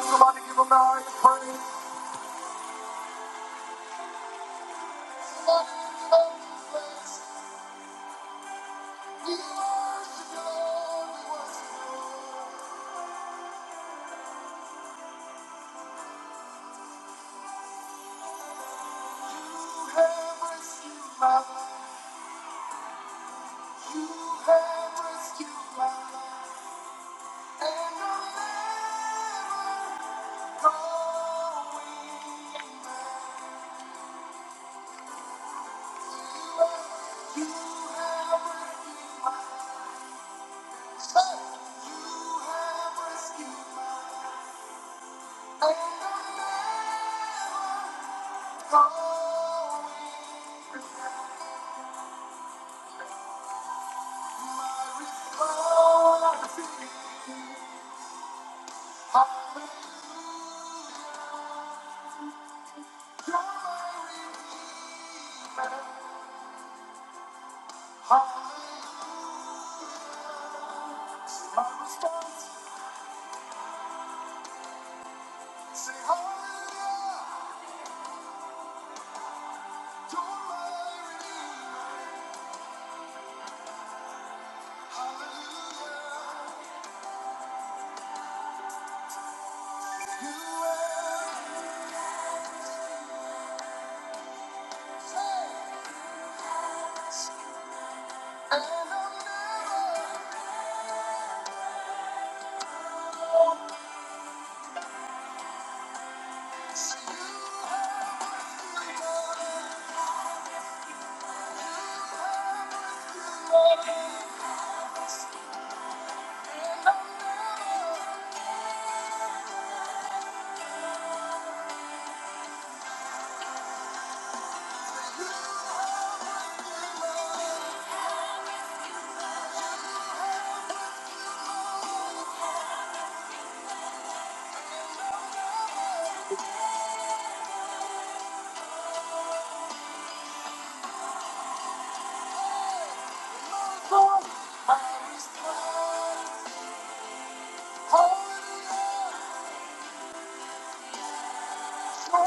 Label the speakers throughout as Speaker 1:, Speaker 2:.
Speaker 1: Somebody give him the highest praise. We worship You Lord. We worship you. You have rescued my life. You have rescued my life. And I'm never going back. You have rescued my life. You have rescued my life. And I'm never going back. Hallelujah. My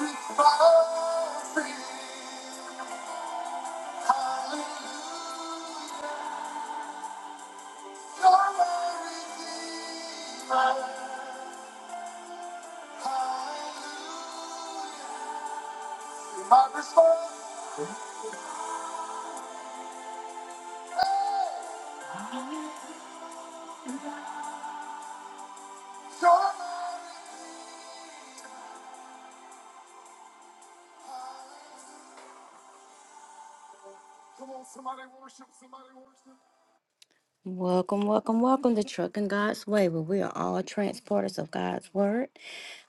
Speaker 1: response is hallelujah. My response, hey, you're my. Come on, somebody worship, somebody worship. Welcome, welcome, welcome to Trucking God's Way, where we are all transporters of God's Word.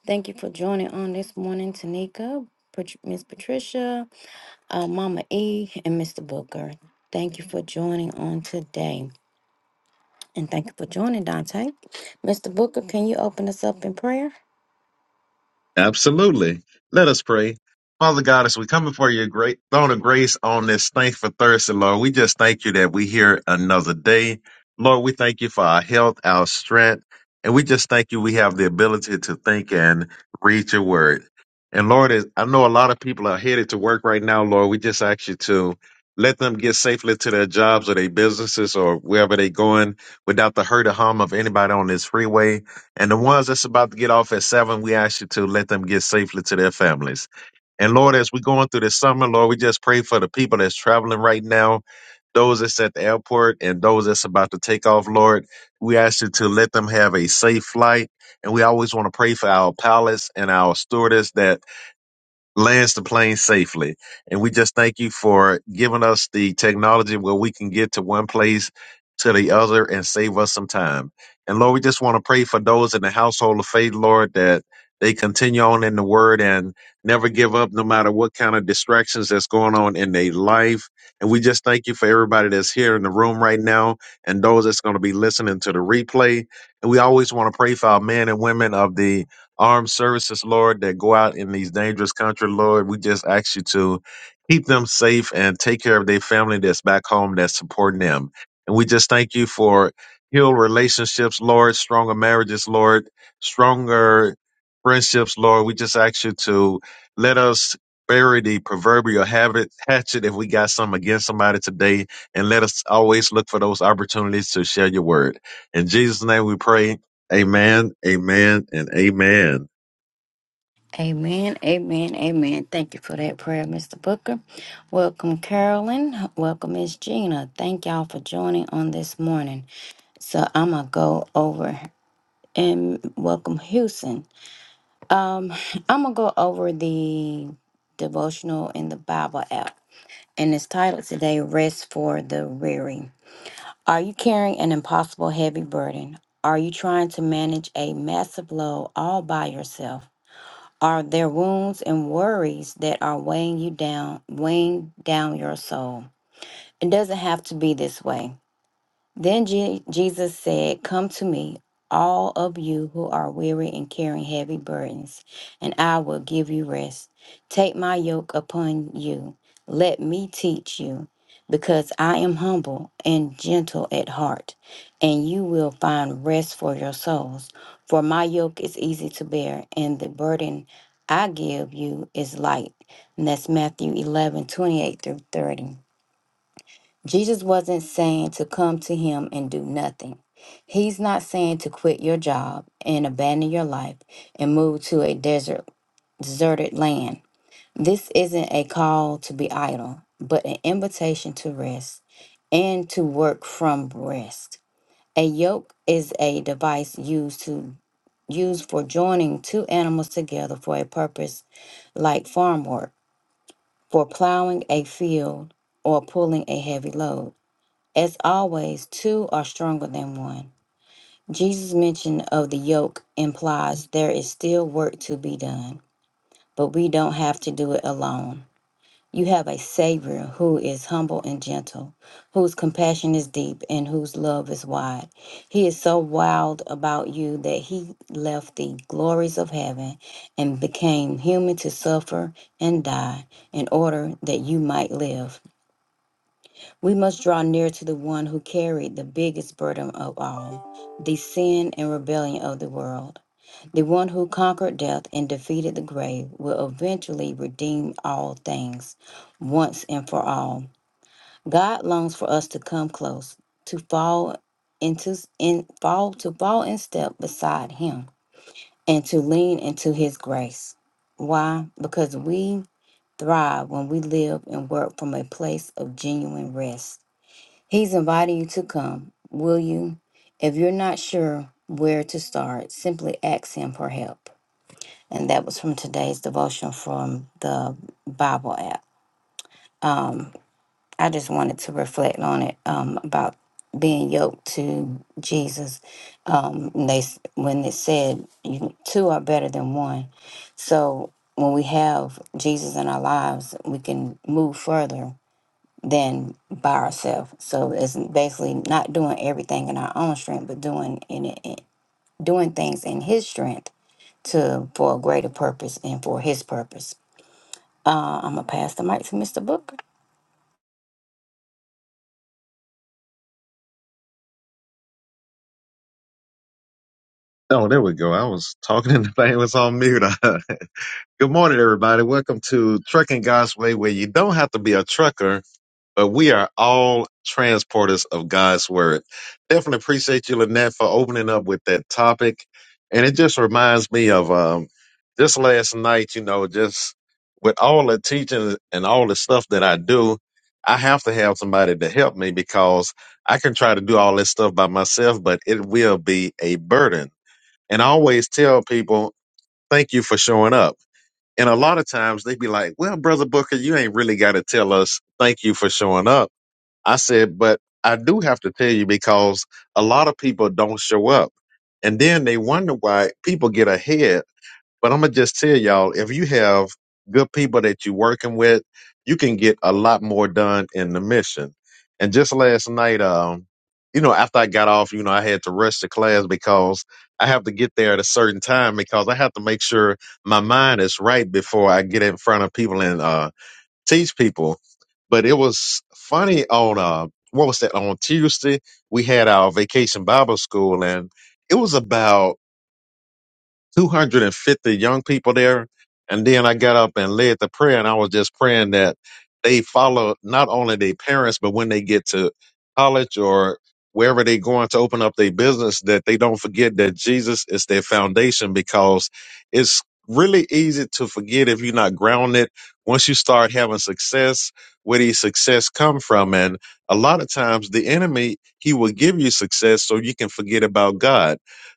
Speaker 1: Thank you for joining on this morning, Tanika, Pat- Miss Patricia, uh, Mama E, and Mr. Booker. Thank you for joining on today. And thank you for joining, Dante. Mr. Booker, can you open us up in prayer?
Speaker 2: Absolutely. Let us pray. Father God, as we come before your great throne of grace on this thank for Thursday, Lord, we just thank you that we here another day. Lord, we thank you for our health, our strength, and we just thank you we have the ability to think and read your word. And Lord, as- I know a lot of people are headed to work right now, Lord. We just ask you to let them get safely to their jobs or their businesses or wherever they're going without the hurt or harm of anybody on this freeway. And the ones that's about to get off at seven, we ask you to let them get safely to their families. And Lord, as we're going through this summer, Lord, we just pray for the people that's traveling right now, those that's at the airport, and those that's about to take off, Lord. We ask you to let them have a safe flight. And we always want to pray for our pilots and our stewardess that lands the plane safely. And we just thank you for giving us the technology where we can get to one place to the other and save us some time. And Lord, we just want to pray for those in the household of faith, Lord, that they continue on in the word and never give up no matter what kind of distractions that's going on in their life. And we just thank you for everybody that's here in the room right now and those that's going to be listening to the replay. And we always want to pray for our men and women of the armed services, Lord, that go out in these dangerous country, Lord. We just ask you to keep them safe and take care of their family that's back home that's supporting them. And we just thank you for healed relationships, Lord, stronger marriages, Lord, stronger friendships, Lord. We just ask you to let us bury the proverbial habit, hatchet if we got some against somebody today, and let us always look for those opportunities to share your word. In Jesus' name we pray. Amen, amen, and amen.
Speaker 1: Amen, amen, amen. Thank you for that prayer, Mr. Booker. Welcome, Carolyn. Welcome, Miss Gina. Thank y'all for joining on this morning. So I'm going to go over and welcome Houston. Um, I'm going to go over the devotional in the Bible app. And it's titled today, Rest for the Weary. Are you carrying an impossible heavy burden? Are you trying to manage a massive load all by yourself? Are there wounds and worries that are weighing you down, weighing down your soul? It doesn't have to be this way. Then Je- Jesus said, Come to me, all of you who are weary and carrying heavy burdens, and I will give you rest. Take my yoke upon you. Let me teach you, because I am humble and gentle at heart, and you will find rest for your souls. For my yoke is easy to bear, and the burden I give you is light. And that's Matthew 11 28 through 30. Jesus wasn't saying to come to him and do nothing. He's not saying to quit your job and abandon your life and move to a desert deserted land. This isn't a call to be idle, but an invitation to rest and to work from rest. A yoke is a device used to used for joining two animals together for a purpose like farm work, for plowing a field or pulling a heavy load. As always, two are stronger than one. Jesus' mention of the yoke implies there is still work to be done, but we don't have to do it alone. You have a Savior who is humble and gentle, whose compassion is deep, and whose love is wide. He is so wild about you that he left the glories of heaven and became human to suffer and die in order that you might live. We must draw near to the one who carried the biggest burden of all, the sin and rebellion of the world. The one who conquered death and defeated the grave will eventually redeem all things once and for all. God longs for us to come close, to fall into in fall to fall in step beside him and to lean into his grace. Why? Because we thrive when we live and work from a place of genuine rest. He's inviting you to come. Will you? If you're not sure where to start, simply ask him for help. And that was from today's devotion from the Bible app. I just wanted to reflect on it um, about being yoked to Jesus. Um, they s- when it said you, two are better than one, so when we have Jesus in our lives, we can move further than by ourselves. So it's basically not doing everything in our own strength, but doing in it, in- doing things in His strength to for a greater purpose and for His purpose. Uh, I'm gonna pass the mic to Mr. Booker.
Speaker 2: Oh, there we go. I was talking and the thing was on mute. Good morning, everybody. Welcome to Trucking God's Way, where you don't have to be a trucker but we are all transporters of God's word. Definitely appreciate you, Lynette, for opening up with that topic. And it just reminds me of um, just last night, you know, just with all the teaching and all the stuff that I do, I have to have somebody to help me because I can try to do all this stuff by myself, but it will be a burden. And I always tell people, thank you for showing up. And a lot of times they be like, well, Brother Booker, you ain't really got to tell us thank you for showing up I said, but I do have to tell you because a lot of people don't show up. And then they wonder why people get ahead. But I'm going to just tell y'all if you have good people that you're working with, you can get a lot more done in the mission. And just last night, um, you know, after I got off, you know, I had to rush to class because I have to get there at a certain time because I have to make sure my mind is right before I get in front of people and uh, teach people. But it was funny on uh, what was that on Tuesday? We had our vacation Bible school, and it was about 250 young people there. And then I got up and led the prayer, and I was just praying that they follow not only their parents, but when they get to college or wherever they're going to open up their business, that they don't forget that Jesus is their foundation because it's really easy to forget if you're not grounded. Once you start having success, where does success come from? And a lot of times the enemy, he will give you success so you can forget about God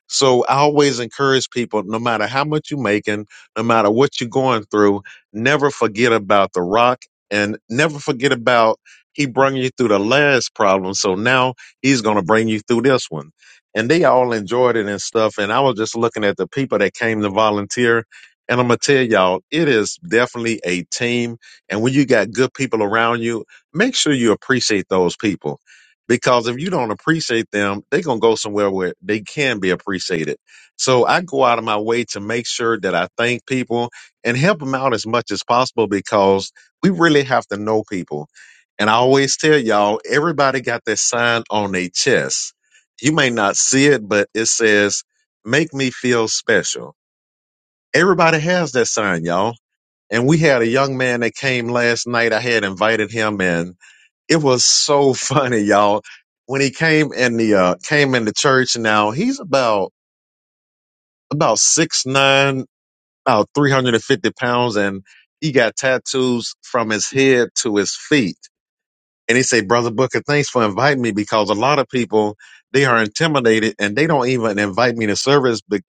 Speaker 2: so I always encourage people, no matter how much you're making, no matter what you're going through, never forget about the rock and never forget about he brung you through the last problem. So now he's going to bring you through this one. And they all enjoyed it and stuff. And I was just looking at the people that came to volunteer. And I'm going to tell y'all, it is definitely a team. And when you got good people around you, make sure you appreciate those people because if you don't appreciate them, they're gonna go somewhere where they can be appreciated. So I go out of my way to make sure that I thank people and help them out as much as possible because we really have to know people. And I always tell y'all, everybody got that sign on their chest. You may not see it, but it says, "Make me feel special." Everybody has that sign, y'all. And we had a young man that came last night. I had invited him in it was so funny, y'all. When he came in the uh came in the church now, he's about about six nine, about three hundred and fifty pounds, and he got tattoos from his head to his feet. And he said, Brother Booker, thanks for inviting me because a lot of people, they are intimidated and they don't even invite me to service be-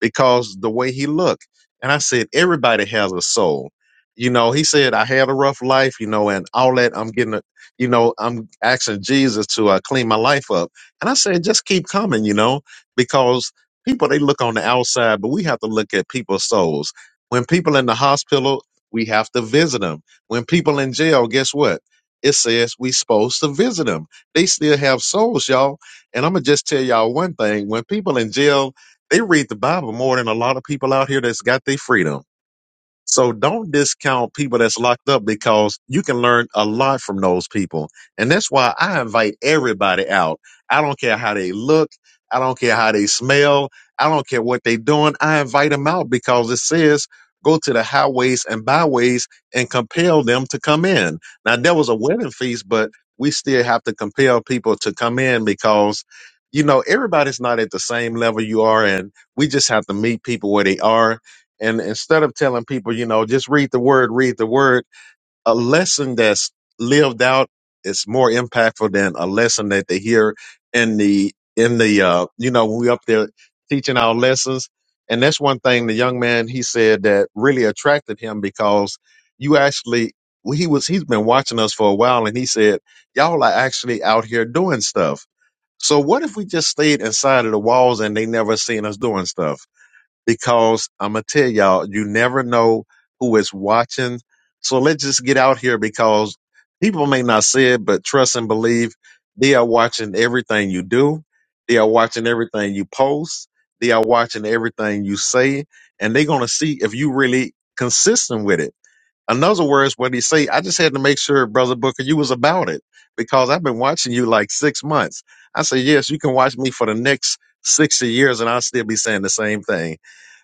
Speaker 2: because the way he looked. And I said, everybody has a soul. You know, he said, I had a rough life, you know, and all that. I'm getting, a, you know, I'm asking Jesus to uh, clean my life up. And I said, just keep coming, you know, because people, they look on the outside, but we have to look at people's souls. When people in the hospital, we have to visit them. When people in jail, guess what? it says we supposed to visit them. They still have souls, y'all. And I'm gonna just tell y'all one thing: when people in jail, they read the Bible more than a lot of people out here that's got their freedom. So don't discount people that's locked up because you can learn a lot from those people. And that's why I invite everybody out. I don't care how they look. I don't care how they smell. I don't care what they're doing. I invite them out because it says go to the highways and byways and compel them to come in. Now, there was a wedding feast, but we still have to compel people to come in because, you know, everybody's not at the same level you are. And we just have to meet people where they are and instead of telling people, you know, just read the word, read the word, a lesson that's lived out is more impactful than a lesson that they hear in the in the uh, you know, we up there teaching our lessons. And that's one thing the young man he said that really attracted him because you actually well, he was he's been watching us for a while and he said, Y'all are actually out here doing stuff. So what if we just stayed inside of the walls and they never seen us doing stuff? because I'm gonna tell y'all, you never know who is watching. So let's just get out here because people may not say it, but trust and believe they are watching everything you do. They are watching everything you post. They are watching everything you say, and they're gonna see if you really consistent with it. In other words, what he say, I just had to make sure, brother Booker, you was about it because I've been watching you like six months. I say, yes, you can watch me for the next sixty years, and I'll still be saying the same thing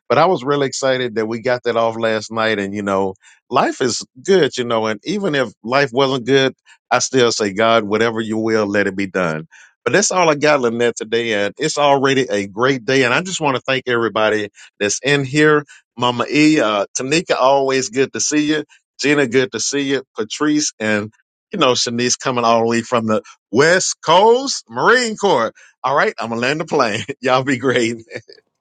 Speaker 2: but I was really excited that we got that off last night. And, you know, life is good, you know, and even if life wasn't good, I still say, God, whatever you will, let it be done. But that's all I got, Lynette, today. And it's already a great day. And I just want to thank everybody that's in here. Mama E, uh, Tanika, always good to see you. Gina, good to see you. Patrice and, you know, Shanice coming all the way from the West Coast Marine Corps. All right, I'm going to land the plane. Y'all be great.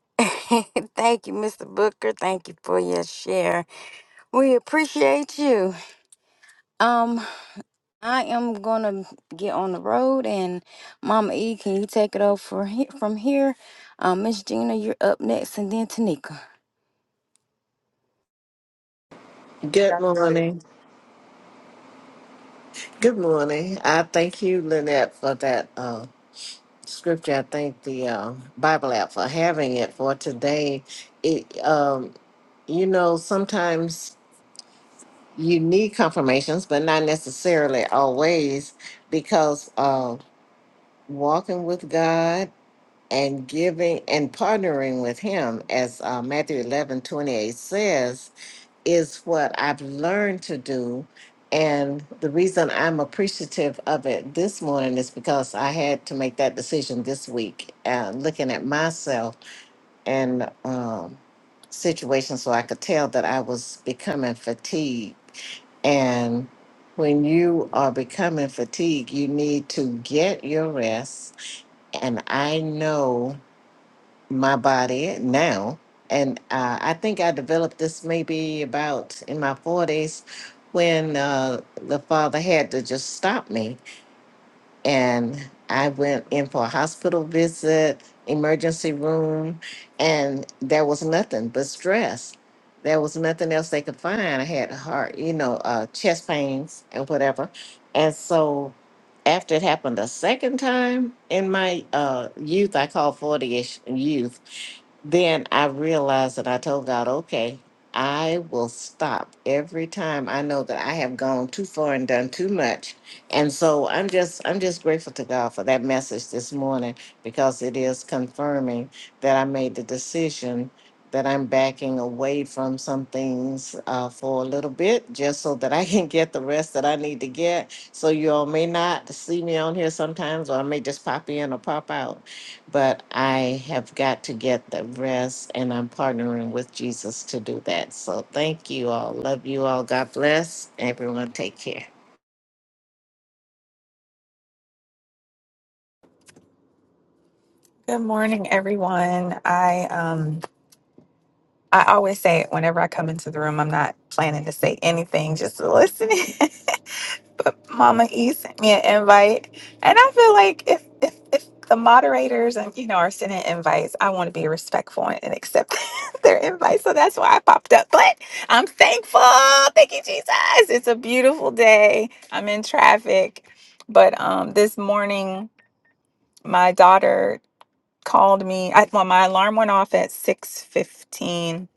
Speaker 1: Thank you, Mr. Booker. Thank you for your share. We appreciate you. Um, I am gonna get on the road, and Mama E, can you take it over for he- from here? Um, Miss Gina, you're up next, and then Tanika.
Speaker 3: Good
Speaker 4: got to
Speaker 3: morning. Good morning. I thank you, Lynette, for that uh, scripture. I thank the uh, Bible app for having it for today. It, um, you know, sometimes you need confirmations, but not necessarily always, because uh, walking with God and giving and partnering with Him, as uh, Matthew eleven twenty eight says, is what I've learned to do. And the reason I'm appreciative of it this morning is because I had to make that decision this week, uh, looking at myself and um, situations so I could tell that I was becoming fatigued. And when you are becoming fatigued, you need to get your rest. And I know my body now. And uh, I think I developed this maybe about in my 40s when uh, the father had to just stop me. And I went in for a hospital visit, emergency room, and there was nothing but stress. There was nothing else they could find. I had heart, you know, uh, chest pains and whatever. And so after it happened a second time in my uh, youth, I call 40 ish youth then I realized that I told God, okay, I will stop every time I know that I have gone too far and done too much. And so I'm just I'm just grateful to God for that message this morning because it is confirming that I made the decision that I'm backing away from some things uh, for a little bit just so that I can get the rest that I need to get. So you all may not see me on here sometimes or I may just pop in or pop out but I have got to get the rest, and I'm partnering with Jesus to do that. So thank you all. Love you all. God bless. Everyone, take care.
Speaker 5: Good morning, everyone. I um I always say it whenever I come into the room, I'm not planning to say anything, just to listen. but Mama E sent me an invite, and I feel like if if if the moderators and you know are sending invites, I want to be respectful and accept their invite. So that's why I popped up. But I'm thankful. Thank you, Jesus. It's a beautiful day. I'm in traffic, but um this morning my daughter called me. I, well, my alarm went off at six fifteen,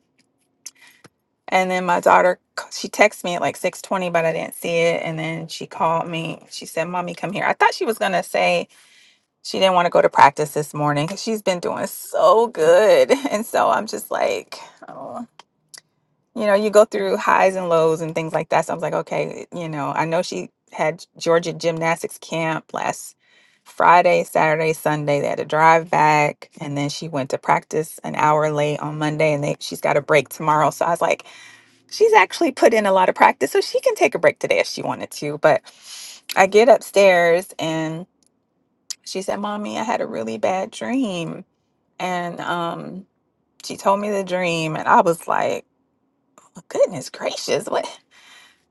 Speaker 5: and then my daughter c- she texted me at like six twenty, but I didn't see it. And then she called me. She said, "Mommy, come here." I thought she was gonna say she didn't want to go to practice this morning because she's been doing so good, and so I'm just like. "Oh." you know, you go through highs and lows and things like that. So I was like, okay, you know, I know she had Georgia gymnastics camp last Friday, Saturday, Sunday. They had to drive back, and then she went to practice an hour late on Monday, and they she's got a break tomorrow. So I was like, she's actually put in a lot of practice, so she can take a break today if she wanted to. But I get upstairs, and she said, "Mommy, I had a really bad dream," and um, she told me the dream, and I was like, "Goodness gracious, what?"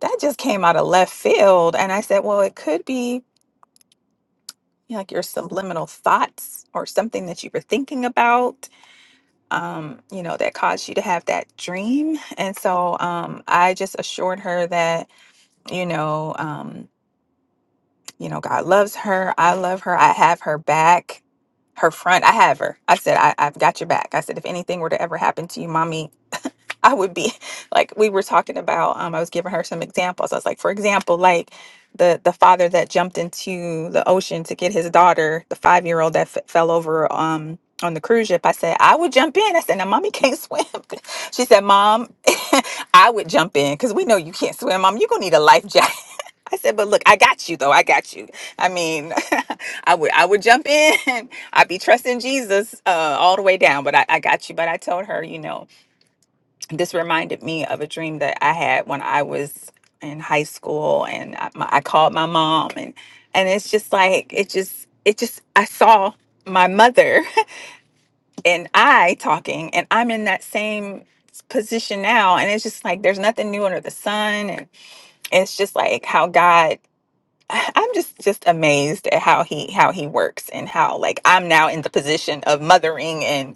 Speaker 5: that just came out of left field. And I said, well, it could be you know, like your subliminal thoughts or something that you were thinking about, um, you know, that caused you to have that dream. And so um, I just assured her that, you know, um, you know, God loves her. I love her. I have her back. Her front, I have her. I said, I, I've got your back. I said, if anything were to ever happen to you, mommy, I would be like we were talking about um I was giving her some examples. I was like, for example, like the the father that jumped into the ocean to get his daughter, the 5-year-old that f- fell over um on the cruise ship. I said, I would jump in. I said, "Now mommy can't swim." she said, "Mom, I would jump in cuz we know you can't swim, mom. You're going to need a life jacket." I said, but look, I got you though. I got you. I mean, I would I would jump in. I'd be trusting Jesus uh, all the way down, but I, I got you. But I told her, you know, this reminded me of a dream that I had when I was in high school, and I, my, I called my mom, and and it's just like it just it just I saw my mother and I talking, and I'm in that same s- position now, and it's just like there's nothing new under the sun, and it's just like how God. I'm just just amazed at how he how he works and how like I'm now in the position of mothering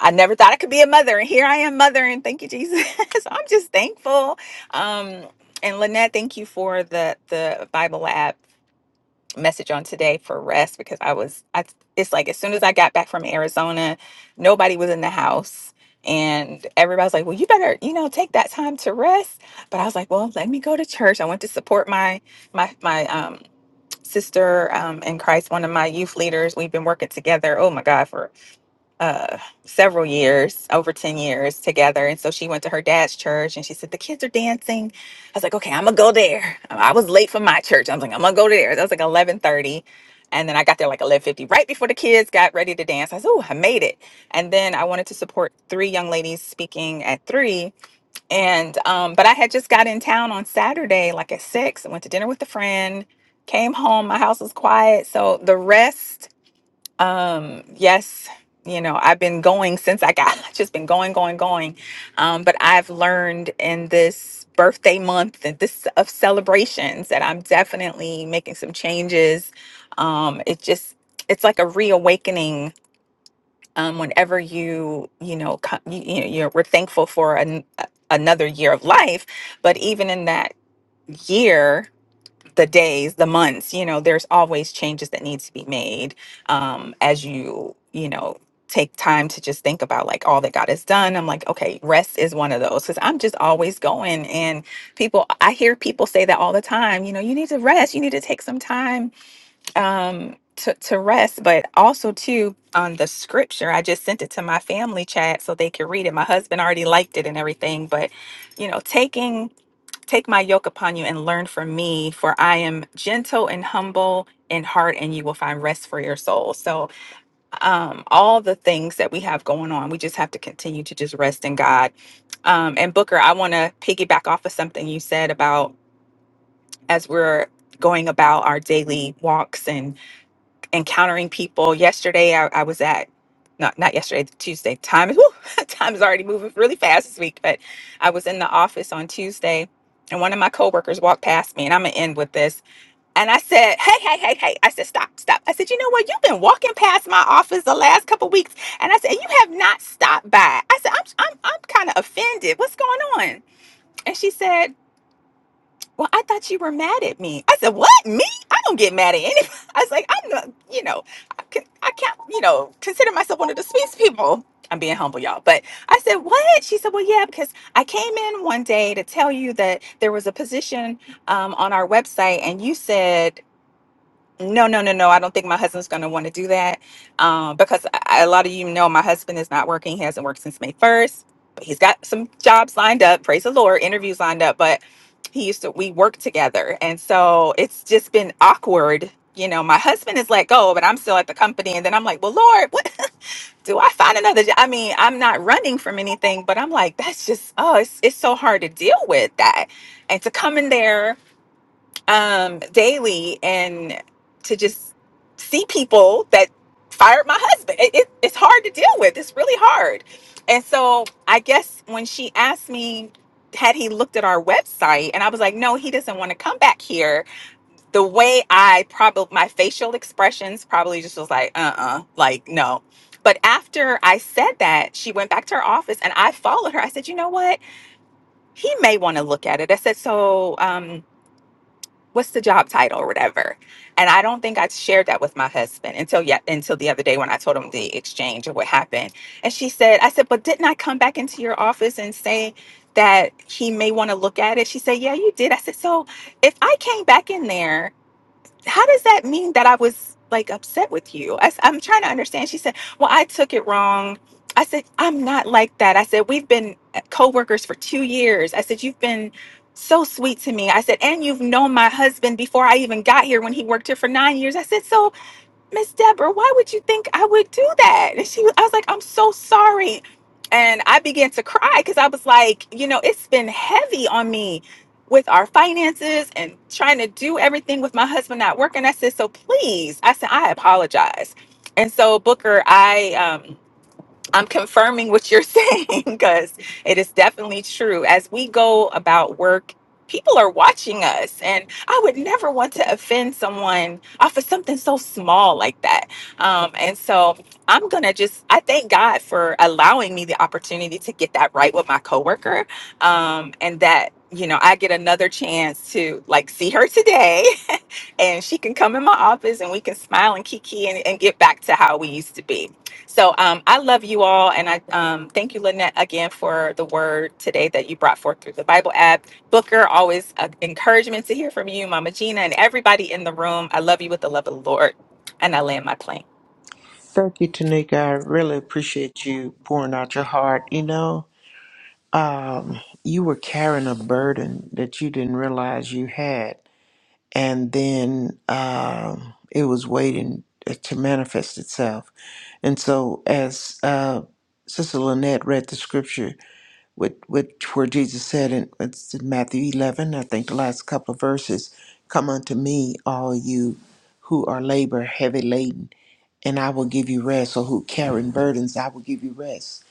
Speaker 5: I never thought I could be a mother, and here I am, mother, and thank you, Jesus. so I'm just thankful. Um, and Lynette, thank you for the the Bible Lab message on today for rest because I was I it's like as soon as I got back from Arizona, nobody was in the house. And everybody's like, well, you better, you know, take that time to rest. But I was like, well, let me go to church. I went to support my my my um sister um in Christ, one of my youth leaders. We've been working together, oh my God, for." uh several years over 10 years together and so she went to her dad's church and she said the kids are dancing i was like okay i'm gonna go there i was late for my church i was like i'm gonna go there that was like eleven thirty, and then i got there like eleven fifty, right before the kids got ready to dance i said oh i made it and then i wanted to support three young ladies speaking at three and um but i had just got in town on saturday like at six i went to dinner with a friend came home my house was quiet so the rest um, yes, you know, I've been going since I got just been going, going, going. Um, but I've learned in this birthday month and this of celebrations that I'm definitely making some changes. Um, it just it's like a reawakening. Um, whenever you you know co- you, you know you're, we're thankful for an, a- another year of life, but even in that year the days, the months, you know, there's always changes that needs to be made um, as you, you know, take time to just think about like all that God has done. I'm like, okay, rest is one of those because I'm just always going. And people, I hear people say that all the time, you know, you need to rest, you need to take some time um, to, to rest. But also, too, on the scripture, I just sent it to my family chat so they could read it. My husband already liked it and everything. But, you know, taking Take my yoke upon you and learn from me, for I am gentle and humble in heart, and you will find rest for your soul. So, um, all the things that we have going on, we just have to continue to just rest in God. Um, and Booker, I want to piggyback off of something you said about as we're going about our daily walks and encountering people. Yesterday, I, I was at not not yesterday, Tuesday. Time is whew, time is already moving really fast this week. But I was in the office on Tuesday, and one of my coworkers walked past me, and I'm gonna end with this. And I said, "Hey, hey, hey, hey!" I said, "Stop, stop!" I said, "You know what? You've been walking past my office the last couple weeks, and I said you have not stopped by." I said, "I'm I'm I'm kind of offended. What's going on?" And she said. Well, I thought you were mad at me. I said, What? Me? I don't get mad at anybody. I was like, I'm not, you know, I, can, I can't, you know, consider myself one of the sweetest people. I'm being humble, y'all. But I said, What? She said, Well, yeah, because I came in one day to tell you that there was a position um, on our website and you said, no, no, no, no. I don't think my husband's going to want to do that um, because I, a lot of you know my husband is not working. He hasn't worked since May 1st, but he's got some jobs lined up. Praise the Lord, interviews lined up. But he used to, we worked together. And so it's just been awkward. You know, my husband is let go, but I'm still at the company. And then I'm like, well, Lord, what? Do I find another job? I mean, I'm not running from anything, but I'm like, that's just, oh, it's, it's so hard to deal with that. And to come in there um, daily and to just see people that fired my husband. It, it, it's hard to deal with. It's really hard. And so I guess when she asked me, had he looked at our website? And I was like, no, he doesn't want to come back here. The way I probably, my facial expressions probably just was like, uh uh like, no. But after I said that, she went back to her office and I followed her. I said, you know what? He may want to look at it. I said, so, um, what's the job title or whatever and i don't think i shared that with my husband until yet until the other day when i told him the exchange of what happened and she said i said but didn't i come back into your office and say that he may want to look at it she said yeah you did i said so if i came back in there how does that mean that I was like upset with you? I, am trying to understand. She said, well, I took it wrong. I said, I'm not like that. I said, we've been uh, coworkers for two years. I said, you've been so sweet to me. I said, and you've known my husband before I even got here when he worked here for nine years. I said, so Miss Deborah, why would you think I would do that? And she was, I was like, I'm so sorry. And I began to cry because I was like, you know, it's been heavy on me with our finances and trying to do everything with my husband not working. I said, so please, I said, I apologize. And so, Booker, I, um, I'm confirming what you're saying because it is definitely true. As we go about work, people are watching us, and I would never want to offend someone off of something so small like that. Um, and so I'm gonna just I thank God for allowing me the opportunity to get that right with my coworker, um, and that you know I get another chance to like see her today and she can come in my office and we can smile and kiki and, and get back to how we used to be. So um, I love you all. And I um, thank you, Lynette, again for the word today that you brought forth through the Bible app. Booker, always an encouragement to hear from you, Mama Gina, and everybody in the room. I love you with the love of the Lord. And I land my plane.
Speaker 4: thank you, Tanika. I really appreciate you pouring out your heart. You know, um, you were carrying a burden that you didn't realize you had, and then um, it was waiting uh, to manifest itself. And so, as uh, Sister Lynette read the scripture, with, with, where Jesus said in it's in Matthew 11, I think the last couple of verses, Come unto me, all you who are labor heavy laden and I will give you rest, or who carrying burdens, I will give you rest.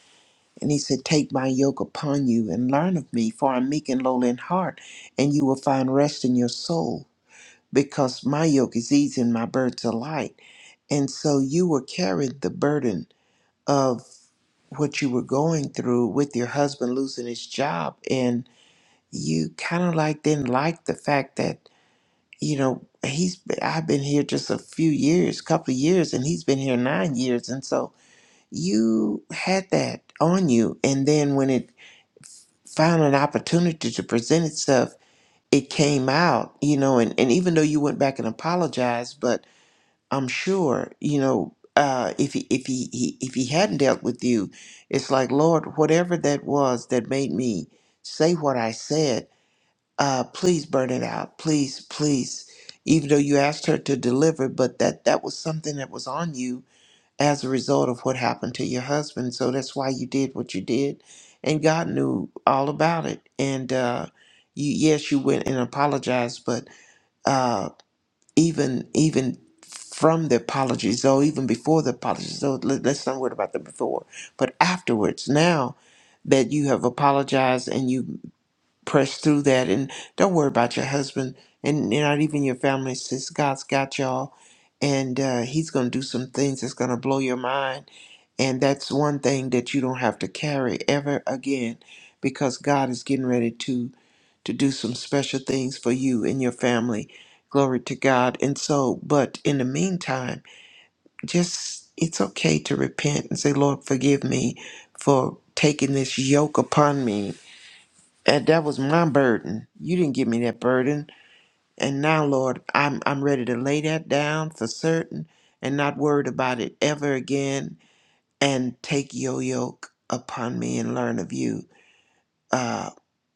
Speaker 4: And he said, Take my yoke upon you and learn of me, for I'm meek and lowly in heart, and you will find rest in your soul, because my yoke is easy and my burdens are light. And so you were carrying the burden of what you were going through with your husband losing his job, and you kind of like didn't like the fact that, you know, he's I've been here just a few years, couple of years, and he's been here nine years, and so you had that on you and then when it found an opportunity to present itself it came out you know and, and even though you went back and apologized but i'm sure you know uh, if he if he, he if he hadn't dealt with you it's like lord whatever that was that made me say what i said uh, please burn it out please please even though you asked her to deliver but that that was something that was on you as a result of what happened to your husband. So that's why you did what you did, and God knew all about it. And uh, you, yes, you went and apologized, but uh, even even from the apologies, though, even before the apologies, though, let, let's not worry about the before, but afterwards, now that you have apologized and you pressed through that, and don't worry about your husband and, and not even your family, since God's got y'all, and uh, He's gonna do some things that's gonna blow your mind and that's one thing that you don't have to carry ever again because God is getting ready to to do some special things for you and your family. Glory to God. And so, but in the meantime, just it's okay to repent and say, Lord, forgive me for taking this yoke upon me. And that was my burden. You didn't give me that burden. And now, Lord, I'm I'm ready to lay that down for certain and not worried about it ever again and take your yoke upon me and learn of you uh,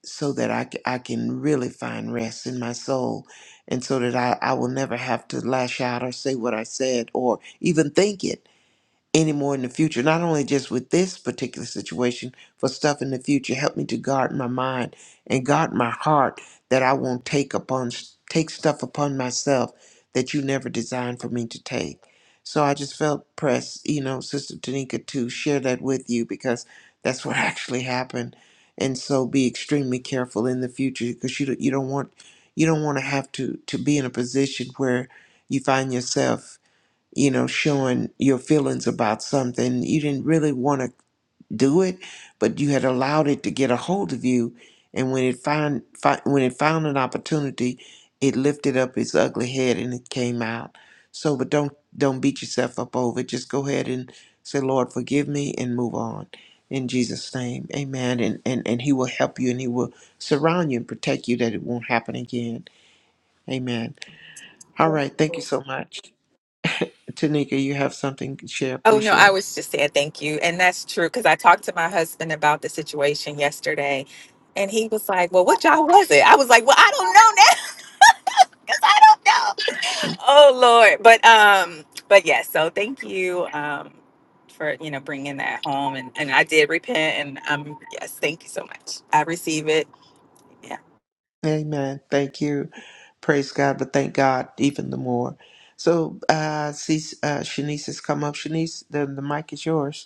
Speaker 4: so that I, c- I can really find rest in my soul and so that I, I will never have to lash out or say what I said or even think it anymore in the future. Not only just with this particular situation, for stuff in the future. Help me to guard my mind and guard my heart that I won't take upon take stuff upon myself that you never designed for me to take. So I just felt pressed, you know, Sister Tanika, to share that with you because that's what actually happened. And so be extremely careful in the future because you don't, you don't want you don't want to have to to be in a position where you find yourself you know, showing your feelings about something. You didn't really want to do it, but you had allowed it to get a hold of you. And when it found fi- when it found an opportunity, it lifted up its ugly head and it came out. So, but don't don't beat yourself up over it. Just go ahead and say, Lord, forgive me, and move on. In Jesus' name, Amen. And and and He will help you, and He will surround you and protect you that it won't happen again. Amen. All right. Thank you so much. Tanika, you have something to share,
Speaker 5: Oh,
Speaker 4: please
Speaker 5: no, I
Speaker 4: share.
Speaker 5: was just saying thank you. And that's true because I talked to my husband about the situation yesterday. And he was like, Well, what y'all was it? I was like, Well, I don't know now because I don't know. Oh Lord, but um, but yeah. So thank you um for you know bringing that home, and and I did repent, and um, yes, thank you so much. I receive it. Yeah.
Speaker 4: Amen. Thank you. Praise God, but thank God even the more. So, uh, see, uh, Shanice has come up. Shanice, the, the mic is yours.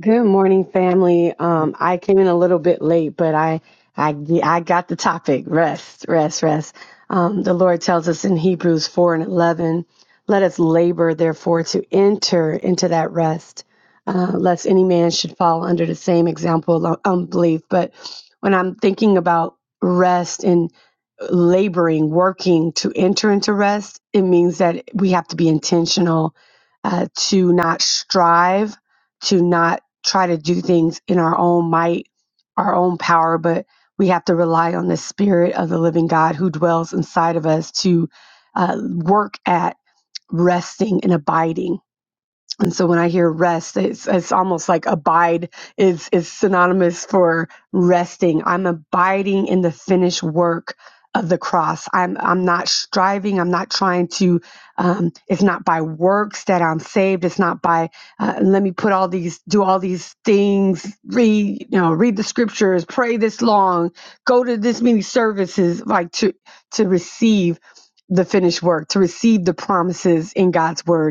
Speaker 6: Good morning, family. Um, I came in a little bit late, but I, I, ge- I got the topic. Rest, rest, rest. Um, the Lord tells us in Hebrews 4 and 11, let us labor, therefore, to enter into that rest, uh, lest any man should fall under the same example of unbelief. But when I'm thinking about rest and laboring, working to enter into rest, it means that we have to be intentional, uh, to not strive, to not try to do things in our own might, our own power, but we have to rely on the Spirit of the living God who dwells inside of us to uh, work at resting and abiding. And so when I hear rest, it's, it's almost like abide is, is synonymous for resting. I'm abiding in the finished work of the cross. I'm, I'm not striving. I'm not trying to, um, it's not by works that I'm saved. It's not by, uh, let me put all these, do all these things, read, you know, read the scriptures, pray this long, go to this many services, like to, to receive the finished work, to receive the promises in God's word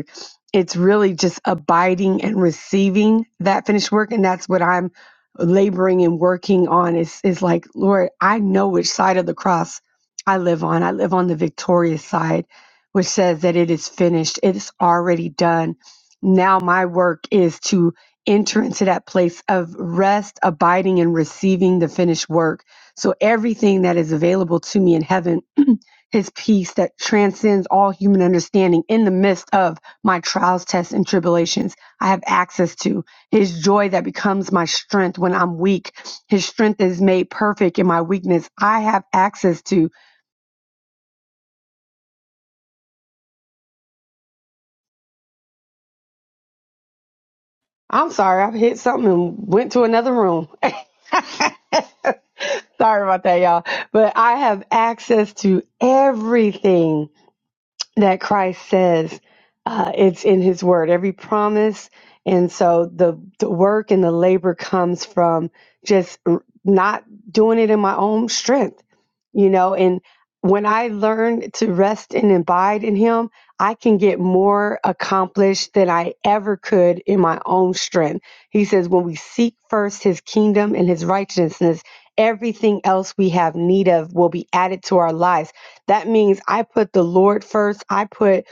Speaker 6: it's really just abiding and receiving that finished work and that's what i'm laboring and working on is is like lord i know which side of the cross i live on i live on the victorious side which says that it is finished it is already done now my work is to enter into that place of rest abiding and receiving the finished work so everything that is available to me in heaven his peace that transcends all human understanding in the midst of my trials, tests, and tribulations. I have access to his joy that becomes my strength when I'm weak. His strength is made perfect in my weakness. I have access to. I'm sorry, I hit something and went to another room. sorry about that, y'all. But I have access to everything that Christ says. Uh, it's in His Word, every promise, and so the the work and the labor comes from just r- not doing it in my own strength, you know. And when I learn to rest and abide in Him, I can get more accomplished than I ever could in my own strength. He says, when we seek first His kingdom and His righteousness, everything else we have need of will be added to our lives that means I put the Lord first. I put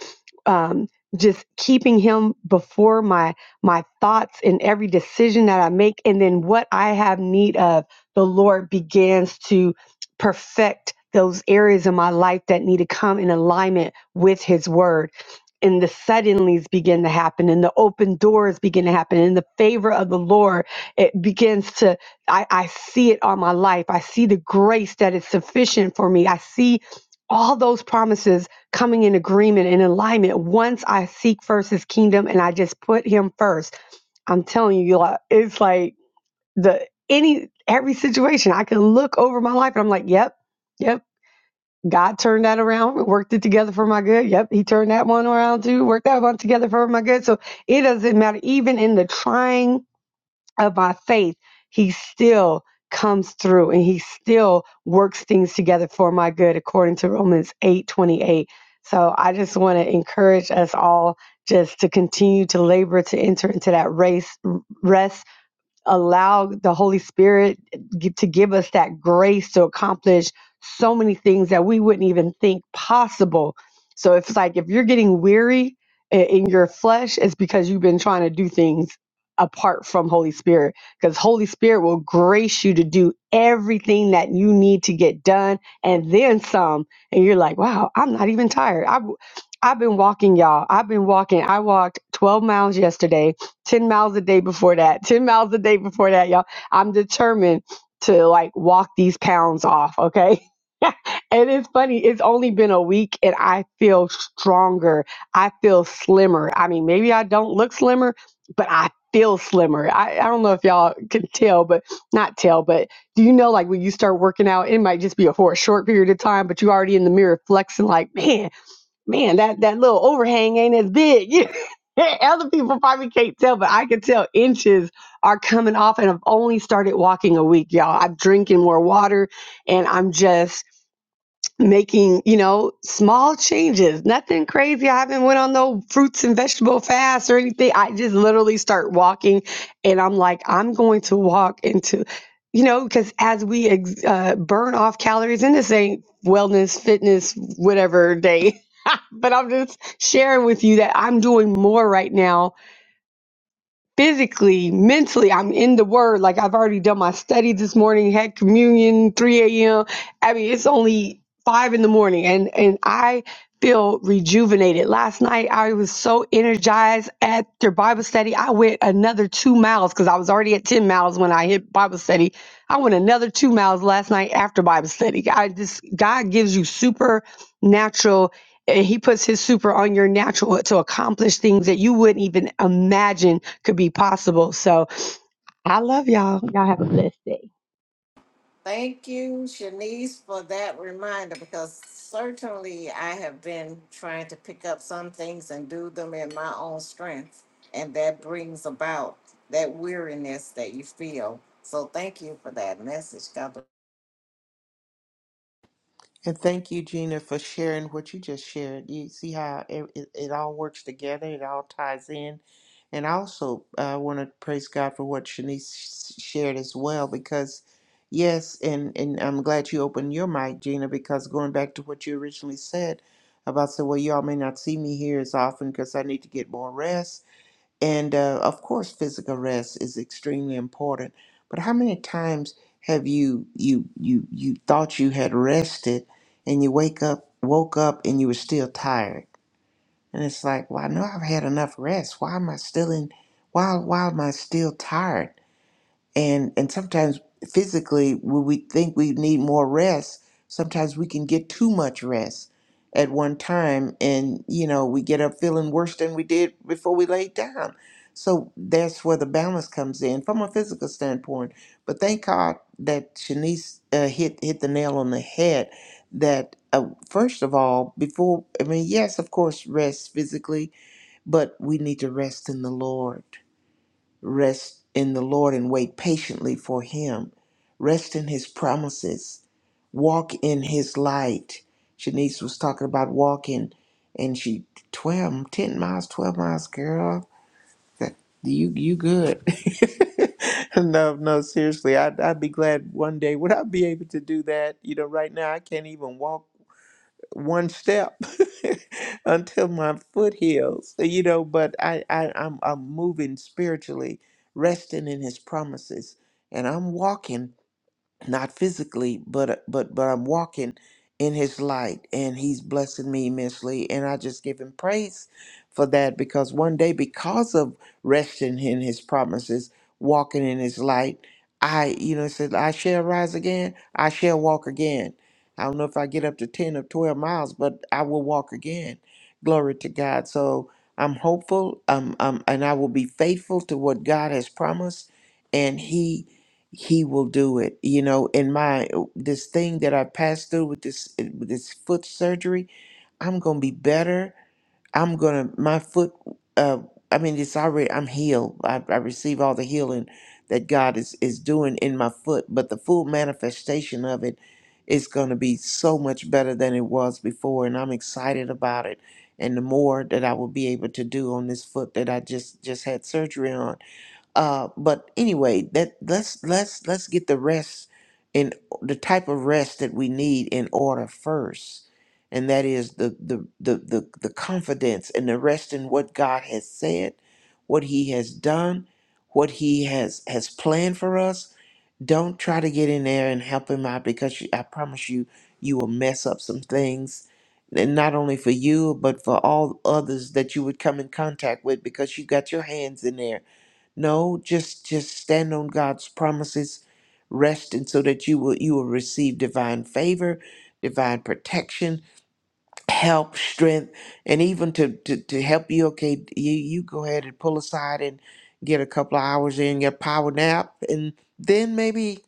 Speaker 6: um, just keeping Him before my my thoughts in every decision that I make, and then what I have need of, the Lord begins to perfect those areas in my life that need to come in alignment with His Word. And the suddenlies begin to happen, and the open doors begin to happen, and the favor of the Lord it begins to I, I see it on my life. I see the grace that is sufficient for me. I see all those promises coming in agreement and alignment once I seek first his kingdom and I just put him first. I'm telling you, y'all, it's like the any every situation I can look over my life and I'm like, yep, yep, God turned that around, worked it together for my good. Yep, he turned that one around too, worked that one together for my good. So it doesn't matter, even in the trying of my faith, he still comes through and he still works things together for my good according to Romans 8 28. So I just want to encourage us all just to continue to labor to enter into that race rest allow the Holy Spirit to give us that grace to accomplish so many things that we wouldn't even think possible. So it's like if you're getting weary i- in your flesh, it's because you've been trying to do things apart from Holy Spirit because Holy Spirit will grace you to do everything that you need to get done and then some and you're like wow I'm not even tired I, i w- I've been walking y'all I've been walking I walked 12 miles yesterday 10 miles a day before that, 10 miles a day before that, y'all. I'm determined to like walk these pounds off, okay? and it's funny, it's only been a week and I feel stronger. I feel slimmer. I mean, maybe I don't look slimmer, but I feel slimmer. I, I don't know if y'all can tell, but not tell, but do you know like when you start working out, it might just be a, for a short period of time, but you already in the mirror flexing like, man, man, that that little overhang ain't as big. Other people probably can't tell, but I can tell inches are coming off, and I've only started walking a week, y'all. I'm drinking more water, and I'm just making you know small changes. Nothing crazy. I haven't went on no fruits and vegetable fast or anything. I just literally start walking, and I'm like, I'm going to walk into. You know, because as we ex- uh, burn off calories, and this ain't wellness, fitness, whatever day, but I'm just sharing with you that I'm doing more right now physically, mentally, I'm in the word. Like I've already done my study this morning, had communion, 3 a.m. I mean, it's only five in the morning and, and I feel rejuvenated. Last night, I was so energized at their Bible study. I went another two miles because I was already at 10 miles when I hit Bible study. I went another two miles last night after Bible study. I just, God gives you supernatural and he puts his super on your natural to accomplish things that you wouldn't even imagine could be possible. So I love y'all. Y'all have a blessed day.
Speaker 3: Thank you, Shanice, for that reminder because certainly I have been trying to pick up some things and do them in my own strength, and that brings about that weariness that you feel. So thank you for that message. God bless.
Speaker 4: And thank you, Gina, for sharing what you just shared. You see how it, it, it all works together, it all ties in. And I also uh, want to praise God for what Shanice sh- shared as well, because yes, and, and I'm glad you opened your mic, Gina, because going back to what you originally said about, so, well, y'all may not see me here as often because I need to get more rest and uh, of course, physical rest is extremely important. But how many times have you you you you thought you had rested, and you wake up woke up and you were still tired? And it's like, well, I know I've had enough rest. Why am I still in? Why why am I still tired? and and sometimes physically when we think we need more rest sometimes we can get too much rest at one time and you know we get up feeling worse than we did before we laid down so that's where the balance comes in from a physical standpoint but thank god that shanice uh, hit hit the nail on the head that uh, first of all before i mean yes of course rest physically but we need to rest in the lord Rest in the Lord and wait patiently for Him. Rest in His promises. Walk in His light. Shanice was talking about walking, and she 12, 10 miles, 12 miles, girl. That, you you good. no, no, seriously. I'd, I'd be glad one day. Would I be able to do that? You know, right now I can't even walk one step until my foot heals you know but I, I i'm i'm moving spiritually resting in his promises and i'm walking not physically but uh, but but i'm walking in his light and he's blessing me immensely and i just give him praise for that because one day because of resting in his promises walking in his light i you know it said i shall rise again i shall walk again i don't know if i get up to 10 or 12 miles but i will walk again glory to god so i'm hopeful um, um and i will be faithful to what god has promised and he he will do it you know in my uh, this thing that i passed through with this uh, with this foot surgery i'm gonna be better i'm gonna my foot uh i mean it's already i'm healed i, I receive all the healing that god is is doing in my foot but the full manifestation of it is gonna be so much better than it was before and i'm excited about it and the more that i will be able to do on this foot that i just just had surgery on uh, but anyway, that let's let's let's get the rest in the type of rest that we need in order first, and that is the the the the, the confidence and the rest in what God has said, what He has done, what He has has planned for us. Don't try to get in there and help Him out because you, I promise you, you will mess up some things. And not only for you, but for all others that you would come in contact with because you got your hands in there no, just just stand on God's promises, rest, and so that you will you will receive divine favor, divine protection, help, strength, and even to to, to help you. Okay, you you go ahead and pull aside and get a couple of hours in your power nap, and then maybe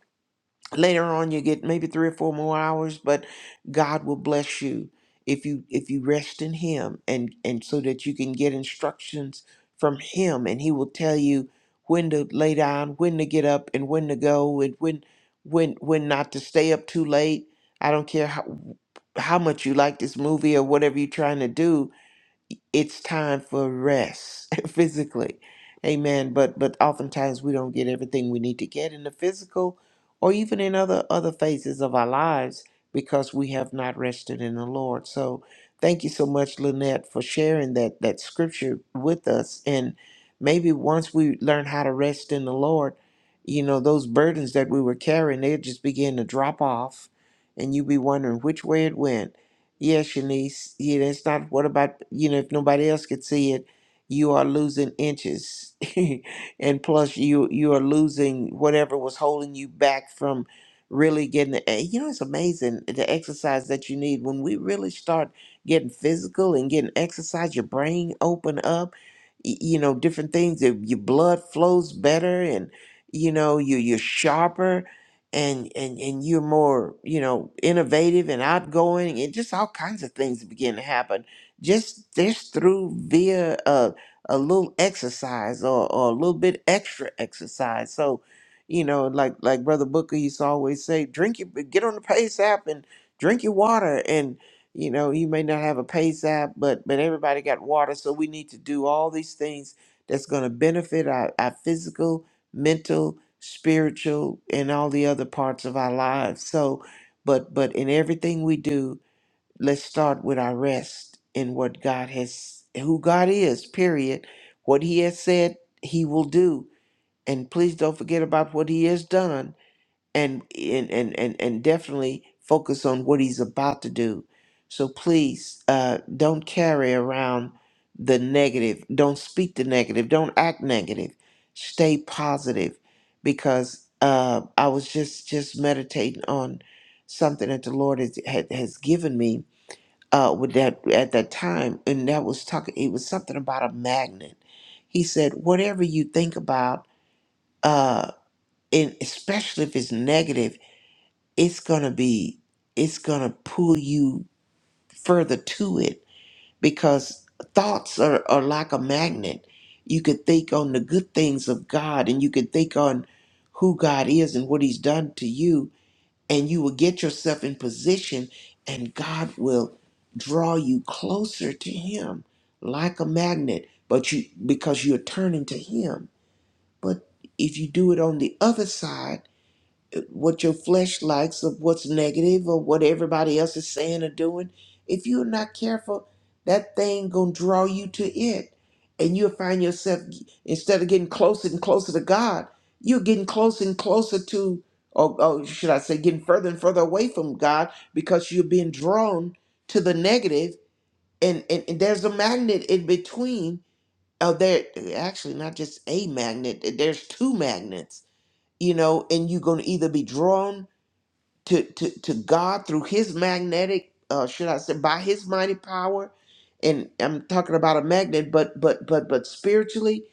Speaker 4: later on you get maybe three or four more hours but god will bless you if you if you rest in him and and so that you can get instructions from him and he will tell you when to lay down when to get up and when to go and when when when not to stay up too late i don't care how how much you like this movie or whatever you're trying to do it's time for rest physically amen but but oftentimes we don't get everything we need to get in the physical or even in other other phases of our lives because we have not rested in the lord so thank you so much lynette for sharing that that scripture with us and maybe once we learn how to rest in the lord you know those burdens that we were carrying they just begin to drop off and you be wondering which way it went yeah, Shanice. Yeah, that's not what about you know, if nobody else could see it, you are losing inches. and plus you you are losing whatever was holding you back from really getting the eh, you know, it's amazing the exercise that you need. When we really start getting physical and getting exercise, your brain open up, y- you know, different things. Your your blood flows better and you know, you you're sharper and and and you're more you know innovative and outgoing and just all kinds of things begin to happen just just through via a, a little exercise or, or a little bit extra exercise so you know like like brother booker used to always say drink your get on the pace app and drink your water and you know you may not have a pace app but but everybody got water so we need to do all these things that's going to benefit our, our physical mental, spiritual, and all the other parts of our lives. So, but but in everything we do, let's start with our rest in what God has, who God is. Period. What He has said, He will do, and please don't forget about what He has done and and and and, and definitely focus on what he's about to do so please uh, don't carry around the negative don't speak the negative don't act negative stay positive because uh, i was just just meditating on something that the lord has, had, has given me uh, with that at that time and that was talking it was something about a magnet he said whatever you think about uh, and especially if it's negative it's gonna be it's gonna pull you further to it because thoughts are, are like a magnet you could think on the good things of god and you could think on who god is and what he's done to you and you will get yourself in position and god will draw you closer to him like a magnet but you because you're turning to him but if you do it on the other side what your flesh likes of what's negative or what everybody else is saying or doing if you're not careful that thing gonna draw you to it and you'll find yourself instead of getting closer and closer to god you're getting closer and closer to or, or should i say getting further and further away from god because you're being drawn to the negative and and, and there's a magnet in between oh there actually not just a magnet there's two magnets you know, and you're going to either be drawn to, to, to God through his magnetic, uh, should I say, by his mighty power. And I'm talking about a magnet, but but but but spiritually,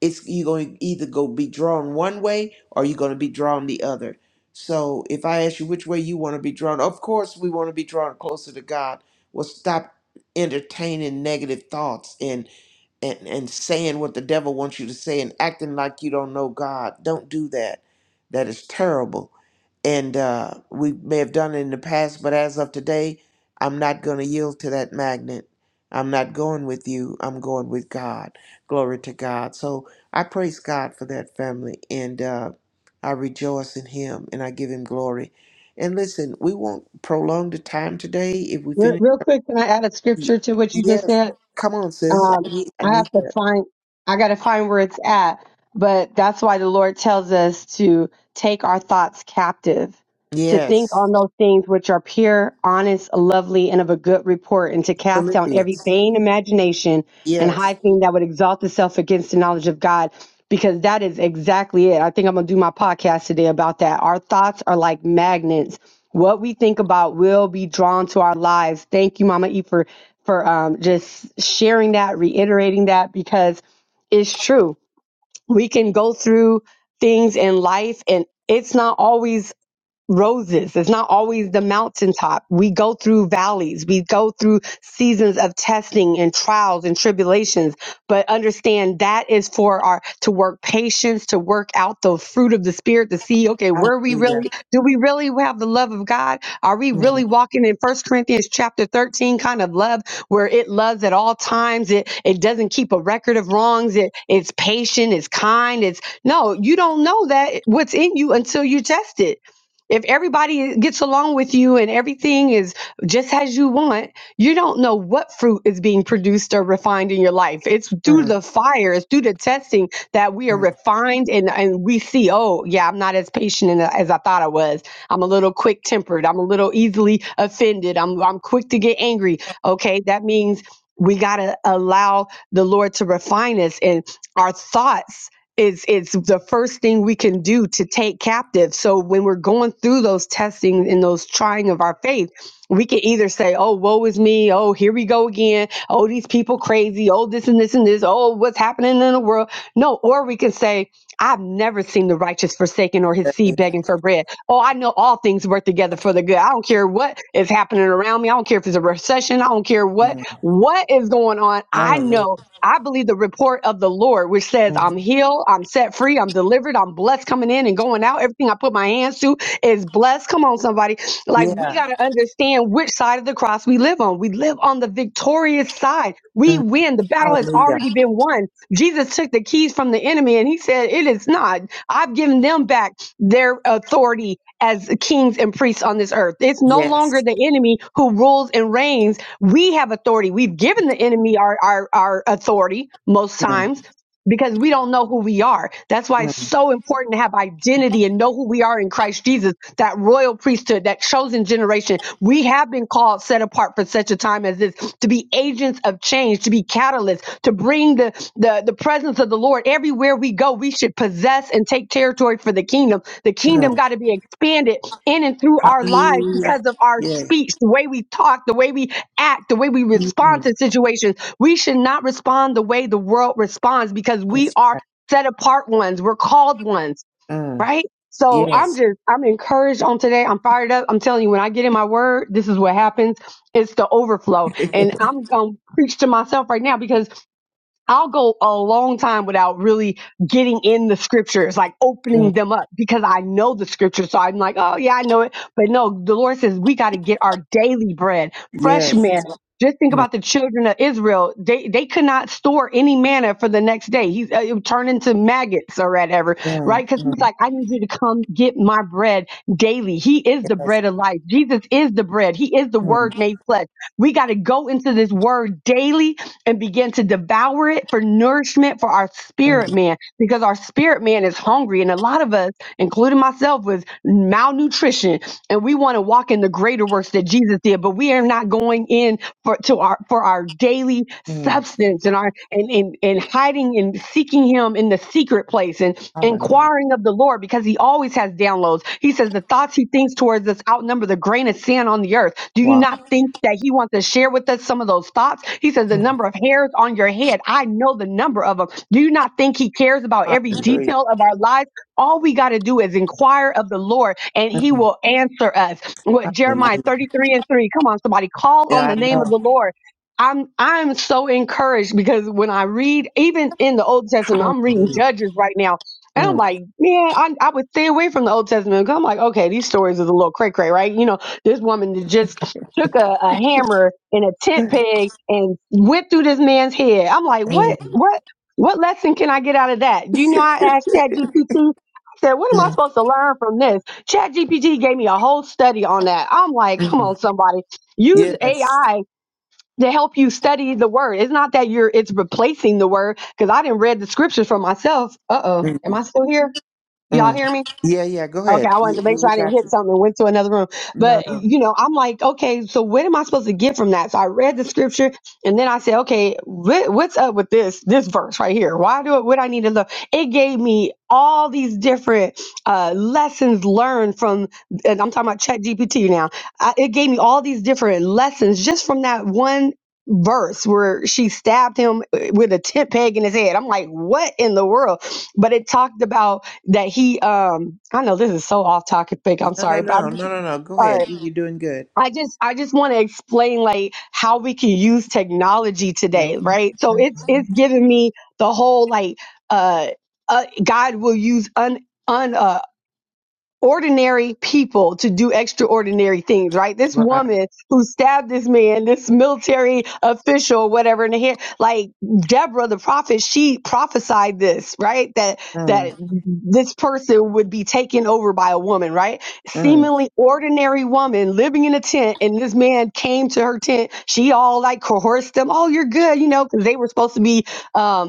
Speaker 4: it's you're going to either go be drawn one way or you're going to be drawn the other. So if I ask you which way you want to be drawn, of course we want to be drawn closer to God. Well, stop entertaining negative thoughts and and, and saying what the devil wants you to say and acting like you don't know God. Don't do that. That is terrible. And uh, we may have done it in the past, but as of today, I'm not going to yield to that magnet. I'm not going with you. I'm going with God. Glory to God. So I praise God for that family and uh, I rejoice in Him and I give Him glory. And listen, we won't prolong the time today. If we
Speaker 6: Re-
Speaker 4: finish,
Speaker 6: Real quick, can I add a scripture to what you just
Speaker 4: yes,
Speaker 6: said?
Speaker 4: come on, sis.
Speaker 6: Um,
Speaker 4: I need, I
Speaker 6: I
Speaker 4: need
Speaker 6: have
Speaker 4: that.
Speaker 6: to find, I got to find where it's at. But that's why the Lord tells us to take our thoughts captive, to think
Speaker 4: Yes.
Speaker 6: on those things which are pure, honest, lovely, and of a good report, and to cast down every
Speaker 4: Philippians.
Speaker 6: vain imagination and
Speaker 4: Yes.
Speaker 6: high thing that would exalt itself against the knowledge of God. Because that is exactly it. I think I'm going to do my podcast today about that. Our thoughts are like magnets. What we think about will be drawn to our lives. Thank you, Mama E, for for um, just sharing that, reiterating that, because it's true. We can go through things in life and it's not always roses. It's not always the mountaintop. We go through valleys. We go through seasons of testing and trials and tribulations. But understand that is for our to work patience, to work out the fruit of the spirit, to see, okay, where we
Speaker 4: Hallelujah.
Speaker 6: really do we really have the love of God? Are we
Speaker 4: Mm,
Speaker 6: really walking in First Corinthians chapter 13 kind of love where it loves at all times? It it doesn't keep a record of wrongs. It it's patient, it's kind, it's no, you don't know that what's in you until you test it if everybody gets along with you and everything is just as you want, you don't know what fruit is being produced or refined in your life. It's through
Speaker 4: mm,
Speaker 6: the fire, it's through the testing that we are
Speaker 4: mm,
Speaker 6: refined and, and we see, oh, yeah, I'm not as patient and as I thought I was. I'm a little quick tempered. I'm a little easily offended. I'm, I'm quick to get angry. Okay, that means we got to allow the Lord to refine us and our thoughts it's it's the first thing we can do to take captive so when we're going through those testing and those trying of our faith we can either say oh woe is me oh here we go again oh these people crazy oh this and this and this oh what's happening in the world no or we can say I've never seen the righteous forsaken or his seed
Speaker 4: babe.
Speaker 6: begging for bread. Oh, I know all things work together for the good. I don't care what is happening around me. I don't care if it's a recession. I don't care what
Speaker 4: Mm,
Speaker 6: what is going on. I
Speaker 4: hallelujah.
Speaker 6: know I believe the report of the Lord, which says,
Speaker 4: Mm,
Speaker 6: I'm healed, I'm set free, I'm delivered, I'm blessed coming in and going out. Everything I put my hands to is blessed. Come on, somebody. Like,
Speaker 4: yeah.
Speaker 6: we got to understand which side of the cross we live on. We live on the victorious side. We
Speaker 4: Mm,
Speaker 6: win. The battle has
Speaker 4: hallelujah.
Speaker 6: already been won. Jesus took the keys from the enemy and he said, It is not. I've given them back their authority as kings and priests on this earth. It's no
Speaker 4: Yes.
Speaker 6: longer the enemy who rules and reigns we have authority. We've given the enemy our, our, our authority most
Speaker 4: Mm,
Speaker 6: times because we don't know who we are. That's why it's
Speaker 4: mm,
Speaker 6: so important to have identity and know who we are in Christ Jesus, that royal priesthood, that chosen generation. We have been called set apart for such a time as this to be agents of change, to be catalysts, to bring the, the, the presence of the Lord everywhere we go. We should possess and take territory for the kingdom. The kingdom
Speaker 4: mm.
Speaker 6: got to be expanded in and through our lives
Speaker 4: Hallelujah.
Speaker 6: because of our
Speaker 4: Yeah.
Speaker 6: speech, the way we talk, the way we act, the way we respond
Speaker 4: Mm,
Speaker 6: to situations. We should not respond the way the world responds because we
Speaker 4: yes.
Speaker 6: are set apart ones. We're called ones,
Speaker 4: Mm,
Speaker 6: right? So I'm
Speaker 4: yes.
Speaker 6: just, I'm encouraged on today. I'm fired up. I'm telling you, when I get in my word, this is what happens. It's the overflow. And I'm going to preach to myself right now because I'll go a long time without really getting in the scriptures, like
Speaker 4: Mm,
Speaker 6: opening them up because I know the scriptures. So I'm like, oh, yeah, I know it. But no, the Lord says we got to get our daily bread, fresh
Speaker 4: yes.
Speaker 6: manna. Just think
Speaker 4: Mm,
Speaker 6: about the children of Israel. They they could not store any manna for the next day. He's uh, it would turn into maggots or whatever,
Speaker 4: mm,
Speaker 6: right? Because he's
Speaker 4: mm,
Speaker 6: like, I need you to come get my bread daily. He is the
Speaker 4: yes.
Speaker 6: bread of life. Jesus is the bread. He is the
Speaker 4: Mm,
Speaker 6: Word made flesh. We got to go into this Word daily and begin to devour it for nourishment for our spirit
Speaker 4: mm,
Speaker 6: man because our spirit man is hungry. And a lot of us, including myself, was malnutrition and we want to walk in the greater works that Jesus did, but we are not going in for to our for our daily
Speaker 4: mm.
Speaker 6: substance and our and and, and hiding and seeking him in the secret place and
Speaker 4: Hallelujah.
Speaker 6: inquiring of the Lord because he always has downloads. He says the thoughts he thinks towards us outnumber the grain of sand on the earth. Do you
Speaker 4: Wow.
Speaker 6: not think that he wants to share with us some of those thoughts? He says, The
Speaker 4: Mm,
Speaker 6: number of hairs on your head, I know the number of them. Do you not think he cares about every
Speaker 4: hallelujah.
Speaker 6: detail of our lives? All we got to do is inquire of the Lord and he
Speaker 4: Mm,
Speaker 6: will answer us. What
Speaker 4: hallelujah.
Speaker 6: Jeremiah 33 and 3. Come on, somebody, call on
Speaker 4: Yeah,
Speaker 6: the
Speaker 4: I
Speaker 6: name of
Speaker 4: know.
Speaker 6: the Lord. I'm I'm so encouraged because when I read, even in the Old Testament, I'm reading
Speaker 4: Hallelujah.
Speaker 6: Judges right now. And I'm
Speaker 4: Mm,
Speaker 6: like, man, I, I would stay away from the Old Testament. 'cause I'm like, okay, these stories is a little cray cray, right? You know, this woman that just took a, a hammer and a tent peg and went through this man's head. I'm like,
Speaker 4: mm,
Speaker 6: what, what, what lesson can I get out of that? you know I asked ChatGPT? I said, what am I
Speaker 4: mm,
Speaker 6: supposed to learn from this? ChatGPT gave me a whole study on that. I'm like, come
Speaker 4: mm.
Speaker 6: on, somebody, use
Speaker 4: Yes.
Speaker 6: AI to help you study the word. It's not that you're it's replacing the word because I didn't read the scriptures for myself. Uh oh, am I still here? Y'all
Speaker 4: Mm.
Speaker 6: hear me?
Speaker 4: Yeah, yeah. Go
Speaker 6: Okay,
Speaker 4: ahead.
Speaker 6: I wanted to
Speaker 4: You- We,
Speaker 6: make sure
Speaker 4: we
Speaker 6: I didn't
Speaker 4: got
Speaker 6: hit
Speaker 4: you.
Speaker 6: something and went to another room.
Speaker 4: No,
Speaker 6: But,
Speaker 4: no,
Speaker 6: you know, I'm like, okay, so what am I supposed to get from that? So I read the scripture and then I said, okay, what, what's up with this, this verse right here? Why do it, what I need to look? It gave me all these different uh, lessons learned from, and I'm talking about Chat GPT now. I, it gave me all these different lessons just from that one verse where she stabbed him uh, with a tent peg in his head. I'm like, what in the world? But it talked about that he um I know this is so off topic, I'm
Speaker 4: no, no,
Speaker 6: sorry, but
Speaker 4: no,
Speaker 6: I'm just
Speaker 4: no, no, no. Go
Speaker 6: all
Speaker 4: ahead.
Speaker 6: right.
Speaker 4: You, you're doing good.
Speaker 6: I just I just want to explain like how we can use technology today, right? So it's
Speaker 4: Mm-hmm,
Speaker 6: it's giving me the whole like uh, uh God will use un un uh, ordinary people to do extraordinary things, right? This
Speaker 4: Right.
Speaker 6: woman who stabbed this man, this military official, whatever, in the head, like Deborah, the prophet, she prophesied this, right? That that
Speaker 4: Mm,
Speaker 6: this person would be taken over by a woman, right?
Speaker 4: mm,
Speaker 6: Seemingly ordinary woman living in a tent, and this man came to her tent. She all like coerced them. Oh, you're good, you know, because they were supposed to be. um,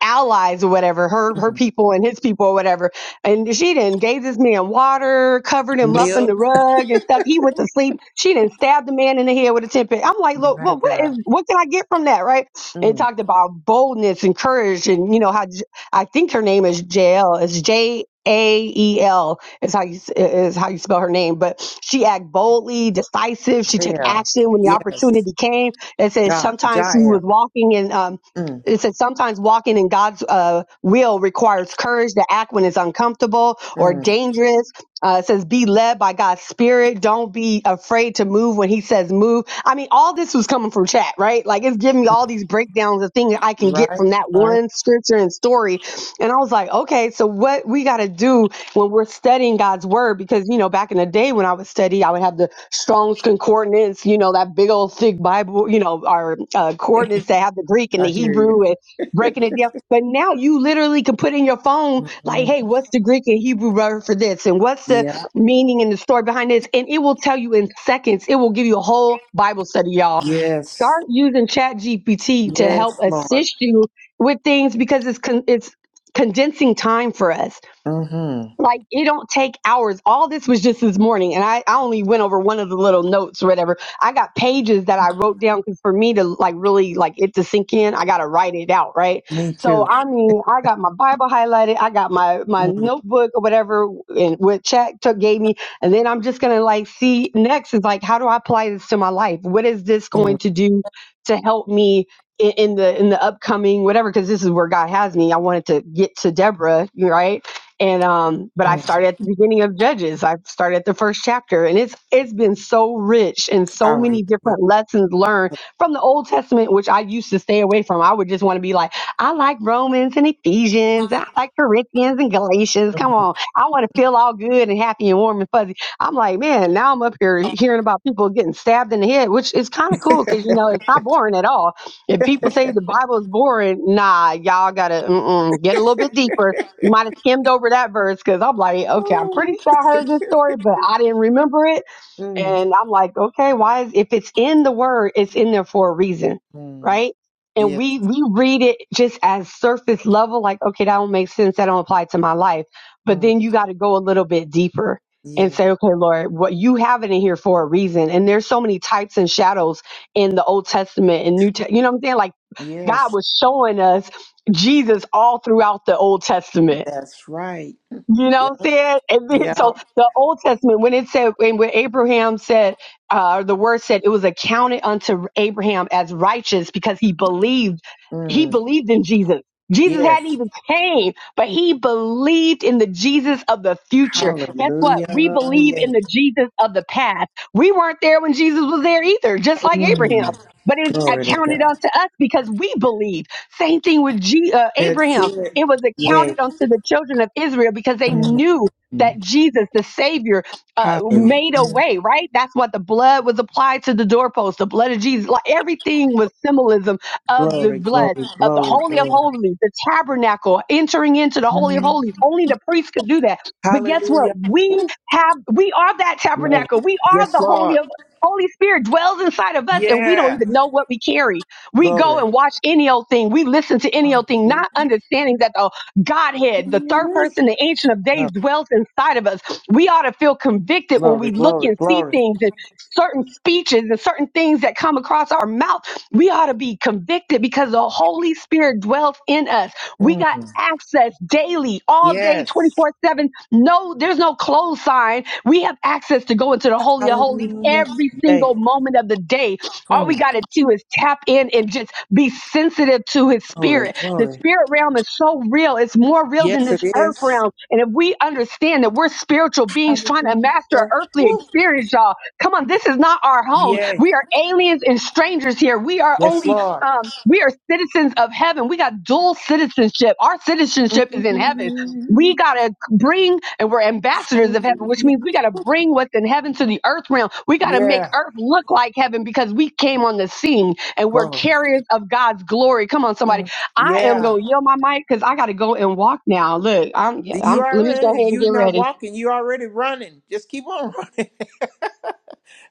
Speaker 6: allies or whatever, her her
Speaker 4: mm.
Speaker 6: people and his people or whatever. And she didn't gave this man water, covered him up in the
Speaker 4: Milk.
Speaker 6: rug and stuff. He went to sleep. She didn't stab the man in the head with a ten pin. I'm like, look,
Speaker 4: My
Speaker 6: well, what is
Speaker 4: God.
Speaker 6: what can I get from that, right? And it
Speaker 4: Mm.
Speaker 6: talked about boldness and courage, and you know how J- I think her name is Jael. It's J A E L is how you s- is how you spell her name. But she acted boldly, decisive. She took
Speaker 4: Yeah.
Speaker 6: action when the
Speaker 4: Yeah.
Speaker 6: opportunity came. It says
Speaker 4: Ja.
Speaker 6: sometimes she
Speaker 4: Jael.
Speaker 6: was walking in uh,
Speaker 4: Mm,
Speaker 6: it said sometimes walking in God's uh, will requires courage to act when it's uncomfortable or
Speaker 4: mm.
Speaker 6: dangerous. Uh, it says be led by God's spirit. Don't be afraid to move when He says move. I mean, all this was coming from chat, right? Like it's giving me all these breakdowns of things I can get
Speaker 4: Right.
Speaker 6: from that
Speaker 4: Right.
Speaker 6: one scripture and story. And I was like, okay, so what we got to do? when we're studying God's word, because you know, back in the day when I would study, I would have the Strong's Concordance, you know, that big old thick Bible, you know, our uh, coordinates that have the Greek and
Speaker 4: I
Speaker 6: the
Speaker 4: hear you.
Speaker 6: Hebrew and breaking it down. But now you literally can put in your phone, like,
Speaker 4: hmm
Speaker 6: hey, what's the Greek and Hebrew word for this? And what's the
Speaker 4: Yeah.
Speaker 6: meaning and the story behind this? And it will tell you in seconds. It will give you a whole Bible study, y'all.
Speaker 4: Yes.
Speaker 6: Start using Chat GPT to
Speaker 4: Yes,
Speaker 6: help
Speaker 4: Lord.
Speaker 6: assist you with things because it's con- it's condensing time for us
Speaker 4: Mm-hmm.
Speaker 6: like it don't take hours. All this was just this morning, and I, I only went over one of the little notes or whatever. I got pages that I wrote down because for me to like really like it to sink in, I gotta write it out, right?
Speaker 4: Me too.
Speaker 6: So I mean, I got my Bible highlighted, I got my my
Speaker 4: Mm,
Speaker 6: notebook or whatever, and what Chat took gave me, and then I'm just gonna like see next is like how do I apply this to my life? What is this
Speaker 4: mm,
Speaker 6: going to do to help me? i- In the in the upcoming whatever, because this is where God has me. I wanted to get to Deborah, right? and um but i
Speaker 4: mm.
Speaker 6: started at the beginning of judges i started at the first chapter and it's it's been so rich and so
Speaker 4: Hallelujah.
Speaker 6: many different lessons learned from the old testament which i used to stay away from i would just want to be like i like romans and ephesians and i like corinthians and galatians come on i want to feel all good and happy and warm and fuzzy i'm like man now i'm up here hearing about people getting stabbed in the head which is kind of cool because you know it's not boring at all if people say the bible is boring nah y'all gotta mm-mm, get a little bit deeper you might have skimmed over that verse because I'm like, okay, I'm pretty sure I heard this story, but I didn't remember it.
Speaker 4: Mm,
Speaker 6: And I'm like, okay, why is if it's in the word, it's in there for a reason,
Speaker 4: mm.
Speaker 6: right? And
Speaker 4: Yes.
Speaker 6: we we read it just as surface level, like, okay, that don't make sense, that don't apply to my life. But
Speaker 4: Mm.
Speaker 6: then you got to go a little bit deeper
Speaker 4: Yeah.
Speaker 6: and say, okay, Lord, what you have it in here for a reason. And there's so many types and shadows in the Old Testament and New, Testament. you know what I'm saying? Like
Speaker 4: Yes,
Speaker 6: God was showing us Jesus all throughout the Old Testament
Speaker 4: that's right.
Speaker 6: you know
Speaker 4: Yep.
Speaker 6: what I'm saying? And then,
Speaker 4: Yep.
Speaker 6: so the Old Testament, when it said, when, when Abraham said, uh, the word said it was accounted unto Abraham as righteous because he believed, he
Speaker 4: Mm.
Speaker 6: believed in Jesus. Jesus
Speaker 4: Yes.
Speaker 6: hadn't even came, but he believed in the Jesus of the future. Guess what? We
Speaker 4: Hallelujah.
Speaker 6: believe
Speaker 4: Yes.
Speaker 6: in the Jesus of the past. We weren't there when Jesus was there either, just like Abraham.
Speaker 4: Mm.
Speaker 6: But it's
Speaker 4: Glory to
Speaker 6: accounted
Speaker 4: God.
Speaker 6: unto us because we believe. Same thing with G, uh,
Speaker 4: That's
Speaker 6: Abraham.
Speaker 4: it.
Speaker 6: It was
Speaker 4: Yes.
Speaker 6: accounted unto the children of Israel because they
Speaker 4: Mm.
Speaker 6: knew that Jesus, the Savior, uh,
Speaker 4: Hallelujah.
Speaker 6: made a way, right? That's what the blood was applied to the doorpost, the blood of Jesus. Like everything was symbolism of the
Speaker 4: Glory, glory,
Speaker 6: blood, of the
Speaker 4: glory,
Speaker 6: Holy of
Speaker 4: glory.
Speaker 6: Holies, the tabernacle, entering into the Holy of
Speaker 4: Mm.
Speaker 6: Holies. Only the priest could do that. But guess what?
Speaker 4: Hallelujah.
Speaker 6: We
Speaker 4: Ooh,
Speaker 6: have, we are that
Speaker 4: love
Speaker 6: tabernacle.
Speaker 4: it.
Speaker 6: We are
Speaker 4: Yes,
Speaker 6: the Holy
Speaker 4: Lord.
Speaker 6: of Holy Spirit dwells inside of us, and we don't
Speaker 4: Yeah.
Speaker 6: even know what we carry we go
Speaker 4: Glory.
Speaker 6: and watch any old thing. We listen to any old thing,
Speaker 4: Hallelujah.
Speaker 6: not understanding that the Godhead, the third
Speaker 4: Yes.
Speaker 6: person, the Ancient of Days,
Speaker 4: Love it.
Speaker 6: dwells inside of us. We ought to feel convicted when
Speaker 4: Glory,
Speaker 6: we look
Speaker 4: glory,
Speaker 6: and see
Speaker 4: glory.
Speaker 6: things and certain speeches and certain things that come across our mouth. We ought to be convicted because the Holy Spirit dwells in us. We got
Speaker 4: Mm.
Speaker 6: access daily, all day,
Speaker 4: Yes.
Speaker 6: 24 7. No, there's no close sign. We have access to go into the Holy of Holies
Speaker 4: Hallelujah.
Speaker 6: every
Speaker 4: Yay.
Speaker 6: single moment of the day. All we
Speaker 4: Mm.
Speaker 6: got to do is tap in and just be sensitive to his
Speaker 4: Glory,
Speaker 6: spirit. The
Speaker 4: glory.
Speaker 6: spirit realm is so real. It's more real than
Speaker 4: Yes, it
Speaker 6: this earth
Speaker 4: is.
Speaker 6: realm. And if we understand that we're spiritual beings trying to master an
Speaker 4: Hallelujah.
Speaker 6: earthly
Speaker 4: Woo.
Speaker 6: experience, y'all, come on, this is not our home.
Speaker 4: Yay.
Speaker 6: We are aliens and strangers here. We are
Speaker 4: Yes,
Speaker 6: only,
Speaker 4: Lord.
Speaker 6: um, we are citizens of heaven. We got dual citizenship. Our citizenship is in heaven
Speaker 4: Mm,
Speaker 6: we got to bring, and we're ambassadors of heaven, which
Speaker 4: Hallelujah.
Speaker 6: means we got to bring what's in heaven to the earth realm. We got to make
Speaker 4: Yeah.
Speaker 6: earth look like heaven because we came on the scene and we're
Speaker 4: Glory.
Speaker 6: carriers of God's glory. Come on, somebody.
Speaker 4: Mm,
Speaker 6: I am
Speaker 4: Yeah.
Speaker 6: going to yield my mic because I got to go and walk now. Look, I'm, yeah,
Speaker 4: You
Speaker 6: I'm, let me go
Speaker 4: already,
Speaker 6: ahead and
Speaker 4: you
Speaker 6: get
Speaker 4: not
Speaker 6: ready.
Speaker 4: walking, you already running. Just keep on running.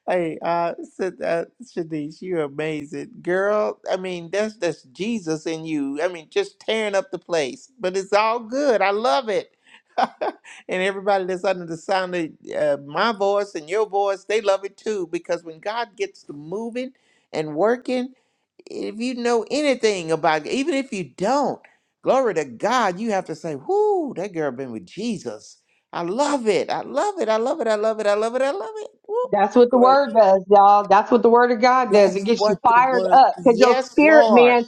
Speaker 4: Hey, uh, Sid- uh, Shanice, you're amazing, girl. I mean, that's that's Jesus in you. I mean, just tearing up the place, but it's all good. I love it. and everybody that's under the sound of uh, my voice and your voice, they love it too. Because when God gets to moving and working, if you know anything about, even if you don't, glory to God, you have to say, "Whoo, that girl been with Jesus." I love it. I love it. I love it. I love it. I love it. I love it.
Speaker 6: That's what the
Speaker 4: Whoop.
Speaker 6: word does, y'all. That's what the word of God does. It
Speaker 4: That's
Speaker 6: gets you
Speaker 4: what the
Speaker 6: fired
Speaker 4: word.
Speaker 6: up because your
Speaker 4: Yes,
Speaker 6: spirit,
Speaker 4: Lord.
Speaker 6: man,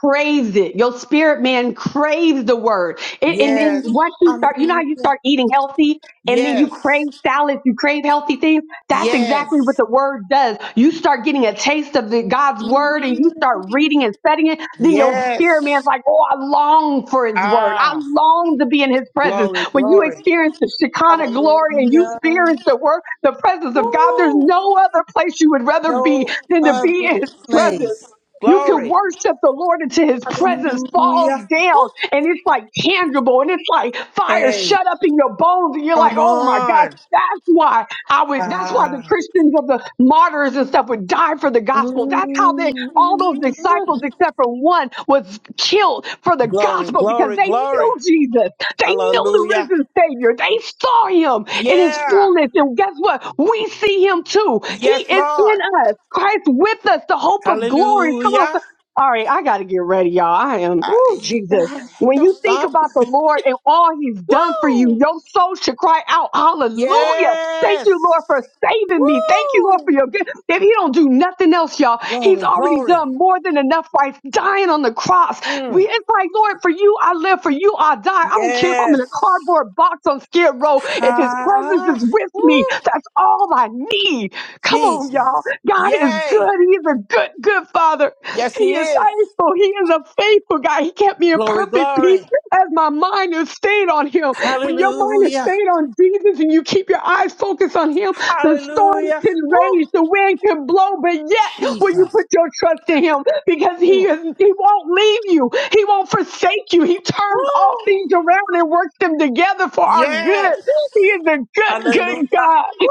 Speaker 6: craves it. Your spirit man craves the word. It, and then
Speaker 4: Yes.
Speaker 6: once you start, you know how
Speaker 4: Hallelujah.
Speaker 6: you start eating healthy and then you
Speaker 4: Yes.
Speaker 6: crave salads, you crave healthy things. That's exactly what
Speaker 4: Yes.
Speaker 6: the word does. You start getting a taste of the God's word and you start reading and studying it. Then your spirit man's
Speaker 4: Yes.
Speaker 6: like, oh, I long for his word. I
Speaker 4: Ah,
Speaker 6: long to be in his presence.
Speaker 4: glory,
Speaker 6: When you
Speaker 4: glory.
Speaker 6: experience the Shekinah glory and you
Speaker 4: Hallelujah.
Speaker 6: experience the word, the presence of God, there's
Speaker 4: Woo.
Speaker 6: no other place you would rather be
Speaker 4: No
Speaker 6: than to be
Speaker 4: other
Speaker 6: in his presence.
Speaker 4: place.
Speaker 6: You can
Speaker 4: Glory.
Speaker 6: worship the Lord until his presence falls
Speaker 4: Hallelujah. Woo.
Speaker 6: down and it's like tangible and it's like fire
Speaker 4: Hey,
Speaker 6: shut up in your bones and you're like,
Speaker 4: come
Speaker 6: oh my God,
Speaker 4: on.
Speaker 6: that's why I would that's why the
Speaker 4: Ah.
Speaker 6: Christians of the martyrs and stuff would die for the gospel. That's how they all those
Speaker 4: Mm.
Speaker 6: disciples, except for one, was killed for the
Speaker 4: Glory,
Speaker 6: gospel because
Speaker 4: glory,
Speaker 6: they
Speaker 4: glory.
Speaker 6: knew Jesus. They knew the
Speaker 4: Hallelujah.
Speaker 6: risen Savior. They saw him in his
Speaker 4: Yeah.
Speaker 6: fullness. And guess what? We see him too. He
Speaker 4: Yes,
Speaker 6: is
Speaker 4: Lord.
Speaker 6: in us. Christ with us, the hope of glory. Come on.
Speaker 4: Hallelujah.
Speaker 6: so- All right, I got to get ready, y'all. I am, ooh,
Speaker 4: I-
Speaker 6: Jesus. When
Speaker 4: don't
Speaker 6: you think
Speaker 4: stop.
Speaker 6: about the Lord and all he's done for you,
Speaker 4: Woo!
Speaker 6: your soul should cry out, Hallelujah. Thank
Speaker 4: Yes.
Speaker 6: you, Lord, for saving me. Thank you, Lord,
Speaker 4: Woo!
Speaker 6: for your good. If he don't do nothing else, y'all, he's
Speaker 4: Glory,
Speaker 6: already
Speaker 4: glory.
Speaker 6: done more than enough by dying on the cross. We,
Speaker 4: Mm.
Speaker 6: it's like, Lord, for you I live, for you I die. I don't care if I'm in a
Speaker 4: Yes.
Speaker 6: cardboard box on Skid Row. If his presence
Speaker 4: Ha.
Speaker 6: is with
Speaker 4: Woo.
Speaker 6: me, that's all I need. Come on, y'all.
Speaker 4: Jesus.
Speaker 6: God is
Speaker 4: Yay.
Speaker 6: good. He is a good, good father.
Speaker 4: Yes,
Speaker 6: He
Speaker 4: he
Speaker 6: is
Speaker 4: is.
Speaker 6: faithful. He is a faithful God. He kept me in
Speaker 4: Glory,
Speaker 6: perfect
Speaker 4: glory.
Speaker 6: peace as my mind is stayed on him. When your mind is
Speaker 4: Hallelujah.
Speaker 6: stayed on Jesus and you keep your eyes focused on Him, the storms
Speaker 4: Hallelujah.
Speaker 6: can
Speaker 4: Woo.
Speaker 6: rage, the wind can blow, but yet will you
Speaker 4: Jesus.
Speaker 6: put your trust in Him because He
Speaker 4: Mm.
Speaker 6: is He won't leave you, He won't forsake you. He turns all
Speaker 4: Woo.
Speaker 6: things around and works them together for our
Speaker 4: Yes.
Speaker 6: good. He is a good,
Speaker 4: Hallelujah.
Speaker 6: good God.
Speaker 4: Woo.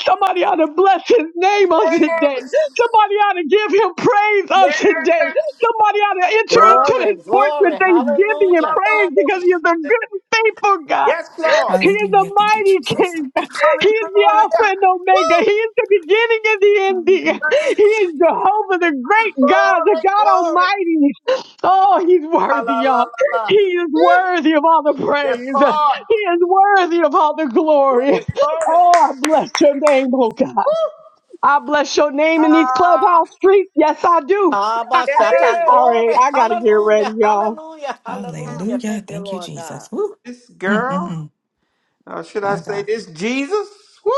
Speaker 6: Somebody ought to bless His name on today. Somebody ought to give Him praise on today. Somebody ought to enter into
Speaker 3: Glory,
Speaker 6: His courts with
Speaker 3: glory,
Speaker 6: thanksgiving and
Speaker 3: hallelujah.
Speaker 6: praise because He is a good, and faithful God.
Speaker 4: Yes, Lord.
Speaker 6: He is the
Speaker 5: Hallelujah. Thank you,
Speaker 6: mighty
Speaker 5: Jesus. Thank
Speaker 6: King.
Speaker 5: you, Jesus.
Speaker 6: He is the Alpha and Omega. He is the beginning and the ending.
Speaker 5: Hallelujah.
Speaker 6: He is Jehovah, the great God, the God Almighty. Oh, he's worthy, y'all. He is worthy of all the praise. He is worthy of all the glory. Oh, I bless your name, oh God. I bless your name in these
Speaker 4: Ah,
Speaker 6: clubhouse streets. Yes, I do.
Speaker 3: Abba, Shatta,
Speaker 6: All right,
Speaker 3: glory,
Speaker 6: I gotta get ready,
Speaker 3: hallelujah,
Speaker 6: y'all.
Speaker 3: hallelujah, hallelujah.
Speaker 5: Hallelujah.
Speaker 3: Thank you,
Speaker 5: Thank you,
Speaker 3: Lord God.
Speaker 5: Jesus. Woo.
Speaker 4: yes, girl.
Speaker 5: Mm-mm-mm.
Speaker 4: Or should I
Speaker 5: My God.
Speaker 4: say this Jesus? Woo!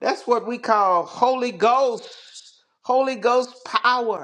Speaker 4: That's what we call Holy Ghost. Holy Ghost power.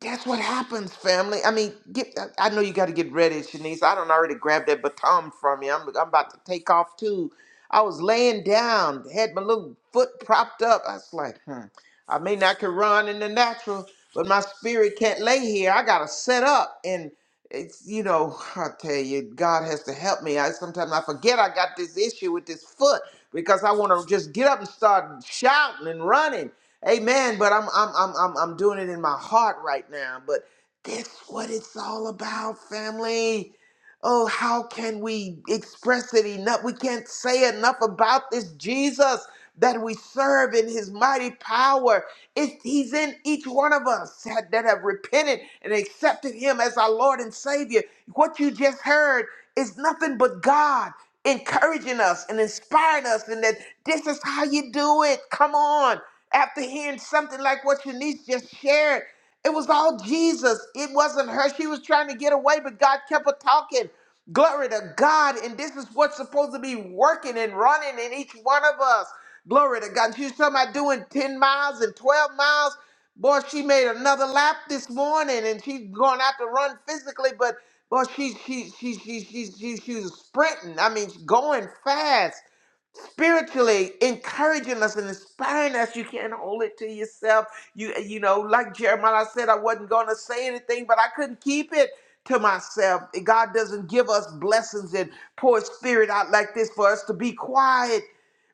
Speaker 4: That's what happens, family. I mean, get. I I know you got to get ready, Shanice. I don't already grab that baton from you. I'm, I'm about to take off too. I was laying down, had my little foot propped up. I was like, hmm, I may not can run in the natural, but my spirit can't lay here. I gotta set up, and it's you know, I tell you, God has to help me. I sometimes I forget I got this issue with this foot because I want to just get up and start shouting and running Amen. But I'm I'm I'm I'm I'm doing it in my heart right now. But that's what it's all about, family. Oh, how can we express it enough? We can't say enough about this Jesus that we serve in his mighty power. It, he's in each one of us that, that have repented and accepted him as our Lord and Savior. What you just heard is nothing but God encouraging us and inspiring us, and that this is how you do it. Come on after hearing something like what Shanice just shared. It was all Jesus. It wasn't her. She was trying to get away, but God kept her talking. Glory to God. And this is what's supposed to be working and running in each one of us. Glory to God. She was talking about doing 10 miles and 12 miles. Boy, she made another lap this morning and she's going out to run physically, but boy, she she she she she she, she was sprinting. I mean, she's going fast spiritually encouraging us and inspiring us. You can't hold it to yourself. You you know, like Jeremiah said, I wasn't gonna say anything, but I couldn't keep it to myself. God doesn't give us blessings and pour his spirit out like this for us to be quiet.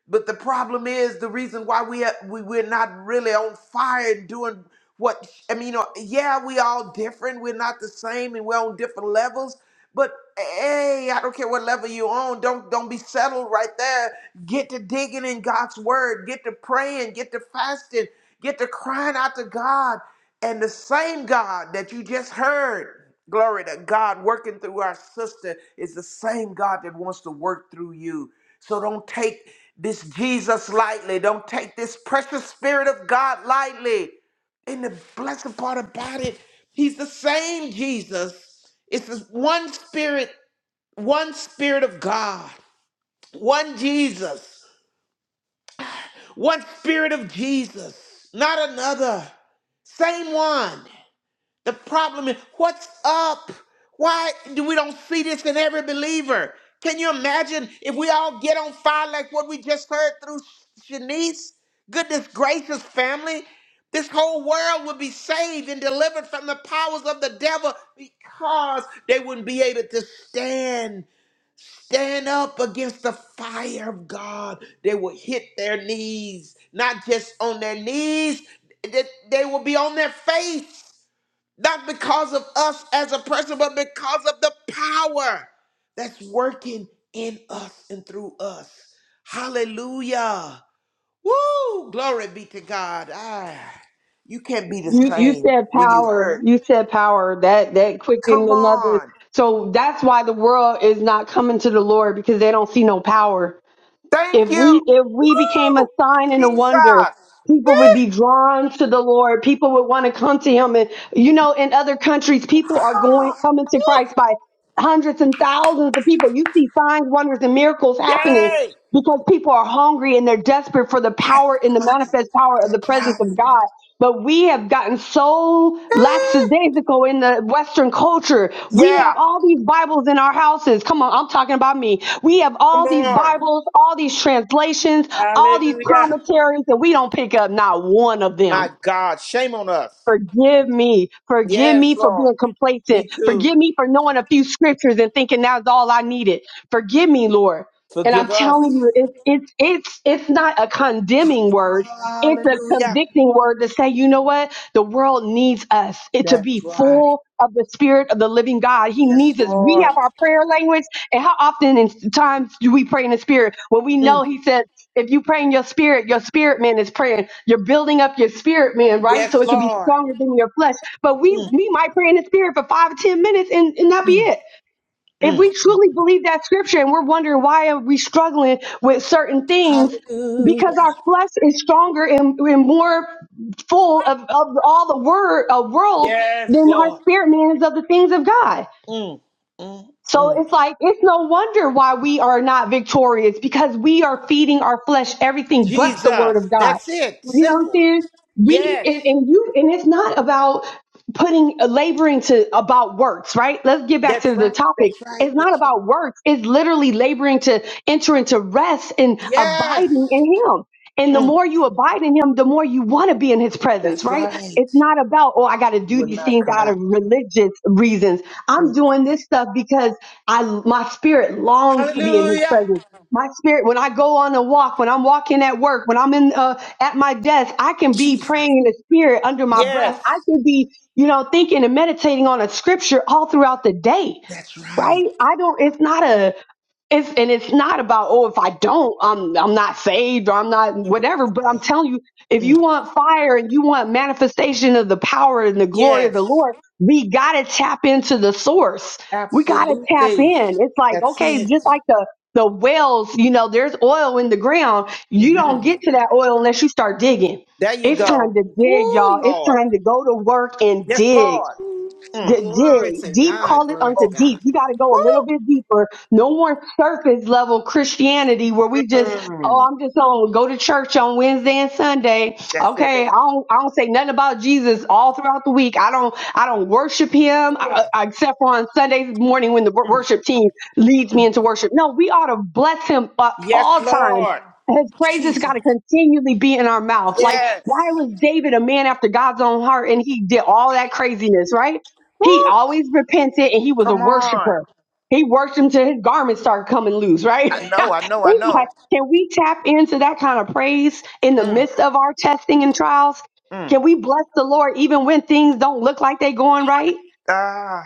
Speaker 4: But the problem is the reason why we are, we we're not really on fire and doing what I mean. You know, yeah, we all different. We're not the same, and we're on different levels. But hey, I don't care what level you on. Don't don't be settled right there. Get to digging in God's word. Get to praying. Get to fasting. Get to crying out to God. And the same God that you just heard, glory to God, working through our sister is the same God that wants to work through you. So don't take this Jesus lightly. Don't take this precious spirit of God lightly. And the blessed part about it, he's the same Jesus. It's this one spirit, one spirit of God, one Jesus, one spirit of Jesus, not another. Same one. The problem is, what's up? Why do we don't see this in every believer? Can you imagine if we all get on fire like what we just heard through Shanice? Goodness gracious, family. This whole world would be saved and delivered from the powers of the devil because they wouldn't be able to stand, stand up against the fire of God. They would hit their knees, not just on their knees, they they will be on their face not because of us as a person, but because of the power that's working in us and through us. Hallelujah. Woo! Glory be to God. Ah, you can't be the
Speaker 6: You you
Speaker 4: same
Speaker 6: said
Speaker 4: when you've
Speaker 6: power.
Speaker 4: heard.
Speaker 6: You said power. That that quickened
Speaker 4: Come
Speaker 6: another.
Speaker 4: on.
Speaker 6: So that's why the world is not coming to the Lord because they don't see no power.
Speaker 4: Thank
Speaker 6: If
Speaker 4: you.
Speaker 6: we if we became a
Speaker 4: Woo!
Speaker 6: sign and a
Speaker 4: Jesus.
Speaker 6: wonder, people would
Speaker 4: Eh,
Speaker 6: be drawn to the Lord. People would want to come to Him. And you know, in other countries, people are going
Speaker 4: ah,
Speaker 6: coming to
Speaker 4: woo,
Speaker 6: Christ by hundreds and thousands of people. You see signs, wonders, and miracles happening
Speaker 4: Yay!
Speaker 6: because people are hungry and they're desperate for the
Speaker 4: That's
Speaker 6: power and the
Speaker 4: right.
Speaker 6: manifest power of the
Speaker 4: That's
Speaker 6: presence of
Speaker 4: right.
Speaker 6: God. But we have gotten so
Speaker 4: Eh,
Speaker 6: lackadaisical in the Western culture. We
Speaker 4: Yeah.
Speaker 6: have all these Bibles in our houses. Come on, I'm talking about me. We have
Speaker 4: Come
Speaker 6: all these
Speaker 4: on.
Speaker 6: Bibles, all these translations, all these
Speaker 4: Hallelujah.
Speaker 6: commentaries, and we don't pick up not one of them.
Speaker 4: My God, shame on us.
Speaker 6: Forgive me. Forgive
Speaker 4: Yes,
Speaker 6: me for
Speaker 4: Lord.
Speaker 6: being
Speaker 4: Me
Speaker 6: complacent.
Speaker 4: too.
Speaker 6: Forgive me for knowing a few scriptures and thinking that's all I needed. Forgive me, Lord. And I'm
Speaker 4: Forgive
Speaker 6: telling
Speaker 4: us.
Speaker 6: you, it's it's it's it's not a condemning word. It's a
Speaker 4: Hallelujah.
Speaker 6: convicting word to say, you know what? The world needs us it, to
Speaker 4: That,
Speaker 6: be full of the spirit of the living God. He
Speaker 4: yes,
Speaker 6: needs us. We
Speaker 4: Lord.
Speaker 6: have our prayer language. And how often in times do we pray in the spirit when we know
Speaker 4: Mm.
Speaker 6: he says, if you pray in your spirit, your spirit man is praying. You're building up your spirit man, right? So
Speaker 4: Yes,
Speaker 6: it can be
Speaker 4: Lord.
Speaker 6: stronger than your flesh. But we
Speaker 4: Mm.
Speaker 6: we might pray in the spirit for five or ten minutes and, and that be it. If
Speaker 4: Mm.
Speaker 6: we truly believe that scripture and we're wondering why are we struggling with certain things, because our flesh is stronger and, and more full of, of all the word of world
Speaker 4: Yes,
Speaker 6: than our
Speaker 4: Lord.
Speaker 6: spirit man is of the things of God.
Speaker 4: Mm. Mm.
Speaker 6: So
Speaker 4: Mm.
Speaker 6: it's like, it's no wonder why we are not victorious because we are feeding our flesh everything but the word
Speaker 4: Jesus.
Speaker 6: of God.
Speaker 4: That's it.
Speaker 6: You know what I'm
Speaker 4: Simple.
Speaker 6: saying? We,
Speaker 4: Yes.
Speaker 6: and, and you, and it's not about putting, laboring to about works, right? Let's get back
Speaker 4: That's
Speaker 6: to the
Speaker 4: right.
Speaker 6: topic.
Speaker 4: That's right.
Speaker 6: It's not
Speaker 4: That's,
Speaker 6: about works. It's literally laboring to enter into rest and
Speaker 4: yes.
Speaker 6: abiding in Him. And the
Speaker 4: Mm.
Speaker 6: more you abide in Him, the more you want to be in His presence,
Speaker 4: That's
Speaker 6: right?
Speaker 4: right.
Speaker 6: It's not about, oh, I got to
Speaker 4: You
Speaker 6: do
Speaker 4: will
Speaker 6: these
Speaker 4: not
Speaker 6: things
Speaker 4: come
Speaker 6: out
Speaker 4: out.
Speaker 6: of religious reasons.
Speaker 4: Mm.
Speaker 6: I'm doing this stuff because I my spirit longs to be in his
Speaker 4: Hallelujah.
Speaker 6: presence. My spirit, when I go on a walk, when I'm walking at work, when I'm in uh, at my desk, I can be
Speaker 4: Jesus.
Speaker 6: praying in the spirit under my breath. I
Speaker 4: Yes.
Speaker 6: can be, you know, thinking and meditating on a scripture all throughout the day,
Speaker 4: That's right.
Speaker 6: right? I don't. It's not a. It's and it's not about oh if I don't I'm I'm not saved or I'm not whatever but I'm telling you if
Speaker 4: Mm.
Speaker 6: you want fire and you want manifestation of the power and the glory of the
Speaker 4: Yes.
Speaker 6: Lord we got to tap into the source we got to tap
Speaker 4: Absolutely.
Speaker 6: in it's like
Speaker 4: That's
Speaker 6: okay
Speaker 4: it.
Speaker 6: just like the the wells you know there's oil in the ground you don't
Speaker 4: hmm
Speaker 6: get to that oil unless you start digging
Speaker 4: There you
Speaker 6: it's time
Speaker 4: go.
Speaker 6: to dig
Speaker 4: Woo,
Speaker 6: y'all it's
Speaker 4: Lord.
Speaker 6: time to go to work and
Speaker 4: Yes,
Speaker 6: dig
Speaker 4: Lord.
Speaker 3: Ooh,
Speaker 4: Mm.
Speaker 6: Good
Speaker 3: glory
Speaker 6: dig.
Speaker 3: to
Speaker 6: Deep
Speaker 3: God,
Speaker 6: call it
Speaker 3: glory to
Speaker 6: unto
Speaker 4: Oh,
Speaker 3: God.
Speaker 6: deep. You got to go a little
Speaker 4: woo.
Speaker 6: bit deeper. No more surface level Christianity where we just,
Speaker 4: Mm.
Speaker 6: oh, I'm just on go to church on Wednesday and Sunday.
Speaker 4: That's it.
Speaker 6: Okay, I don't, I don't say nothing about Jesus all throughout the week. I don't, I don't worship Him uh, uh, except for on Sunday morning when the wor- worship team leads me into worship. No, we ought to bless Him at
Speaker 4: Yes,
Speaker 6: all times.
Speaker 4: Lord.
Speaker 6: His praises got to continually be in our mouth. Like, why
Speaker 4: Yes.
Speaker 6: was David a man after God's own heart and he did all that craziness, right?
Speaker 4: Woo.
Speaker 6: He always repented and he was a
Speaker 4: Come on.
Speaker 6: worshiper. He worshiped until his garments started coming loose,
Speaker 4: I
Speaker 6: right?
Speaker 4: know, I know, I
Speaker 6: It's
Speaker 4: know.
Speaker 6: like, can we tap into that kind of praise in the
Speaker 4: Mm,
Speaker 6: midst of our testing and trials?
Speaker 4: mm.
Speaker 6: Can we bless the Lord even when things don't look like they're going right?
Speaker 4: Ah,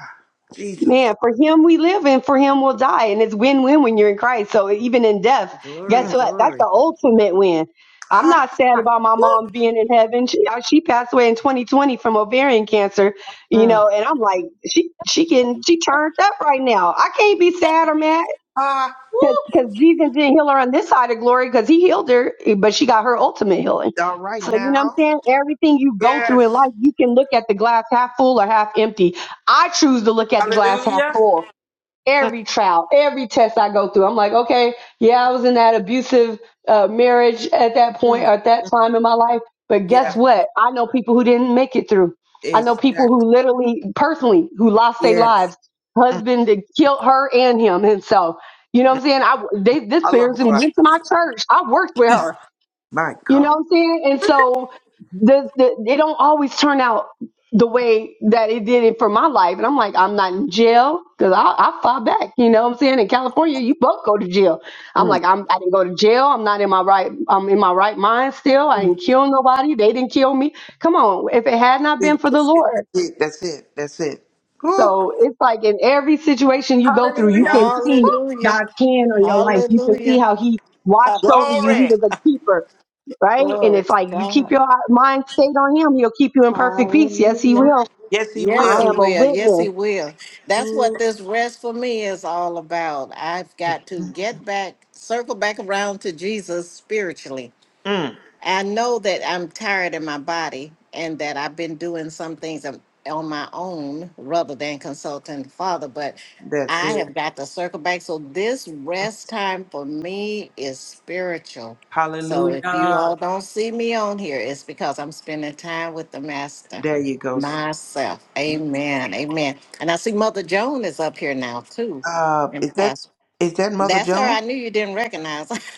Speaker 4: Jesus.
Speaker 6: Man, for him we live and for him we'll die. And it's win win when you're in Christ. So even in death,
Speaker 3: Glory,
Speaker 6: guess
Speaker 4: Mm.
Speaker 6: what? That's
Speaker 3: glory.
Speaker 6: the ultimate win. I'm
Speaker 4: Ha,
Speaker 6: not sad about my mom being in heaven. She, uh, she passed away in 2020 from ovarian cancer, you know, and I'm like, she she getting she turned up right now. I can't be sad or mad
Speaker 4: ha. Woo.
Speaker 6: because Jesus didn't heal her on this side of glory because he healed her, but she got her ultimate healing.
Speaker 4: All right
Speaker 6: So, you know what I'm
Speaker 4: now.
Speaker 6: saying? Everything you go through in
Speaker 4: Yes.
Speaker 6: life, you can look at the glass half full or half empty. I choose to look at the glass half
Speaker 4: Hallelujah.
Speaker 6: full every trial, every test I go through. I'm like, okay, yeah, I was in that abusive uh, marriage at that point
Speaker 4: Mm.
Speaker 6: or at that time in my life, but guess
Speaker 4: Yeah.
Speaker 6: what? I know people who didn't make it through. I know people
Speaker 4: Exactly.
Speaker 6: who literally, personally, who lost their
Speaker 4: Yes.
Speaker 6: lives. Husband that killed her and him himself. You know what I'm saying? I they, this
Speaker 4: Allah
Speaker 6: person went to my church. I worked with her.
Speaker 4: My
Speaker 6: You know
Speaker 4: God.
Speaker 6: what I'm saying? And so the, the, they don't always turn out the way that it did it for my life. And I'm like, I'm not in jail because I, I fought back. You know what I'm saying? In California, you both go to jail.
Speaker 4: Mm.
Speaker 6: I'm like, I'm, I didn't go to jail. I'm not in my right. I'm in my right mind still. I didn't kill nobody. They didn't kill me. Come on. If it had not been
Speaker 4: it.
Speaker 6: for the
Speaker 4: That's it.
Speaker 6: Lord.
Speaker 4: That's it. That's it. Woo.
Speaker 6: So it's like in every situation you go through, you
Speaker 4: Hallelujah.
Speaker 6: can see
Speaker 3: Hallelujah,
Speaker 6: God's hand on your life. You can see
Speaker 3: hallelujah,
Speaker 6: how he watched
Speaker 3: Abba,
Speaker 6: over you. He
Speaker 4: Glory.
Speaker 6: was a
Speaker 3: Shatta.
Speaker 6: keeper right? And
Speaker 3: Glory
Speaker 6: it's
Speaker 3: to
Speaker 6: like you keep
Speaker 3: God.
Speaker 6: your mind stayed on him, he'll keep you in perfect peace. Yes, he
Speaker 3: Hallelujah.
Speaker 6: will.
Speaker 4: Yes, he
Speaker 3: Yes,
Speaker 6: I
Speaker 3: he
Speaker 4: will.
Speaker 6: am a
Speaker 3: will. Yes, he
Speaker 6: witness.
Speaker 3: will. That's what this rest for me is all about. I've got to get back, circle back around to Jesus spiritually
Speaker 4: Mm.
Speaker 3: I know that I'm tired in my body and that I've been doing some things on on my own rather than consulting Father, but
Speaker 4: That's
Speaker 3: I
Speaker 4: it.
Speaker 3: have got to circle back. So this rest time for me is spiritual. So if you
Speaker 4: Hallelujah.
Speaker 3: all don't see me on here, it's because I'm spending time with the Master
Speaker 4: There you go.
Speaker 3: myself. Amen. Amen. And I see Mother Joan is up here now too.
Speaker 4: Uh, is
Speaker 3: And
Speaker 4: that
Speaker 3: Pastor.
Speaker 4: is that Mother
Speaker 3: That's her.
Speaker 4: Joan?
Speaker 3: I knew you didn't recognize.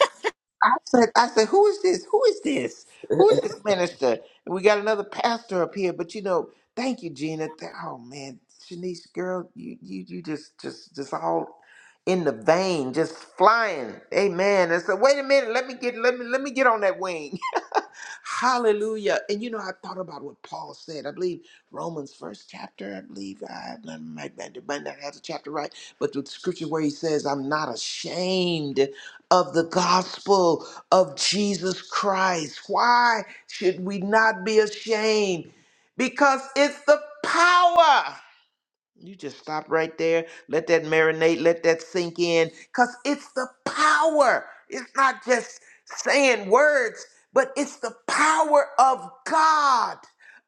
Speaker 4: I said, I said, who is this? Who is this? Who is this minister? And we got another pastor up here, but you know, thank you, Gina. Th- Oh man, Shanice, girl, you you you just just just all in the vein, just flying. Amen. And so wait a minute, let me get let me let me get on that wing. Hallelujah. And you know, I thought about what Paul said. I believe Romans first chapter. I believe I I might, not- might not have the chapter right, but the scripture where he says, "I'm not ashamed of the gospel of Jesus Christ." Why should we not be ashamed? Because it's the power. You just stop right there. Let that marinate. Let that sink in. Because it's the power. It's not just saying words, but it's the power of God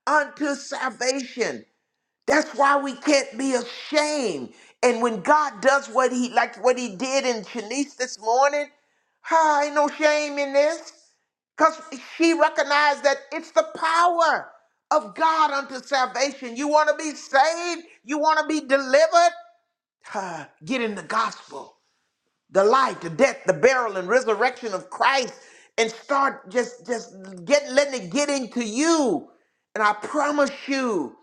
Speaker 4: unto salvation. That's why we can't be ashamed. And when God does what he like what he did in Shanice this morning, hi, ain't no shame in this. Because she recognized that it's the power of God unto salvation. You want to be saved? You want to be delivered? Huh, Get in the gospel, the life, the death, the burial, and resurrection of Christ, and start just just get letting it get into you. And I promise you.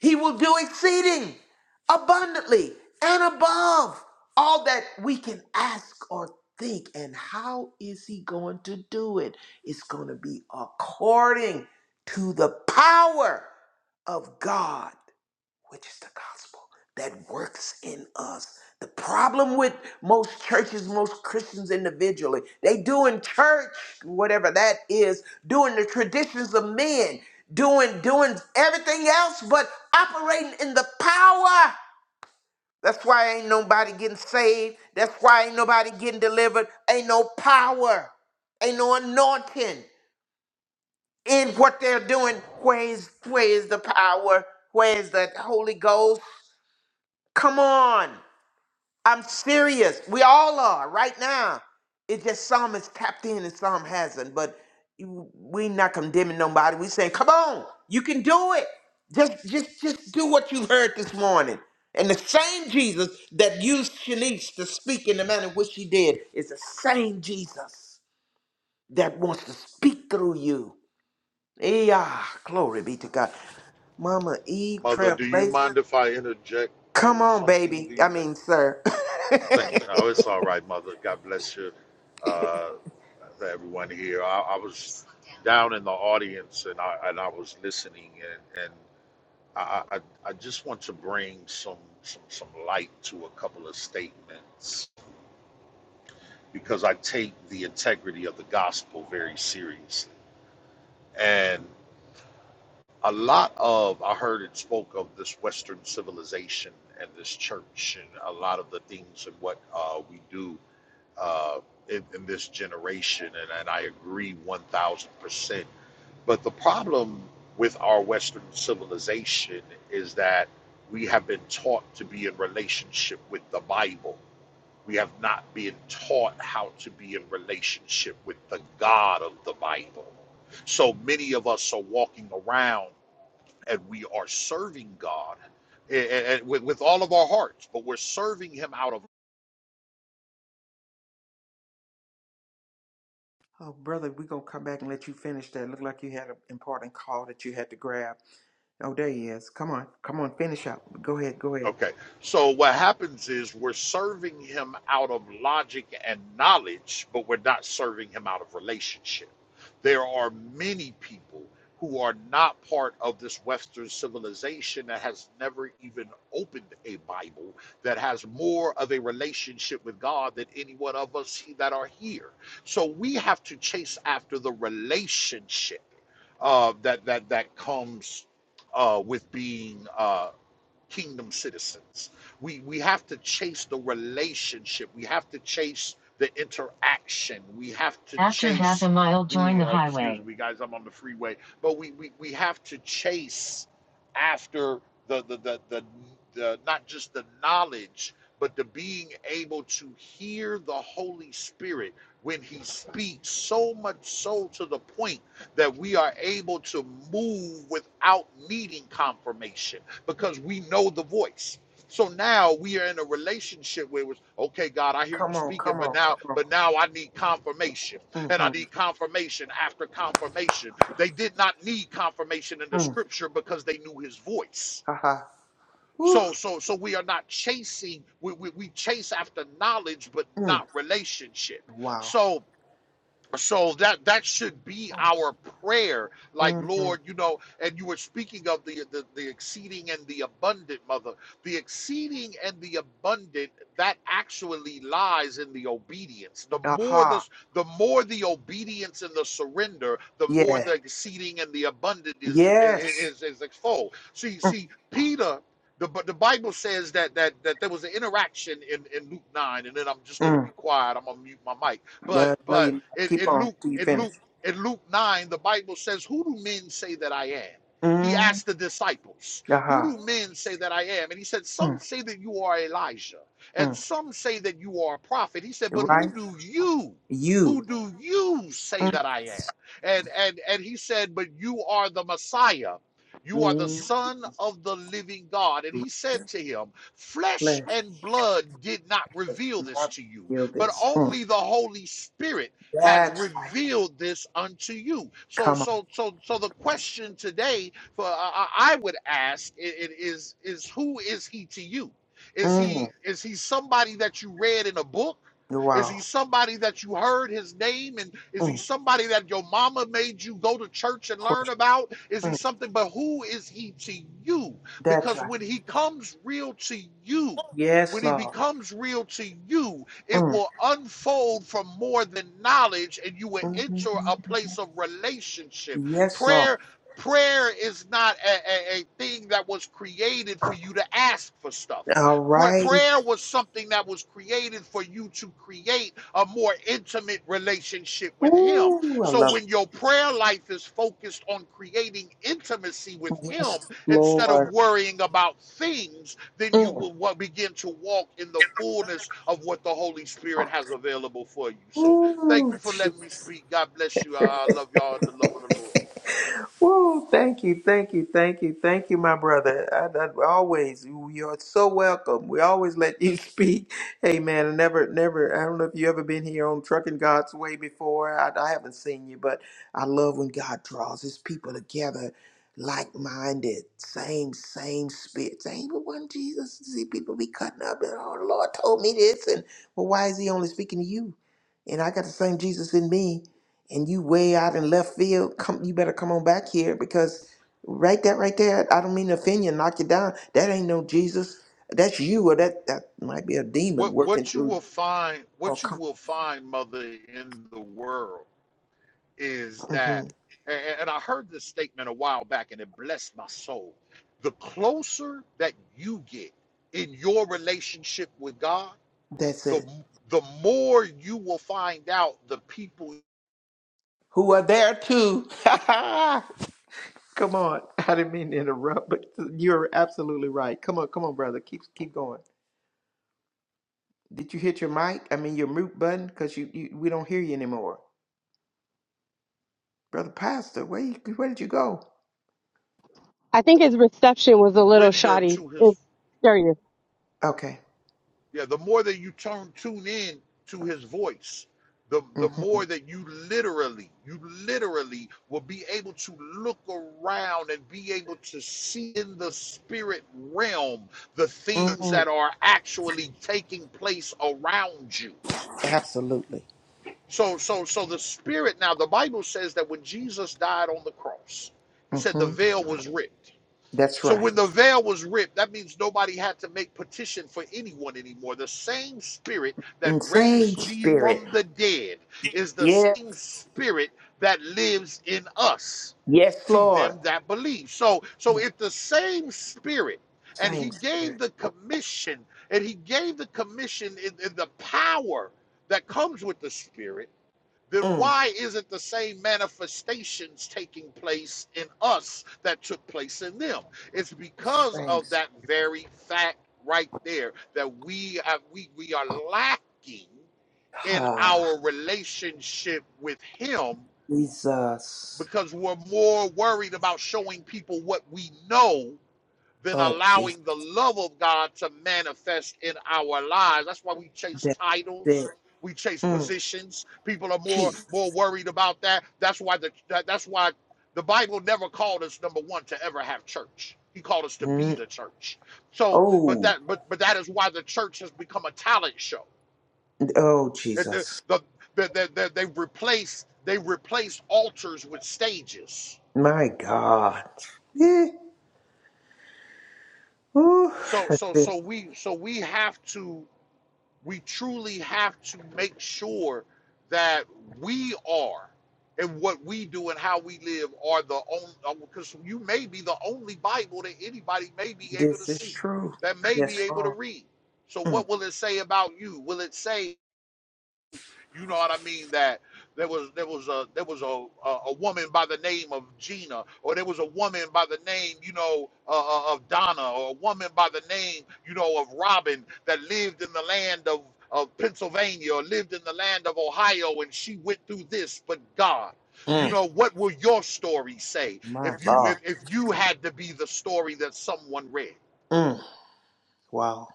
Speaker 4: He will do exceeding abundantly and above all that we can ask or think. And how is he going to do it? It's going to be according to the power of God which is the gospel that works in us. The problem with most churches, most Christians individually, they doing church, whatever that is, doing the traditions of men, doing doing everything else, but operating in the power. That's why ain't nobody getting saved. That's why ain't nobody getting delivered. Ain't no power. Ain't no anointing in what they're doing. Where is where is the power? Where is the Holy Ghost? Come on. I'm serious. We all are right now. It's just some is tapped in and some hasn't. But you- we not condemning nobody. We saying, come on, you can do it. Just just just do what you heard this morning. And the same Jesus that used Shanice to speak in the manner in which she did is the same Jesus that wants to speak through you. Yeah, glory be to God. Mama Eve
Speaker 7: Mother, do you
Speaker 4: Trailblazer.
Speaker 7: mind if I interject
Speaker 4: Come
Speaker 7: on
Speaker 4: on,
Speaker 7: something?
Speaker 4: baby.
Speaker 7: Do
Speaker 4: I
Speaker 7: you
Speaker 4: mean, sir.
Speaker 7: think? No, it's all right, Mother. God bless you, uh, to everyone here. I, I was down in the audience and I and I was listening and and I I, I just want to bring some, some some light to a couple of statements because I take the integrity of the gospel very seriously and. a lot of I heard it spoke of this Western civilization and this church and a lot of the things and what uh, we do uh, in, in this generation, and, and I agree one thousand percent. But the problem with our Western civilization is that we have been taught to be in relationship with the Bible. We have not been taught how to be in relationship with the God of the Bible. So many of us are walking around and we are serving God eh, eh, eh, with, with all of our hearts, but we're serving Him out of
Speaker 4: Oh, brother, we're going to come back and let you finish that. Look like you had an important call that you had to grab. Oh, there he is. Come on. Come on. Finish up. Go ahead. Go ahead.
Speaker 7: Okay. So what happens is we're serving him out of logic and knowledge, but we're not serving him out of relationship. There are many people who are not part of this Western civilization that has never even opened a Bible that has more of a relationship with God than any one of us that are here. So we have to chase after the relationship uh, that that that comes uh, with being uh, kingdom citizens. We we have to chase the relationship. We have to chase the interaction. We have to After half chase After half a mile, the join the highway. excuse me, guys, I'm on the freeway. But we we, we have to chase after the the, the the the not just the knowledge, but the being able to hear the Holy Spirit when he speaks so much so to the point that we are able to move without needing confirmation because we know the voice. So now we are in a relationship where it was okay, God, I hear you
Speaker 4: Come on.
Speaker 7: speaking,
Speaker 4: Come
Speaker 7: but
Speaker 4: on.
Speaker 7: now,
Speaker 4: Come
Speaker 7: but now I need confirmation, and I
Speaker 4: on.
Speaker 7: need confirmation after confirmation. They did not need confirmation in
Speaker 4: Mm-hmm.
Speaker 7: the
Speaker 4: Mm.
Speaker 7: scripture because they knew His voice.
Speaker 4: Aha. Woo.
Speaker 7: So, so, so we are not chasing. We we, we chase after knowledge, but
Speaker 4: Mm.
Speaker 7: not relationship.
Speaker 4: Wow.
Speaker 7: So so that that should be our prayer like
Speaker 4: Mm-hmm.
Speaker 7: lord you know and you were speaking of the, the the exceeding and the abundant mother the exceeding and the abundant that actually lies in the obedience the more the
Speaker 4: Aha.
Speaker 7: the more the obedience and the surrender the more
Speaker 4: Yeah.
Speaker 7: the exceeding and the abundant is
Speaker 4: Yes.
Speaker 7: is is exfold see see peter the, but the Bible says that that that there was an interaction in, in Luke 9, and then I'm just gonna
Speaker 4: Mm.
Speaker 7: be quiet. I'm gonna mute my mic but
Speaker 4: No, no, you
Speaker 7: but
Speaker 4: not.
Speaker 7: in,
Speaker 4: Keep
Speaker 7: in
Speaker 4: on
Speaker 7: Luke
Speaker 4: till you
Speaker 7: in
Speaker 4: finish.
Speaker 7: Luke in Luke nine, the Bible says, "Who do men say that I am?" He
Speaker 4: Mm.
Speaker 7: asked the disciples, "Who
Speaker 4: Aha.
Speaker 7: do men say that I am?" And he said, "Some
Speaker 4: Mm.
Speaker 7: say that you are Elijah, and
Speaker 4: Mm.
Speaker 7: some say that you are a prophet." He said, "But
Speaker 4: Right?
Speaker 7: who do you,
Speaker 4: You.
Speaker 7: who do you say
Speaker 4: Mm.
Speaker 7: that I am?" And and and he said, "But you are the Messiah." You are the
Speaker 4: Mm.
Speaker 7: Son of the living God. And he said to him, Flesh
Speaker 4: Flesh
Speaker 7: and blood did not
Speaker 4: does
Speaker 7: reveal this
Speaker 4: not
Speaker 7: to you,
Speaker 4: feel
Speaker 7: but
Speaker 4: this. Mm.
Speaker 7: only the Holy Spirit has
Speaker 4: That's right.
Speaker 7: revealed this unto you. So,
Speaker 4: Come on.
Speaker 7: so, so, so the question today for uh, I would ask i- i- is is who is he to you? Is
Speaker 4: Mm.
Speaker 7: he is he somebody that you read in a book? Is
Speaker 4: Wow.
Speaker 7: he somebody that you heard his name? And is he
Speaker 4: Mm.
Speaker 7: somebody that your mama made you go to church and learn
Speaker 4: Question.
Speaker 7: about? Is he
Speaker 4: Mm.
Speaker 7: something? But who is he to you?
Speaker 4: That's
Speaker 7: Because
Speaker 4: right.
Speaker 7: when he comes real to you,
Speaker 4: Yes,
Speaker 7: when he
Speaker 4: Lord.
Speaker 7: becomes real to you, it
Speaker 4: Mm.
Speaker 7: will unfold from more than knowledge, and you will enter
Speaker 4: Mm-hmm.
Speaker 7: a place of relationship.
Speaker 4: Yes, Lord.
Speaker 7: Prayer. Prayer is not a, a, a thing that was created for you to ask for stuff.
Speaker 4: All right.
Speaker 7: Prayer was something that was created for you to create a more intimate relationship with Him.
Speaker 4: Ooh, I
Speaker 7: So
Speaker 4: love
Speaker 7: when
Speaker 4: it.
Speaker 7: your prayer life is focused on creating intimacy with Him
Speaker 4: Yes,
Speaker 7: instead of
Speaker 4: Lord.
Speaker 7: worrying about things, then you
Speaker 4: Mm.
Speaker 7: will begin to walk in the fullness of what the Holy Spirit has available for you. So thank
Speaker 4: Ooh.
Speaker 7: you for letting me speak. God bless you. I love y'all in the love of the Lord.
Speaker 4: Woo, thank you, thank you, thank you, thank you, my brother. I, I, always, you're so welcome. We always let you speak. Hey, man, I never, never, I don't know if you ever been here on Trucking God's Way before. I, I haven't seen you, but I love when God draws his people together, like minded, same, same spirit. Same, but one Jesus, see people be cutting up, and oh, the Lord told me this, and well, why is he only speaking to you? And I got the same Jesus in me and you way out in left field, come you better come on back here because right that right there, I don't mean to offend you, knock you down. That ain't no Jesus. That's you, or that that might be a demon
Speaker 7: What
Speaker 4: working
Speaker 7: what you
Speaker 4: through.
Speaker 7: will find,
Speaker 4: Oh,
Speaker 7: what you
Speaker 4: come.
Speaker 7: will find, mother, in the world is
Speaker 4: hmm
Speaker 7: that, a- and I heard this statement a while back, and it blessed my soul. The closer that you get in your relationship with God,
Speaker 4: That's
Speaker 7: the
Speaker 4: it.
Speaker 7: the more you will find out the people
Speaker 4: Who are there too? come on. I didn't mean to interrupt, but you're absolutely right. Come on, come on, brother. Keep keep going. Did you hit your mic? I mean your mute button, because you, you we don't hear you anymore, brother. Pastor, where you, where did you go?
Speaker 6: I think his reception was a little
Speaker 7: render
Speaker 6: shoddy.
Speaker 7: to
Speaker 6: It's
Speaker 7: his
Speaker 6: serious.
Speaker 4: Okay.
Speaker 7: yeah the more that you turn tune in to his voice the
Speaker 4: hmm
Speaker 7: the more that you literally you literally will be able to look around and be able to see in the spirit realm the things
Speaker 4: hmm
Speaker 7: that are actually taking place around you
Speaker 4: Absolutely.
Speaker 7: so so so the spirit now the bible says that when jesus died on the cross he said the
Speaker 4: hmm
Speaker 7: veil was ripped
Speaker 4: That's
Speaker 7: So
Speaker 4: right.
Speaker 7: when the veil was ripped, that means nobody had to make petition for anyone anymore. The same spirit that
Speaker 4: And same
Speaker 7: raised Jesus
Speaker 4: spirit.
Speaker 7: from the dead is the
Speaker 4: Yeah.
Speaker 7: same spirit that lives in us
Speaker 4: Yes,
Speaker 7: to
Speaker 4: Lord.
Speaker 7: them that believe. So so if the same spirit and he
Speaker 4: Same spirit.
Speaker 7: gave the commission and he gave the commission in, in the power that comes with the spirit then
Speaker 4: Mm.
Speaker 7: why isn't the same manifestations taking place in us that took place in them? It's because
Speaker 4: Same.
Speaker 7: of
Speaker 4: spirit.
Speaker 7: that very fact right there that we are, we we are lacking in
Speaker 4: Ah,
Speaker 7: our relationship with Him
Speaker 4: Jesus.
Speaker 7: because we're more worried about showing people what we know than
Speaker 4: Lord Jesus.
Speaker 7: allowing the love of God to manifest in our lives. That's why we chase
Speaker 4: That's it.
Speaker 7: titles. We chase
Speaker 4: Mm.
Speaker 7: positions. People are more
Speaker 4: Jesus.
Speaker 7: more worried about that. That's why the that, that's why the Bible never called us number one to ever have church. He called us to be
Speaker 4: Mm.
Speaker 7: the church. So, but
Speaker 4: Oh,
Speaker 7: that but but that is why the church has become a talent show.
Speaker 4: oh,
Speaker 7: It- The,
Speaker 4: Jesus.
Speaker 7: the, the, the, the, they replaced they replaced altars with stages
Speaker 4: My God. Yeah. Ooh.
Speaker 7: so so
Speaker 4: This
Speaker 7: so we so we have to we truly have to make sure that we are and what we do and how we live are the only because you may be the only bible that anybody may be able to
Speaker 4: this is
Speaker 7: see
Speaker 4: true.
Speaker 7: that may
Speaker 4: Yes,
Speaker 7: be able to
Speaker 4: Lord.
Speaker 7: read so
Speaker 4: Mm.
Speaker 7: what will it say about you will it say you know what I mean? That there was there was a there was a a, a woman by the name of Gina, or there was a woman by the name you know uh, uh, of Donna, or a woman by the name you know of Robin that lived in the land of of Pennsylvania or lived in the land of Ohio, and she went through this. But God, you
Speaker 4: Mm.
Speaker 7: know what will your story say
Speaker 4: My
Speaker 7: if you if,
Speaker 4: Lord.
Speaker 7: if you had to be the story that someone read?
Speaker 4: Mm. Wow.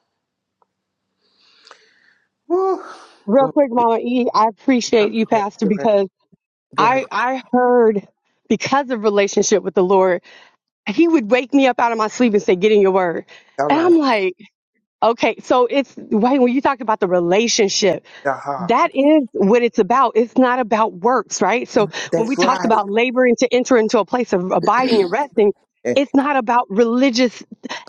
Speaker 4: Woo.
Speaker 6: Real
Speaker 4: Glory.
Speaker 6: quick, Mama E, I
Speaker 4: Go
Speaker 6: appreciate you, Pastor,
Speaker 4: ahead.
Speaker 6: because
Speaker 4: Go ahead.
Speaker 6: I I heard because of relationship with the Lord, he would wake me up out of my sleep and say, Get in your word.
Speaker 4: All
Speaker 6: And
Speaker 4: right.
Speaker 6: I'm like, okay, so it's wait, when you talk about the relationship.
Speaker 4: Aha.
Speaker 6: that is what it's about. It's not about works, right? So when we
Speaker 4: That's
Speaker 6: talked
Speaker 4: right.
Speaker 6: about laboring to enter into a place of abiding and resting,
Speaker 4: Eh,
Speaker 6: it's not about religious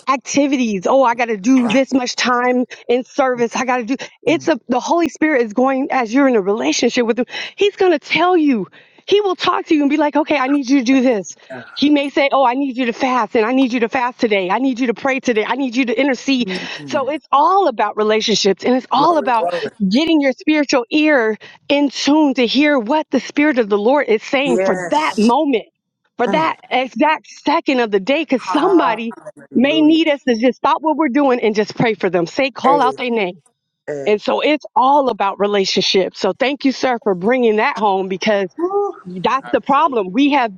Speaker 6: activities. Oh, I got to do
Speaker 4: Right.
Speaker 6: this much time in service. I got to do. It's
Speaker 4: Mm.
Speaker 6: a the Holy Spirit is going as you're in a relationship with him. He's going to tell you. He will talk to you and be like, "Okay, I need you to do this.
Speaker 4: Yeah.
Speaker 6: He may say, Oh, I need you to fast, and I need you to fast today. I need you to pray today. I need you to intercede. So
Speaker 4: Mm.
Speaker 6: it's all about relationships and it's all
Speaker 4: Glory,
Speaker 6: about
Speaker 4: glory.
Speaker 6: getting your spiritual ear in tune to hear what the Spirit of the Lord is saying for that
Speaker 4: Yes.
Speaker 6: moment, for
Speaker 4: Mm.
Speaker 6: that exact second of the day, because somebody may
Speaker 4: Hallelujah.
Speaker 6: need us to just stop what we're doing and just pray for them. Say,
Speaker 4: Hey,
Speaker 6: call out their name. And
Speaker 4: hey.
Speaker 6: so it's all about relationships. So thank you, sir, for bringing that home because
Speaker 4: Woo.
Speaker 6: that's the problem.
Speaker 7: Absolutely,
Speaker 6: We have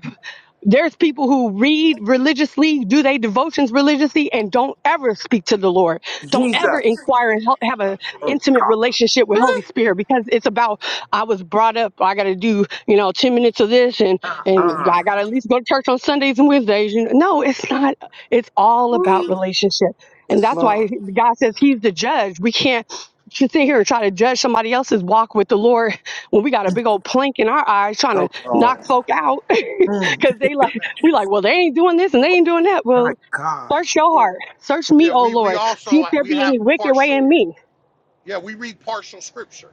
Speaker 6: there's people who read religiously, do they devotions religiously, and don't ever speak to the Lord. Don't ever
Speaker 4: Jesus.
Speaker 6: inquire and help, have an
Speaker 4: Mm.
Speaker 7: absolutely.
Speaker 6: intimate relationship with Holy Spirit because it's about I was brought up. I got to do you know ten minutes of this, and
Speaker 4: Uh
Speaker 6: and
Speaker 4: uh.
Speaker 6: I got to at least go to church on Sundays and Wednesdays. You know? No, it's not. It's all about
Speaker 4: Woo.
Speaker 6: relationship, and
Speaker 4: Yes,
Speaker 6: that's why
Speaker 4: Lord.
Speaker 6: God says He's the judge. We can't just sit here and try to judge somebody else's walk with the Lord when we got a big old plank in our eyes trying
Speaker 4: Oh,
Speaker 6: to knock
Speaker 4: Lord.
Speaker 6: folk out.
Speaker 4: Mm.
Speaker 6: Cause they like
Speaker 7: Amen.
Speaker 6: we like, well, they ain't doing this and they ain't doing that.
Speaker 4: My
Speaker 6: Well,
Speaker 4: God.
Speaker 6: search your
Speaker 7: Well,
Speaker 6: heart. Search me,
Speaker 7: yeah,
Speaker 6: oh
Speaker 7: we we
Speaker 6: Lord. See
Speaker 7: also
Speaker 6: if there
Speaker 7: we
Speaker 6: be
Speaker 7: have
Speaker 6: any wicked way in
Speaker 7: partial.
Speaker 6: me.
Speaker 7: Yeah, we read partial scripture,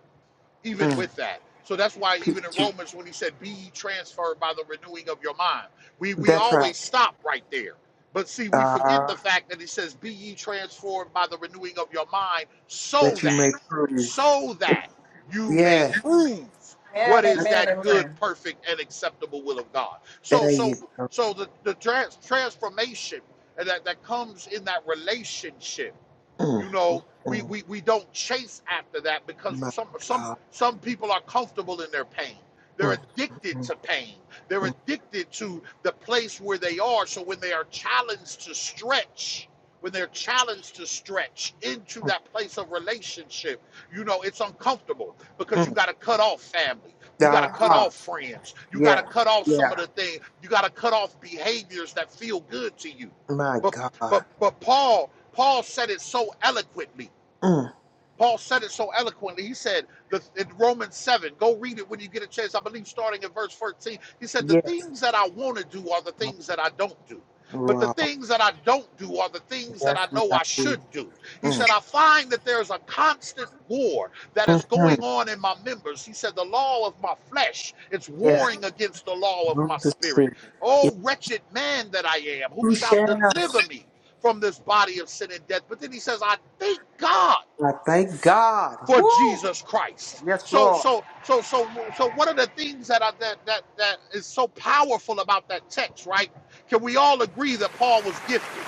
Speaker 7: even
Speaker 4: Mm.
Speaker 7: with that. So that's why even in
Speaker 4: P-
Speaker 7: Romans, when he said, "Be ye transferred by the renewing of your mind," we we
Speaker 4: That's right.
Speaker 7: always stop right there. But see, we forget
Speaker 4: Uh,
Speaker 7: the fact that he says, "Be ye transformed by the renewing of your mind," so
Speaker 4: that you
Speaker 7: that,
Speaker 4: may prove.
Speaker 7: so that you may
Speaker 4: Yes.
Speaker 7: prove what
Speaker 3: Amen,
Speaker 7: is
Speaker 3: amen,
Speaker 7: that good,
Speaker 3: amen.
Speaker 7: perfect, and acceptable will of God. So,
Speaker 4: There
Speaker 7: so,
Speaker 4: you go.
Speaker 7: so the the trans, transformation that that comes in that relationship
Speaker 4: Mm.
Speaker 7: you know, we,
Speaker 4: Mm.
Speaker 7: we, we don't chase after that because
Speaker 4: My
Speaker 7: some some
Speaker 4: God.
Speaker 7: some people are comfortable in their pain. They're
Speaker 4: Mm.
Speaker 7: addicted
Speaker 4: Mm.
Speaker 7: to pain. They're addicted to the place where they are. So when they are challenged to stretch, when they're challenged to stretch into
Speaker 4: Mm.
Speaker 7: that place of relationship, you know, it's uncomfortable because you
Speaker 4: mm,
Speaker 7: got to cut off family. You got to cut
Speaker 4: God.
Speaker 7: off friends. You got to
Speaker 4: Yeah.
Speaker 7: cut off some
Speaker 4: Yeah.
Speaker 7: of the things. You got to cut off behaviors that feel good to you.
Speaker 4: My
Speaker 7: But but
Speaker 4: God.
Speaker 7: but Paul Paul said it so eloquently.
Speaker 4: Mm.
Speaker 7: Paul said it so eloquently. He said the, in Romans 7, go read it when you get a chance. I believe starting in verse 14, he said, The
Speaker 4: Yeah.
Speaker 7: things that I want to do are the things that I don't do. But the
Speaker 4: Raw.
Speaker 7: things that I don't do are the things that
Speaker 4: That's
Speaker 7: I
Speaker 4: what
Speaker 7: know
Speaker 4: I
Speaker 7: I
Speaker 4: do.
Speaker 7: should do. He
Speaker 4: Mm.
Speaker 7: said, I find that there's a constant war that is
Speaker 4: hmm
Speaker 7: going on in my members. He said, The law of my flesh, it's
Speaker 4: Yeah.
Speaker 7: warring against the law of my
Speaker 4: Move the
Speaker 7: spirit.
Speaker 4: spirit. If
Speaker 7: Oh, wretched man that I am, who
Speaker 4: you
Speaker 7: shall
Speaker 4: shall.
Speaker 7: deliver me from this body of sin and death? But then he says, I thank God
Speaker 4: I thank God.
Speaker 7: for
Speaker 4: Woo.
Speaker 7: Jesus Christ.
Speaker 4: Yes,
Speaker 7: So
Speaker 4: Lord.
Speaker 7: so so so so one of the things that I, that that that is so powerful about that text, right? Can we all agree that Paul was gifted?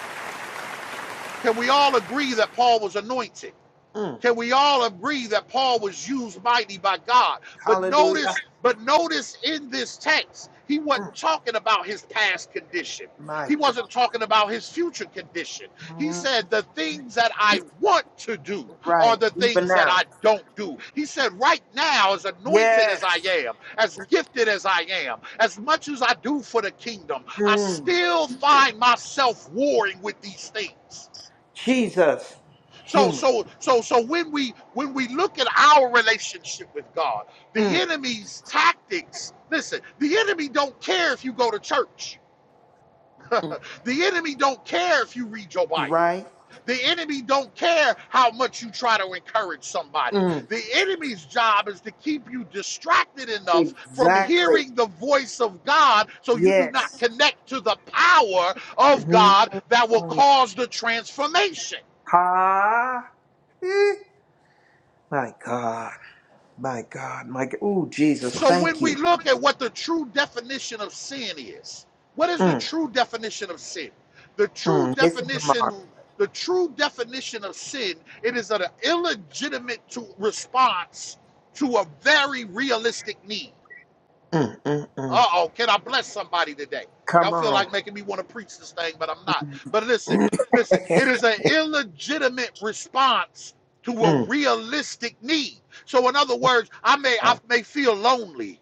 Speaker 7: Can we all agree that Paul was anointed?
Speaker 4: Mm.
Speaker 7: Can we all agree that Paul was used mighty by God? But
Speaker 4: Hallelujah.
Speaker 7: notice, but notice in this text, he
Speaker 4: Mm.
Speaker 7: wasn't talking about his past condition.
Speaker 4: My
Speaker 7: He
Speaker 4: God.
Speaker 7: wasn't talking about his future condition. He
Speaker 4: Mhm.
Speaker 7: said, The things that I want to do are
Speaker 4: Right.
Speaker 7: the
Speaker 4: Even
Speaker 7: things that
Speaker 4: now.
Speaker 7: I don't do. He said, Right now, as anointed
Speaker 4: Yes.
Speaker 7: as I am, as gifted as I am, as much as I do for the kingdom, I
Speaker 4: Mm.
Speaker 7: still find myself warring with these things.
Speaker 4: Jesus.
Speaker 7: So
Speaker 4: Human.
Speaker 7: so so so when we when we look at our relationship with God, the
Speaker 4: Mm.
Speaker 7: enemy's tactics, listen, the enemy don't care if you go to church.
Speaker 4: Mm.
Speaker 7: The enemy don't care if you read your Bible.
Speaker 4: Right.
Speaker 7: The enemy don't care how much you try to encourage somebody.
Speaker 4: Mm.
Speaker 7: The enemy's job is to keep you distracted enough from
Speaker 4: Exactly.
Speaker 7: hearing the voice of God so you do not
Speaker 4: Yes.
Speaker 7: connect to the power of
Speaker 4: Mhm.
Speaker 7: God that will cause the transformation.
Speaker 4: Ha! Eh. My God. My God. My God. Ooh, Jesus.
Speaker 7: So when
Speaker 4: Thank you.
Speaker 7: we look at what the true definition of sin is, what is the
Speaker 4: Mm,
Speaker 7: true definition of sin? The true
Speaker 4: mm. Missing the
Speaker 7: definition,
Speaker 4: mark.
Speaker 7: the true definition of sin, it is an illegitimate to, response to a very realistic need.
Speaker 4: Mm, mm,
Speaker 7: Uh
Speaker 4: mm.
Speaker 7: oh, can I bless somebody today? Y'all
Speaker 4: Come
Speaker 7: feel
Speaker 4: on.
Speaker 7: like making me want to preach this thing, but I'm not.
Speaker 4: mm,
Speaker 7: But listen, listen, it is an illegitimate response to a
Speaker 4: mm.
Speaker 7: realistic need. So in other words, I may I
Speaker 4: uh,
Speaker 7: may feel lonely.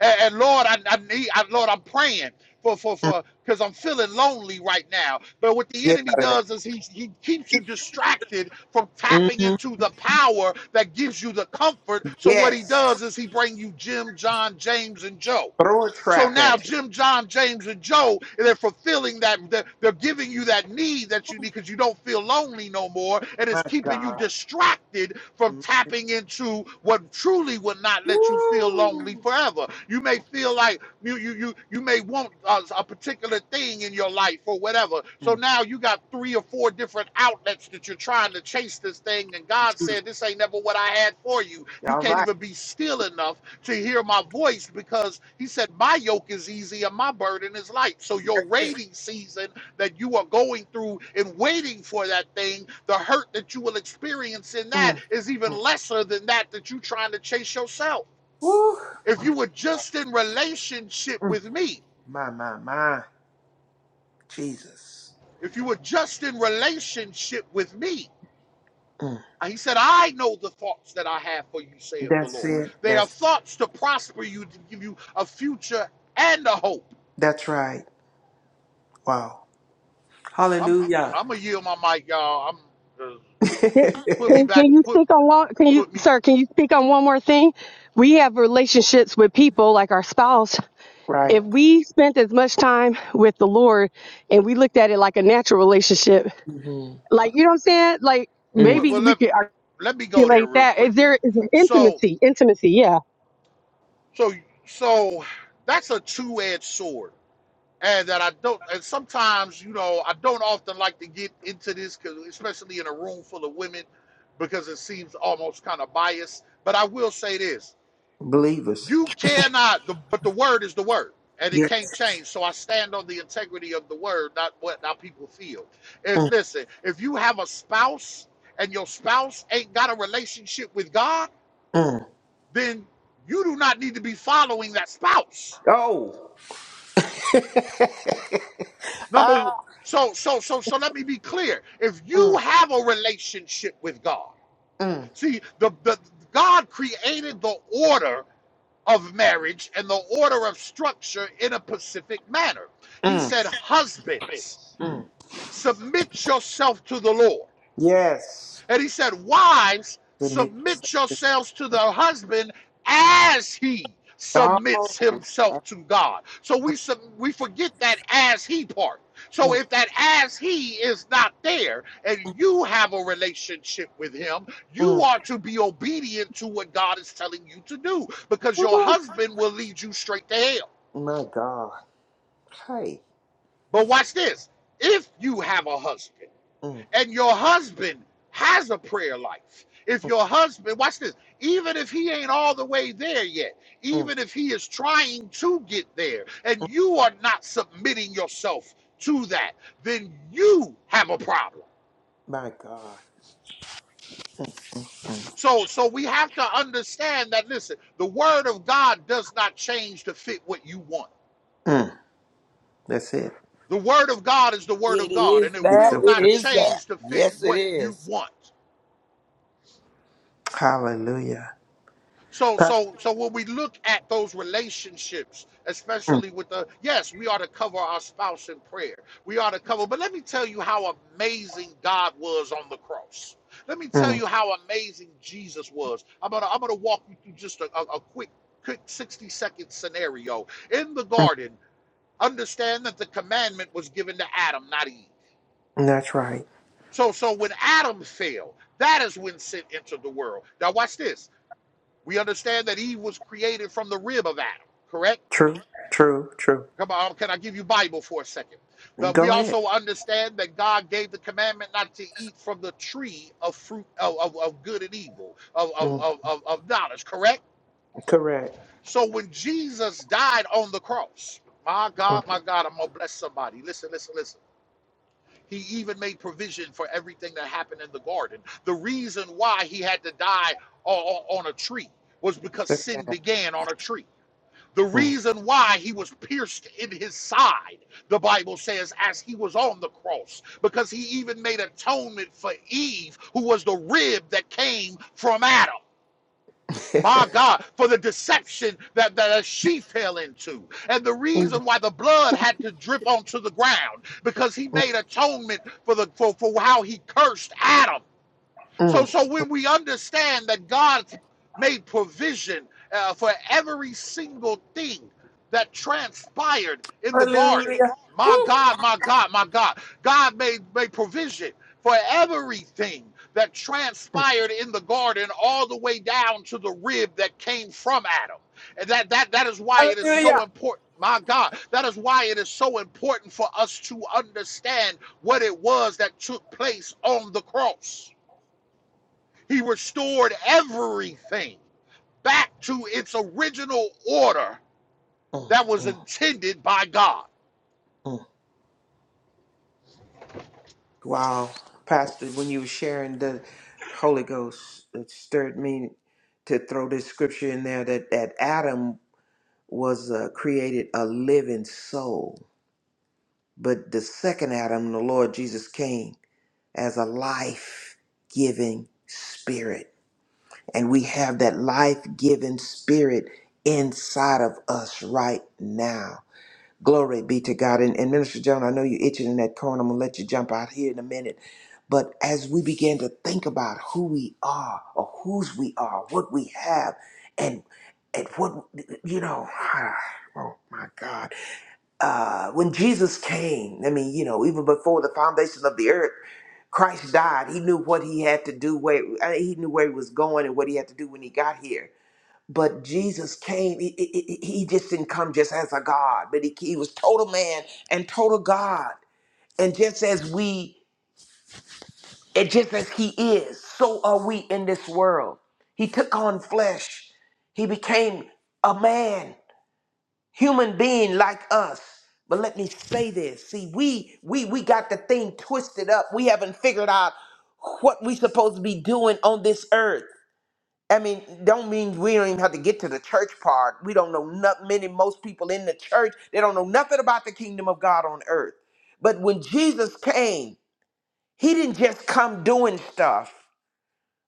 Speaker 7: And, and Lord, I, I need I, Lord, I'm praying for for
Speaker 4: mm.
Speaker 7: for because I'm feeling lonely right now. But what the
Speaker 4: Get
Speaker 7: enemy
Speaker 4: out of there.
Speaker 7: does is he he keeps you distracted from tapping
Speaker 4: hmm
Speaker 7: into the power that gives you the comfort. So what he
Speaker 4: Yes.
Speaker 7: does is he bring you Jim, John, James, and Joe.
Speaker 4: Throw a
Speaker 7: So
Speaker 4: trap
Speaker 7: now
Speaker 4: at you.
Speaker 7: Jim, John, James, and Joe, they're fulfilling that, they're giving you that need that you need because you don't feel lonely no more. And
Speaker 4: My
Speaker 7: it's keeping you
Speaker 4: God.
Speaker 7: distracted from
Speaker 4: Mm.
Speaker 7: tapping into what truly will not let you feel lonely
Speaker 4: Woo.
Speaker 7: forever. You may feel like you you you, you may want a, a particular thing in your life or whatever. So
Speaker 4: Mm.
Speaker 7: now you got three or four different outlets that you're trying to chase this thing. And God said, This ain't never what I had for you. You
Speaker 4: All
Speaker 7: can't
Speaker 4: right.
Speaker 7: even be still enough to hear my voice because he said, My yoke is easy and my burden is light. So, your
Speaker 4: That's it.
Speaker 7: waiting season that you are going through and waiting for that thing, the hurt that you will experience in that
Speaker 4: Mm,
Speaker 7: is even
Speaker 4: mm.
Speaker 7: lesser than that that you're trying to chase yourself.
Speaker 4: Woo.
Speaker 7: If you were just in relationship
Speaker 4: Mm.
Speaker 7: with me,
Speaker 4: My, my, my. Jesus.
Speaker 7: if you were just in relationship with me,
Speaker 4: Mm.
Speaker 7: and he said, I know the thoughts that I have for you, saith the
Speaker 4: That's
Speaker 7: Lord.
Speaker 4: it.
Speaker 7: They are
Speaker 4: That's
Speaker 7: thoughts to prosper you, to give you a future and a hope.
Speaker 4: that's right. Wow.
Speaker 7: I'm
Speaker 4: Hallelujah.
Speaker 7: I'm gonna yield my mic, y'all. I'm 'cause
Speaker 6: That-
Speaker 7: put me
Speaker 6: Can,
Speaker 7: back.
Speaker 6: can you
Speaker 7: Put
Speaker 6: speak on one can you
Speaker 7: put me.
Speaker 6: sir, can you speak on one more thing? We have relationships with people like our spouse.
Speaker 4: right.
Speaker 6: If
Speaker 7: mhm.
Speaker 6: we spent as much time with the Lord and we looked at it like a natural relationship,
Speaker 4: hmm
Speaker 6: like you know what I'm saying? Like
Speaker 4: Mm.
Speaker 7: Well,
Speaker 6: maybe
Speaker 7: well,
Speaker 6: we
Speaker 7: let
Speaker 6: could
Speaker 7: let me go there
Speaker 6: articulate
Speaker 7: real
Speaker 6: that.
Speaker 7: quick
Speaker 6: Is
Speaker 7: then.
Speaker 6: there is
Speaker 7: So
Speaker 6: intimacy. Intimacy, yeah.
Speaker 7: so so that's a two-edged sword, and that I don't. And sometimes you know I don't often like to get into this, cause especially in a room full of women, because it seems almost kind of biased. But I will say this.
Speaker 4: Believers.
Speaker 7: You cannot, the, but the word is the word, and it
Speaker 4: Yeah.
Speaker 7: can't change. So I stand on the integrity of the word, not what our people feel. If
Speaker 4: Mm.
Speaker 7: listen, if you have a spouse and your spouse ain't got a relationship with God,
Speaker 4: Mm.
Speaker 7: then you do not need to be following that spouse.
Speaker 4: Oh.
Speaker 7: Number one.
Speaker 4: ah.
Speaker 7: So so so so let me be clear. If you
Speaker 4: Mm.
Speaker 7: have a relationship with God,
Speaker 4: Mm.
Speaker 7: see the the God created the order of marriage and the order of structure in a pacific manner. He
Speaker 4: Mm.
Speaker 7: said, Husbands,
Speaker 4: Mm.
Speaker 7: submit yourself to the Lord.
Speaker 4: Yes.
Speaker 7: And he said, Wives,
Speaker 4: Good mix.
Speaker 7: submit yourselves to the husband as he
Speaker 4: Oh.
Speaker 7: submits himself to God. So we sub- we forget that as he part. So
Speaker 4: Mm.
Speaker 7: if that as he is not there and you have a relationship with him, you
Speaker 4: Mm.
Speaker 7: are to be obedient to what God is telling you to do because your
Speaker 4: Woo.
Speaker 7: husband will lead you straight to hell.
Speaker 4: My God. Hey.
Speaker 7: But watch this. If you have a husband
Speaker 4: Mm.
Speaker 7: and your husband has a prayer life. If your husband, watch this, even if he ain't all the way there yet,
Speaker 4: Mm.
Speaker 7: even if he is trying to get there, and you are not submitting yourself to that, then you have a problem.
Speaker 4: My God. Mm.
Speaker 7: So, so we have to understand that listen, the word of God does not change to fit what you want.
Speaker 4: Mm. That's it.
Speaker 7: The word of God is the word
Speaker 8: It
Speaker 7: of God,
Speaker 8: is
Speaker 7: and it
Speaker 4: It's
Speaker 8: that.
Speaker 7: will
Speaker 4: the
Speaker 8: It
Speaker 7: not
Speaker 4: word.
Speaker 8: is that.
Speaker 7: change to fit
Speaker 8: Yes, it
Speaker 7: what you
Speaker 8: is.
Speaker 7: want.
Speaker 4: Hallelujah.
Speaker 7: So, so, so when we look at those relationships,
Speaker 4: Mm.
Speaker 7: especially with the yes, we are to cover our spouse in prayer. We are to cover, but let me tell you how amazing God was on the cross. Let me tell
Speaker 4: Mm.
Speaker 7: you how amazing Jesus was. I'm gonna, I'm gonna walk you through just a, a, a quick, quick 60 second scenario in the
Speaker 4: Mm.
Speaker 7: garden. Understand that the commandment was given to Adam, not Eve.
Speaker 4: That's right.
Speaker 7: So, so when Adam fell, that is when sin entered the world. Now, watch this we understand that Eve was created from the rib of Adam, correct?
Speaker 4: True. True. True.
Speaker 7: Come on, can I give you Bible for a second? But we
Speaker 4: Go
Speaker 7: also understand that God gave the commandment not to eat from the tree of fruit of, of, of good and evil, of, of,
Speaker 4: Mm,
Speaker 7: of, of of knowledge, correct?
Speaker 4: correct.
Speaker 7: So when Jesus died on the cross, my
Speaker 4: Mm,
Speaker 7: God, my God, I'm gonna bless somebody. Listen, listen, listen. He even made provision for everything that happened in the garden. The reason why he had to die o- o- on a tree was because sin
Speaker 4: success.
Speaker 7: began on a tree. The
Speaker 4: Mm.
Speaker 7: reason why he was pierced in his side, the Bible says, as he was on the cross, because he even made atonement for Eve, who was the rib that came from Adam. My God, for the deception that, that she fell into. And the
Speaker 4: mm,
Speaker 7: reason why the blood had to drip onto the ground, because he
Speaker 4: mm,
Speaker 7: made atonement for the for, for how he cursed Adam. So,
Speaker 4: mm,
Speaker 7: so when we understand that God made provision uh, for every single thing that transpired in the garden,
Speaker 4: Hallelujah.
Speaker 7: my God, my God, my God, God made made provision for everything that transpired in the garden, all the way down to the rib that came from Adam, and that that that is why it is so
Speaker 4: Hallelujah.
Speaker 7: important. My God, that is why it is so important for us to understand what it was that took place on the cross he restored everything back to its original order
Speaker 4: mm,
Speaker 7: that was
Speaker 4: mm,
Speaker 7: intended by God.
Speaker 4: mm. Wow, Pastor, when you were sharing the Holy Ghost, it stirred me to throw this scripture in there that, that Adam was uh, created a living soul, but the second Adam, the Lord Jesus, came as a life giving spirit. And we have that life giving spirit inside of us right now. Glory be to God. And, and Minister John, I know you're itching in that corner. I'm going to let you jump out here in a minute. But as we begin to think about who we are or whose we are, what we have, and and what, you know, oh my God uh, when Jesus came, I mean, you know, even before the foundation of the earth, Christ died. He knew what he had to do, where I mean, he knew where he was going and what he had to do when he got here. But Jesus came, he, he he- he just didn't come just as a God, but he, he was total man and total God. And just as we, and just as he is, so are we in this world. He took on flesh, he became a man human being like us. But let me say this. See, we we we got the thing twisted up. We haven't figured out what we supposed to be doing on this earth. I mean, don't mean we don't even have to get to the church part. We don't know not many most people in the church, they don't know nothing about the kingdom of God on earth. But when Jesus came, he didn't just come doing stuff,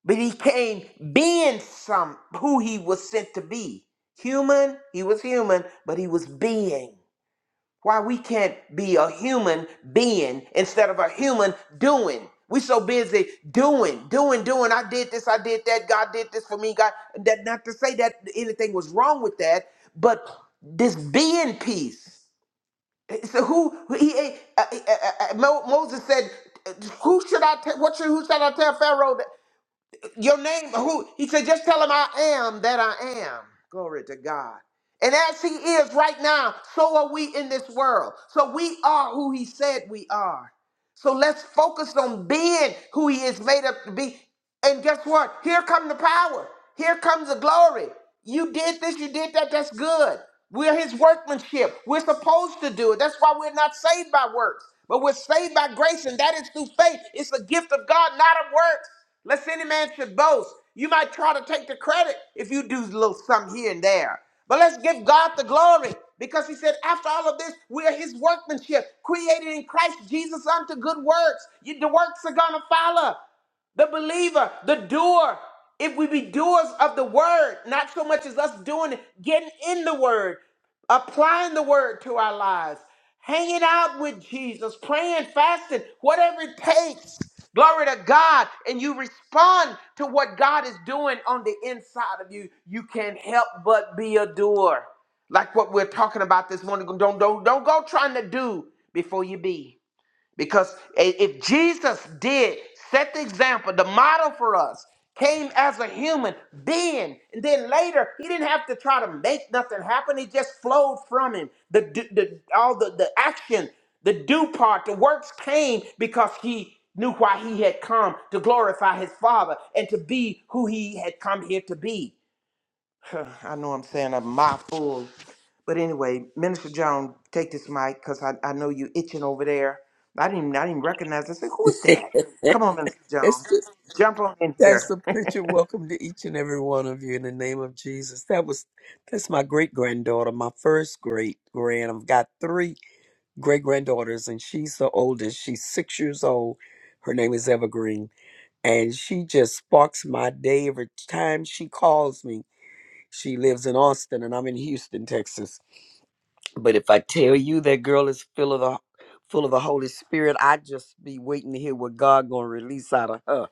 Speaker 4: but he came being some who he was sent to be. Human, he was human, but he was being why we can't be a human being instead of a human doing. We so busy doing, doing, doing. I did this, I did that. God did this for me. God, that not to say that anything was wrong with that, but this being piece. So who he, uh, uh, uh, uh, Mo- Moses said, "Who should I? tell what should who should I tell Pharaoh? that your name who he said just tell him i am that i am glory to god and as he is right now so are we in this world so we are who he said we are so let's focus on being who he is made up to be. And guess what? Here come the power. Here comes the glory. You did this, you did that, that's good. We're his workmanship. We're supposed to do it. That's why we're not saved by works, but we're saved by grace, and that is through faith. It's a gift of God, not of works. Lest any man should boast. You might try to take the credit if you do a little something here and there. But let's give God the glory because he said, after all of this, we are his workmanship, created in Christ Jesus unto good works. You- the works are going to follow the believer, the doer. If we be doers of the word, not so much as us doing it, getting in the word, applying the word to our lives, hanging out with Jesus, praying, fasting, whatever it takes. Glory to God. And you respond to what God is doing on the inside of you. You can't help but be a doer. Like what we're talking about this morning. Don't, don't, don't go trying to do before you be. Because i- if Jesus did set the example, the model for us, came as a human being, and then later he didn't have to try to make nothing happen. It just flowed from him. The, the, the all the, the action, the do part, the works came because he knew why he had come to glorify his father and to be who he had come here to be. I know I'm saying a mouthful, but anyway, Minister Joan, take this mic because I, I know you itching over there. I didn't even, I didn't recognize. I said, who is that? Come on, Minister
Speaker 8: It's
Speaker 4: Joan,
Speaker 8: just,
Speaker 4: jump on in
Speaker 8: that's
Speaker 4: here.
Speaker 8: a picture. Welcome to each and every one of you in the name of Jesus. That was that's my great granddaughter, my first great grand. I've got three great granddaughters, and she's the oldest. She's six years old. Her name is Evergreen, and she just sparks my day every time she calls me. She lives in Austin, and I'm in Houston, Texas But if I tell you that girl is full of the full of the Holy Spirit, I just be waiting to hear what God gonna release out of her.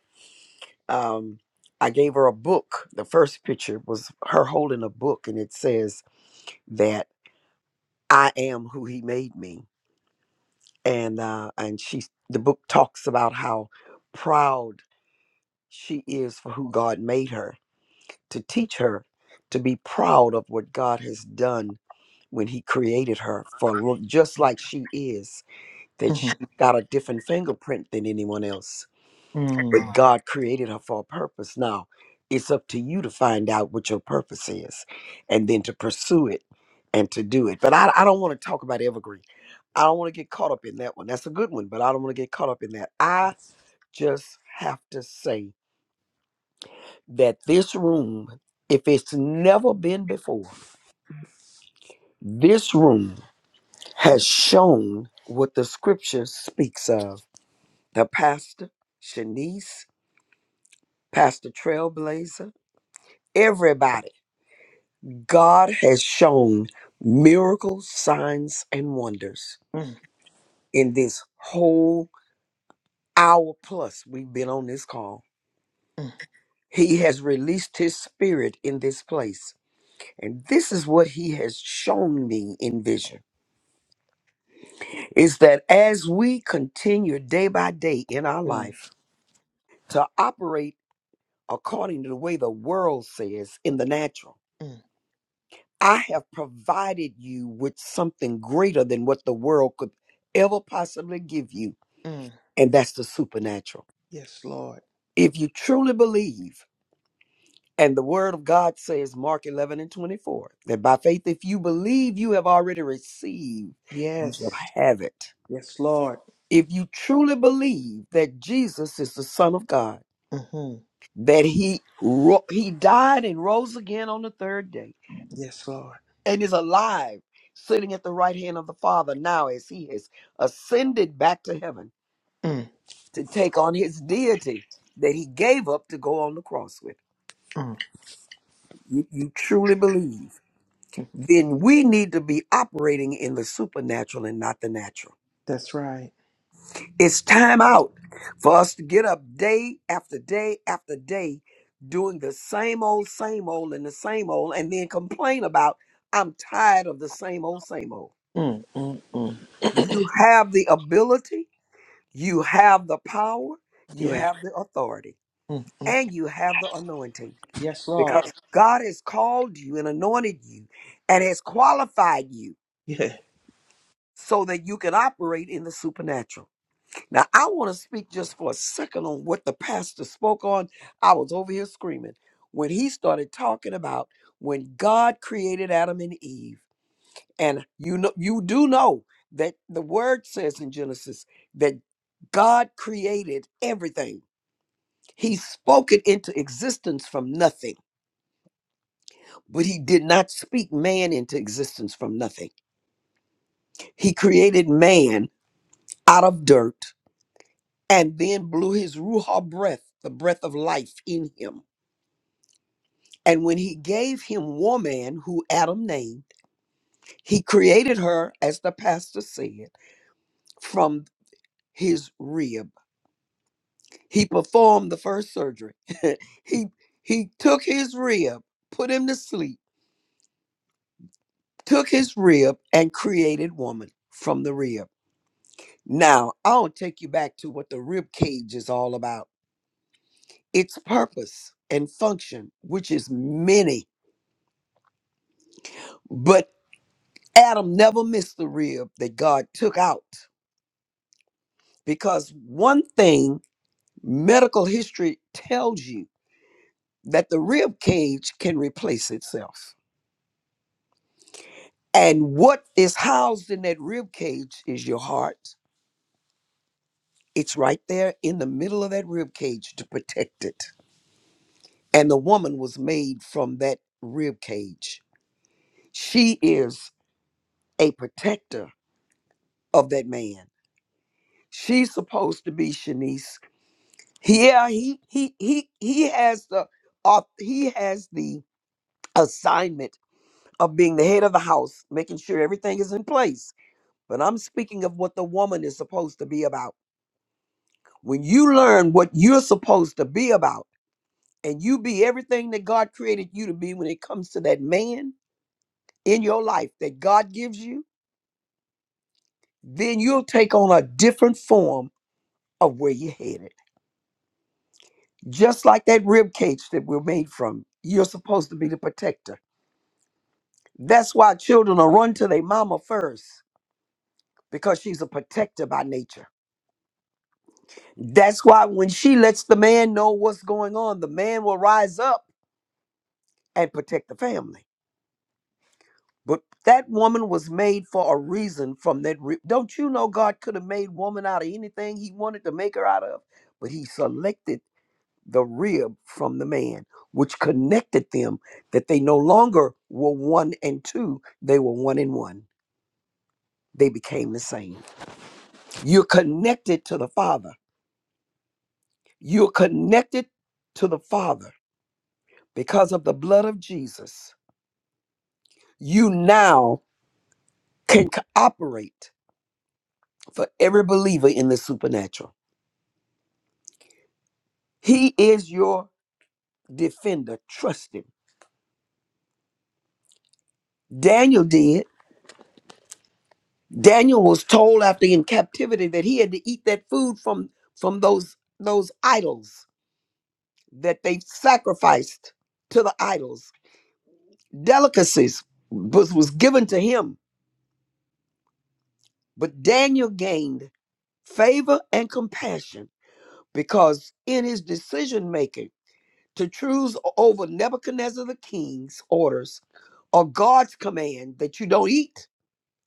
Speaker 8: Um, I gave her a book. The first picture was her holding a book, and it says that I am who He made me. And uh, and she the book talks about how proud she is for who God made her. To teach her to be proud of what God has done when He created her, for look just like she is that she got a different fingerprint than anyone else.
Speaker 4: Mm,
Speaker 8: But God created her for a purpose. Now, it's up to you to find out what your purpose is and then to pursue it and to do it. But I, I don't want to talk about Evergreen. I don't want to get caught up in that one. That's a good one, but I don't want to get caught up in that. I just have to say that this room, if it's never been before, this room has shown what the scripture speaks of. The pastor, Shanice, Pastor Trailblazer, everybody. God has shown miracles, signs, and wonders
Speaker 4: mm,
Speaker 8: in this whole hour plus we've been on this call.
Speaker 4: mm,
Speaker 8: He has released his spirit in this place. And this is what he has shown me in vision is that as we continue day by day in our
Speaker 4: mm,
Speaker 8: life to operate according to the way the world says in the natural,
Speaker 4: mm,
Speaker 8: I have provided you with something greater than what the world could ever possibly give you,
Speaker 4: mm.
Speaker 8: and that's the supernatural.
Speaker 4: Yes, Lord.
Speaker 8: If you truly believe, and the word of God says, Mark 11 and 24, that by faith, if you believe you have already received, you shall
Speaker 4: Yes,
Speaker 8: have it.
Speaker 4: yes, Lord.
Speaker 8: If you truly believe that Jesus is the Son of God,
Speaker 4: hmm
Speaker 8: that he, ro- he died and rose again on the third day,
Speaker 4: Yes, Lord.
Speaker 8: and is alive, sitting at the right hand of the Father now as he has ascended back to heaven
Speaker 4: Mm,
Speaker 8: to take on his deity that he gave up to go on the cross with.
Speaker 4: mm.
Speaker 8: You, you truly believe.
Speaker 4: mm.
Speaker 8: Then we need to be operating in the supernatural and not the natural.
Speaker 4: That's right.
Speaker 8: It's time out for us to get up day after day after day doing the same old, same old, and the same old, and then complain about, I'm tired of the same old, same old.
Speaker 4: Mm, mm, mm.
Speaker 8: You have the ability You have the power, you
Speaker 4: Yeah.
Speaker 8: have the authority,
Speaker 4: Mm, mm.
Speaker 8: and you have the anointing
Speaker 4: Yes, Lord.
Speaker 8: because God has called you and anointed you and has qualified you so that you can operate in the supernatural. Now, I want to speak just for a second on what the pastor spoke on. I was over here screaming when he started talking about when God created Adam and Eve. And you know you do know that the word says in Genesis that God created everything He spoke it into existence from nothing, but he did not speak man into existence from nothing. He created man out of dirt and then blew his Ruha breath, the breath of life, in him. And when he gave him woman, who Adam named, he created her, as the pastor said, from his rib. He performed the first surgery. he he took his rib, put him to sleep took his rib and created woman from the rib. Now, I'll take you back to what the rib cage is all about its purpose and function, which is many. But Adam never missed the rib that God took out because one thing medical history tells you that the rib cage can replace itself. And what is housed in that rib cage is your heart. It's right there in the middle of that rib cage to protect it. and the woman was made from that rib cage. She is a protector of that man. She's supposed to be Shanice. Yeah, he he he he has the au- he has the assignment of being the head of the house, making sure everything is in place. But I'm speaking of what the woman is supposed to be about. When you learn what you're supposed to be about, and you be everything that God created you to be when it comes to that man in your life that God gives you, then you'll take on a different form of where you're headed. Just like that rib cage that we're made from, you're supposed to be the protector. That's why children will run to their mama first because she's a protector by nature. That's why when she lets the man know what's going on, the man will rise up and protect the family. But that woman was made for a reason from that. Rib. Don't you know God could have made woman out of anything he wanted to make her out of? But he selected the rib from the man, which connected them that they no longer were one and two, they were one and one. They became the same. You're connected to the Father. You're connected to the Father because of the blood of Jesus. You now can cooperate for every believer in the supernatural. He is your defender. Trust him. Daniel did. Daniel was told after in captivity that he had to eat that food from from those those idols that they sacrificed to the idols. Delicacies was, was given to him, but Daniel gained favor and compassion because in his decision making to choose over Nebuchadnezzar the king's orders or God's command that you don't eat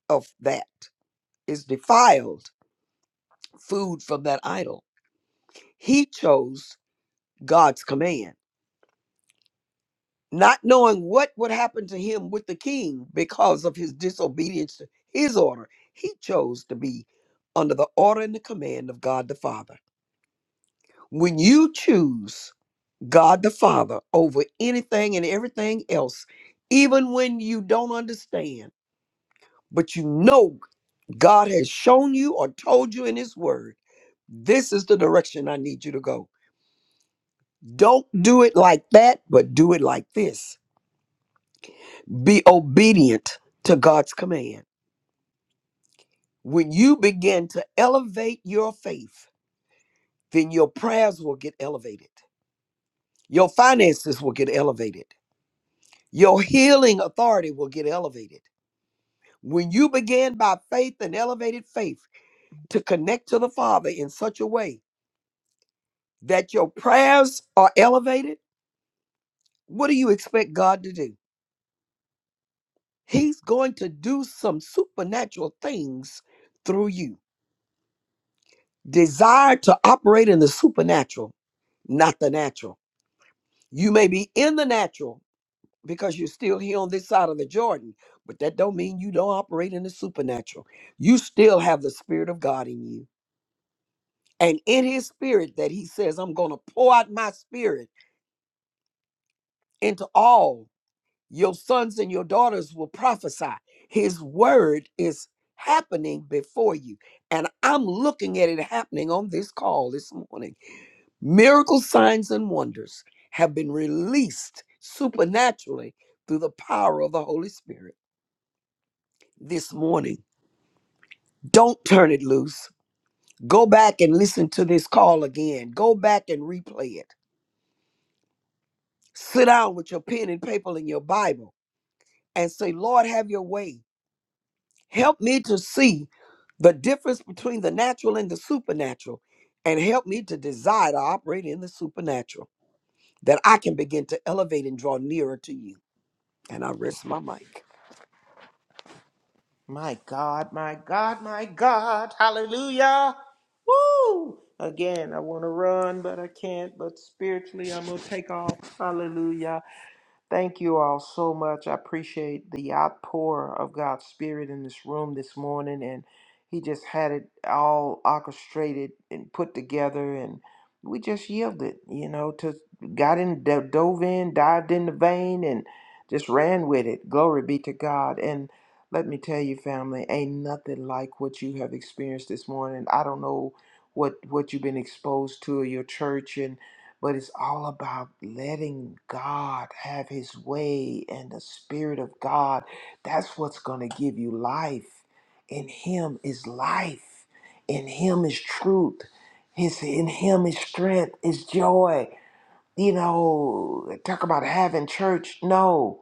Speaker 8: of that is defiled food from that idol. He chose God's command, not knowing what would happen to him with the king because of his disobedience to his order. He chose to be under the order and the command of God the Father. When you choose God the Father over anything and everything else, even when you don't understand, but you know God has shown you or told you in His Word, this is the direction I need you to go. Don't do it like that, but do it like this Be obedient to God's command. When you begin to elevate your faith, then your prayers will get elevated. Your finances will get elevated. Your healing authority will get elevated. When you begin by faith and elevated faith to connect to the Father in such a way that your prayers are elevated, what do you expect God to do? He's going to do some supernatural things through you. Desire to operate in the supernatural not the natural. You may be in the natural because you're still here on this side of the Jordan, but that don't mean you don't operate in the supernatural. You still have the spirit of God in you. And in his spirit that he says, I'm going to pour out my spirit into all. Your sons and your daughters will prophesy. His word is happening before you. And I'm looking at it happening on this call this morning. Miracle signs and wonders have been released supernaturally through the power of the Holy Spirit this morning. Don't turn it loose. Go back and listen to this call again. Go back and replay it. Sit down with your pen and paper and your Bible and say, Lord, have your way. Help me to see the difference between the natural and the supernatural, and help me to desire to operate in the supernatural that I can begin to elevate and draw nearer to you. And I rest my mic.
Speaker 4: My God, my God, my God. Hallelujah. Woo! Again, I want to run, but I can't. But spiritually, I'm going to take off. Hallelujah. Thank you all so much. I appreciate the outpour of God's Spirit in this room this morning. And He just had it all orchestrated and put together. And we just yielded, you know, to got in, do- dove in, dived in the vein, and just ran with it. Glory be to God. And let me tell you, family, ain't nothing like what you have experienced this morning. I don't know what what you've been exposed to in your church and but it's all about letting God have his way and the Spirit of God. That's what's going to give you life. In him is life, in him is truth, his, in him is strength, is joy. You know, talk about having church. No.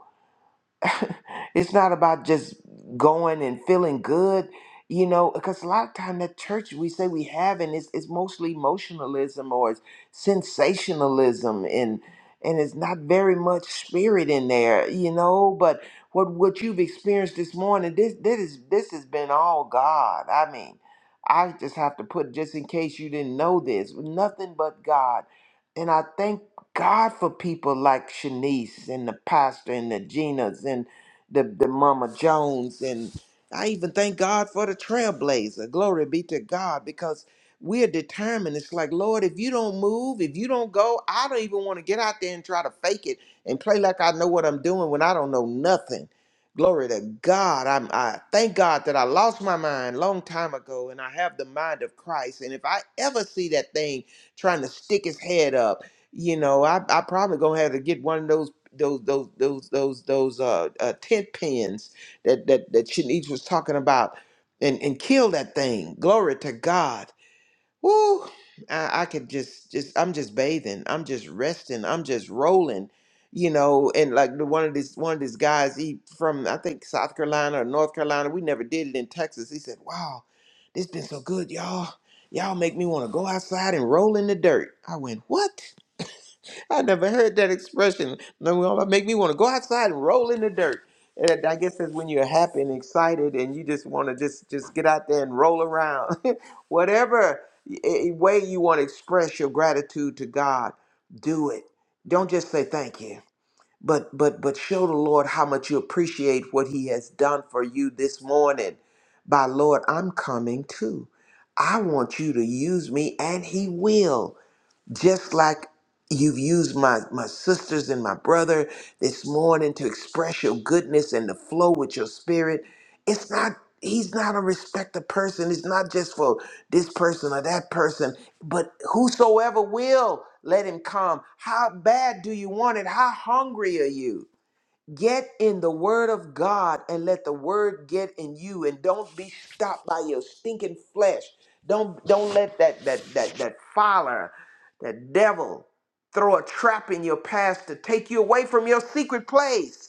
Speaker 4: it's not about just going and feeling good, you know, because a lot of time that church we say we have and it's it's mostly emotionalism or it's sensationalism and and it's not very much spirit in there, you know, but what what you've experienced this morning, this this is this has been all God. I mean, I just have to put just in case you didn't know this, nothing but God. And I thank God for people like Shanice and the pastor and the Ginas and the, the Mama Jones. And I even thank God for the trailblazer. Glory be to God because we're determined. It's like, Lord, if you don't move, if you don't go, I don't even want to get out there and try to fake it and play like I know what I'm doing when I don't know nothing. Glory to God. I'm, I thank God that I lost my mind long time ago and I have the mind of Christ. And if I ever see that thing trying to stick his head up, you know, I I probably gonna have to get one of those those those those those those uh, uh tent pins that that that Shanice was talking about, and and kill that thing. Glory to God. Woo! I, I could just just I'm just bathing. I'm just resting. I'm just rolling. You know, and like the one of these one of these guys, he from I think South Carolina or North Carolina. We never did it in Texas. He said, "Wow, this been so good, y'all. Y'all make me want to go outside and roll in the dirt." I went, "What?" I never heard that expression. No, well, that make me want to go outside and roll in the dirt. And I guess that's when you're happy and excited, and you just want to just just get out there and roll around, whatever y- a- way you want to express your gratitude to God. Do it. Don't just say thank you, but but but show the Lord how much you appreciate what He has done for you this morning. By Lord, I'm coming too. I want you to use me, and He will just like you've used my my sisters and my brother this morning to express your goodness and to flow with your spirit it's not he's not a respected person it's not just for this person or that person but whosoever will let him come how bad do you want it how hungry are you Get in the word of God and let the word get in you and don't be stopped by your stinking flesh. Don't don't let that that that that fowler, that devil throw a trap in your past to take you away from your secret place.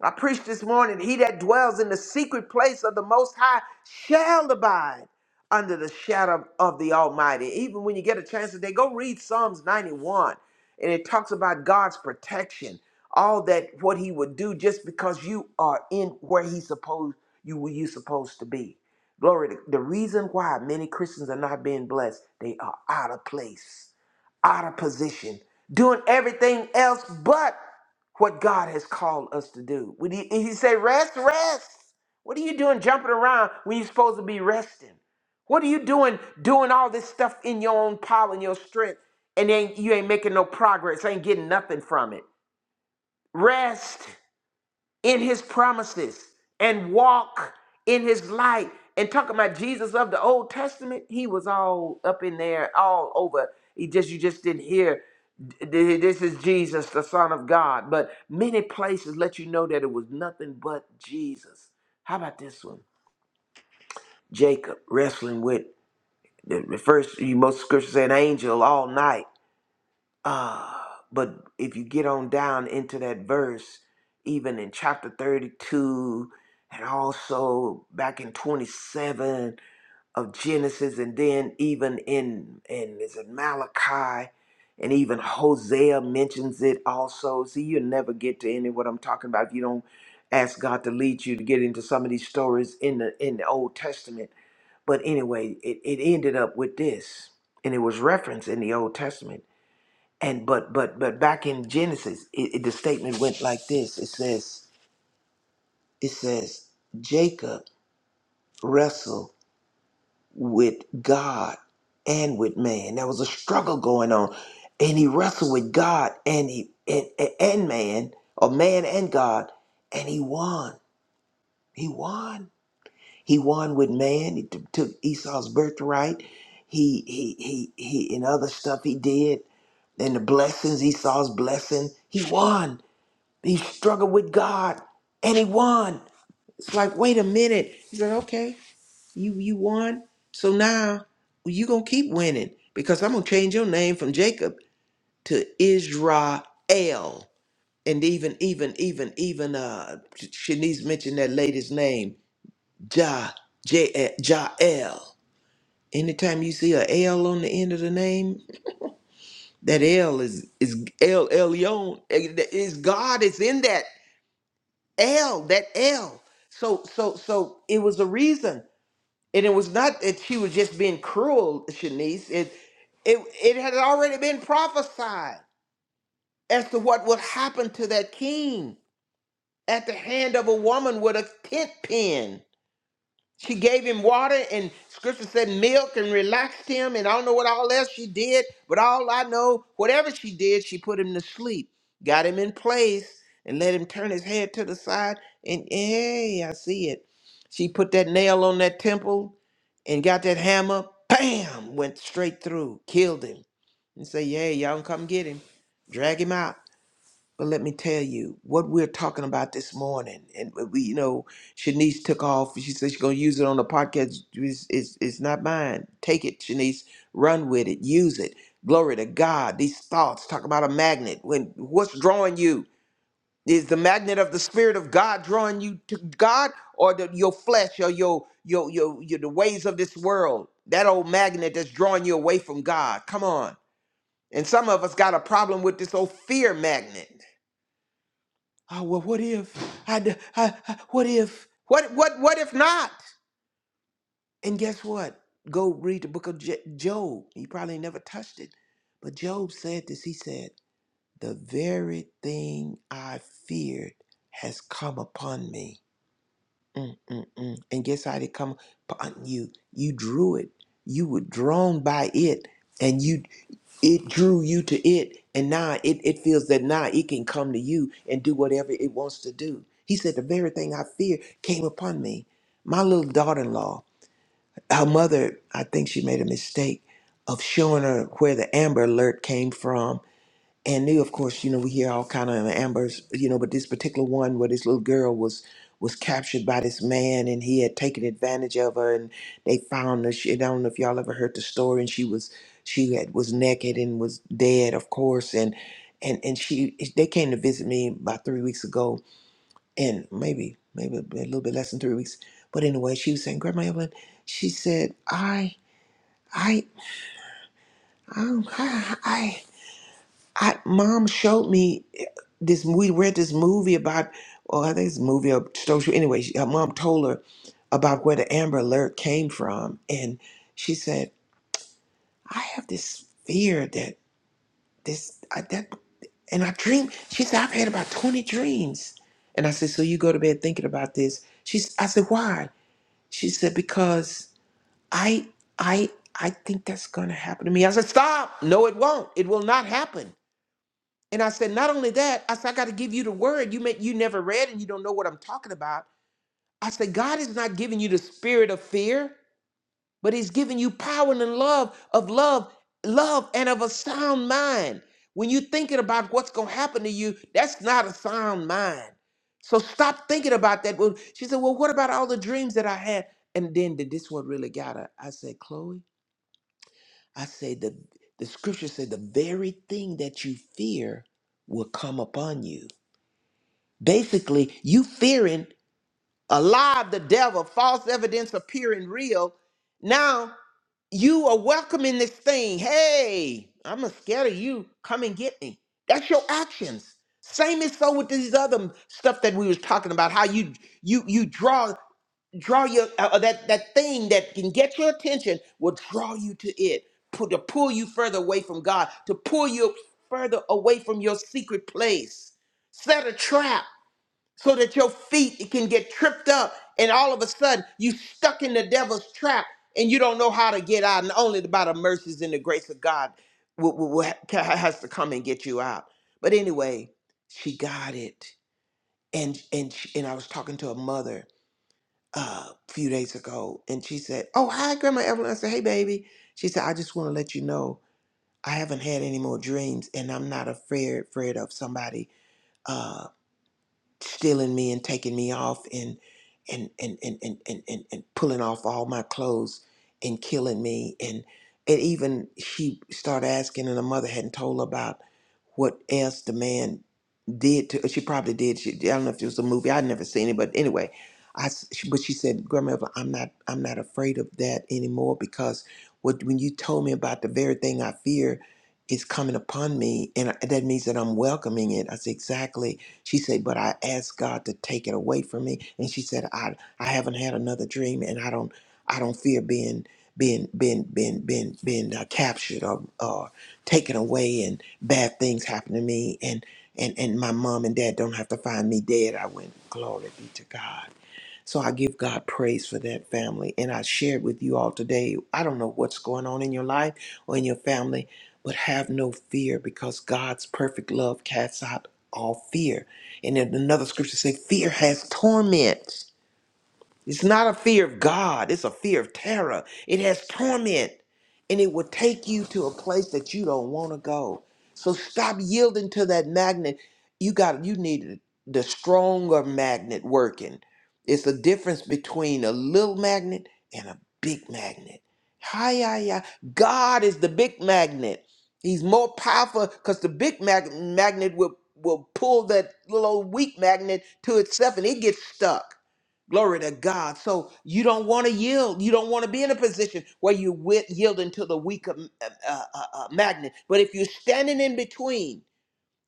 Speaker 4: I preached this morning, he that dwells in the secret place of the Most High shall abide under the shadow of the Almighty. Even when you get a chance today, go read Psalms 91, and it talks about God's protection, all that what he would do just because you are in where he supposed you were you supposed to be. Glory to the reason why many Christians are not being blessed, they are out of place, out of position, doing everything else but what God has called us to do. Would he, he say, rest, rest? What are you doing jumping around when you're supposed to be resting? What are you doing doing all this stuff in your own power and your strength? And then you ain't making no progress, ain't getting nothing from it. Rest in his promises and walk in his light. And talking about Jesus of the Old Testament, he was all up in there, all over. He just you just didn't hear "Th- this is Jesus, the Son of God. But many places let you know that it was nothing but Jesus. How about this one? Jacob wrestling with the the first you most scriptures say an angel all night. Uh, but if you get on down into that verse, even in chapter 32, and also back in 27 of Genesis, and then even in, in is it Malachi, and even Hosea mentions it also. See, you'll never get to any of what I'm talking about if you don't ask God to lead you to get into some of these stories in the in the Old Testament. But anyway, it, it ended up with this, and it was referenced in the Old Testament and but but but back in genesis it, it- the statement went like this it says it says jacob wrestled with god and with man there was a struggle going on and he wrestled with god and he and, and and man or man and god and he won he won he won with man he t- took esau's birthright he he he he and other stuff he did and the blessings esau's blessing he won He struggled with God and he won. It's like, wait a minute. He said, okay, you you won. So now you gonna keep winning because I'm gonna change your name from Jacob to Israel. And even even even even uh Shanice mentioned that lady's name, Ja J Jael. Anytime you see a L on the end of the name, that L is is El Elyon. Is God is in that. L, that L. So so so it was a reason. And it was not that she was just being cruel, Shanice. It it it had already been prophesied as to what would happen to that king at the hand of a woman with a tent pin. She gave him water and scripture said milk and relaxed him. And I don't know what all else she did, but all I know, whatever she did, she put him to sleep, got him in place, and let him turn his head to the side. And hey, I see it. She put that nail on that temple and got that hammer. Bam! Went straight through, killed him. And say, yeah, y'all can come get him. Drag him out. But let me tell you what we're talking about this morning. And we, you know, Shanice took off. She said she's going to use it on the podcast. It's, it's, it's not mine. Take it, Shanice. Run with it. Use it. Glory to God. These thoughts talk about a magnet. When what's drawing you is the magnet of the Spirit of God drawing you to God, or the, your flesh, or your your your your the ways of this world. That old magnet that's drawing you away from God. Come on. And some of us got a problem with this old fear magnet. Oh, well, what if I, d- I- I- what if what what what if not? And guess what? Go read the book of J- Job. He probably never touched it, but Job said this. He said, "The very thing I feared has come upon me." Mm, mm, mm. And guess how it come upon you? You drew it. You were drawn by it, and you it drew you to it and now it, it feels that now it can come to you and do whatever it wants to do he said the very thing i fear came upon me my little daughter-in-law her mother i think she made a mistake of showing her where the amber alert came from and they of course you know we hear all kind of ambers you know but this particular one where this little girl was was captured by this man and he had taken advantage of her and they found her she, i don't know if y'all ever heard the story and she was she had was naked and was dead of course and and and she they came to visit me about three weeks ago and maybe maybe a little bit less than three weeks but anyway she was saying grandma evelyn she said i i I." I. I mom showed me eh, this. We read this movie about, or I think it's a movie or social. Anyway, she, her mom told her about where the Amber Alert came from, and she said, "I have this fear that this I, that." And I dream. She said, "I've had about twenty dreams." And I said, "So you go to bed thinking about this?" She, s- I said, "Why?" She said, "Because I, I, I think that's going to happen to me." I said, "Stop! No, it won't. It will not happen." And I said, not only that, I said, I got to give you the word. You may, you never read and you don't know what I'm talking about. I said, God is not giving you the spirit of fear, but He's giving you power and love of love, love and of a sound mind. When you're thinking about what's going to happen to you, that's not a sound mind. So stop thinking about that. Well, she said, Well, what about all the dreams that I had? And then did this one really got her? I said, Chloe, I said the the scripture said the very thing that you fear will come upon you. Basically, you fearing a lie of the devil, false evidence appearing real. Now you are welcoming this thing. Hey, I'm not scared of you. Come and get me. That's your actions. Same is so with these other stuff that we was talking about. How you you you draw draw your uh, uh, that that thing that can get your attention will draw you to it, pu- to pull you further away from God, to pull you further away from your secret place. Set a trap so that your feet can get tripped up and all of a sudden you stuck in the devil's trap and you don't know how to get out and only by the mercies and the grace of god will, will, will ha- has to come and get you out but anyway she got it and and she, and i was talking to a mother uh, a few days ago and she said oh hi grandma evelyn i said hey baby she said i just want to let you know i haven't had any more dreams and i'm not afraid afraid of somebody uh, stealing me and taking me off and and and and and, and, and, and pulling off all my clothes and killing me and and even she started asking and her mother hadn't told her about what else the man did to she probably did she i don't know if it was a movie i'd never seen it but anyway i s- she- but she said grandma Evelyn, i'm not i'm not afraid of that anymore because what when you told me about the very thing i fear is coming upon me and I- that means that i'm welcoming it i said exactly she said but i asked god to take it away from me and she said i i haven't had another dream and i don't i don't fear being being being being being being uh, captured or, or taken away bad things happen to me and and and my mom and dad don't have to find me dead i went glory be to god so i give god praise for that family and i shared with you all today i don't know what's going on in your life or in your family but have no fear because god's perfect love casts out all fear and then another scripture says fear has torment it's not a fear of God, it's a fear of terror. It has torment and it will take you to a place that you don't want to go. So stop yielding to that magnet. You got you need the stronger magnet working. It's the difference between a little magnet and a big magnet. Hi, yeah, yeah. God is the big magnet. He's more powerful because the big mag- magnet will, will pull that little old weak magnet to itself and it gets stuck. Glory to God. So you don't want to yield. You don't want to be in a position where you wi- yielding to the weaker uh, uh, uh, uh, magnet. But if you're standing in between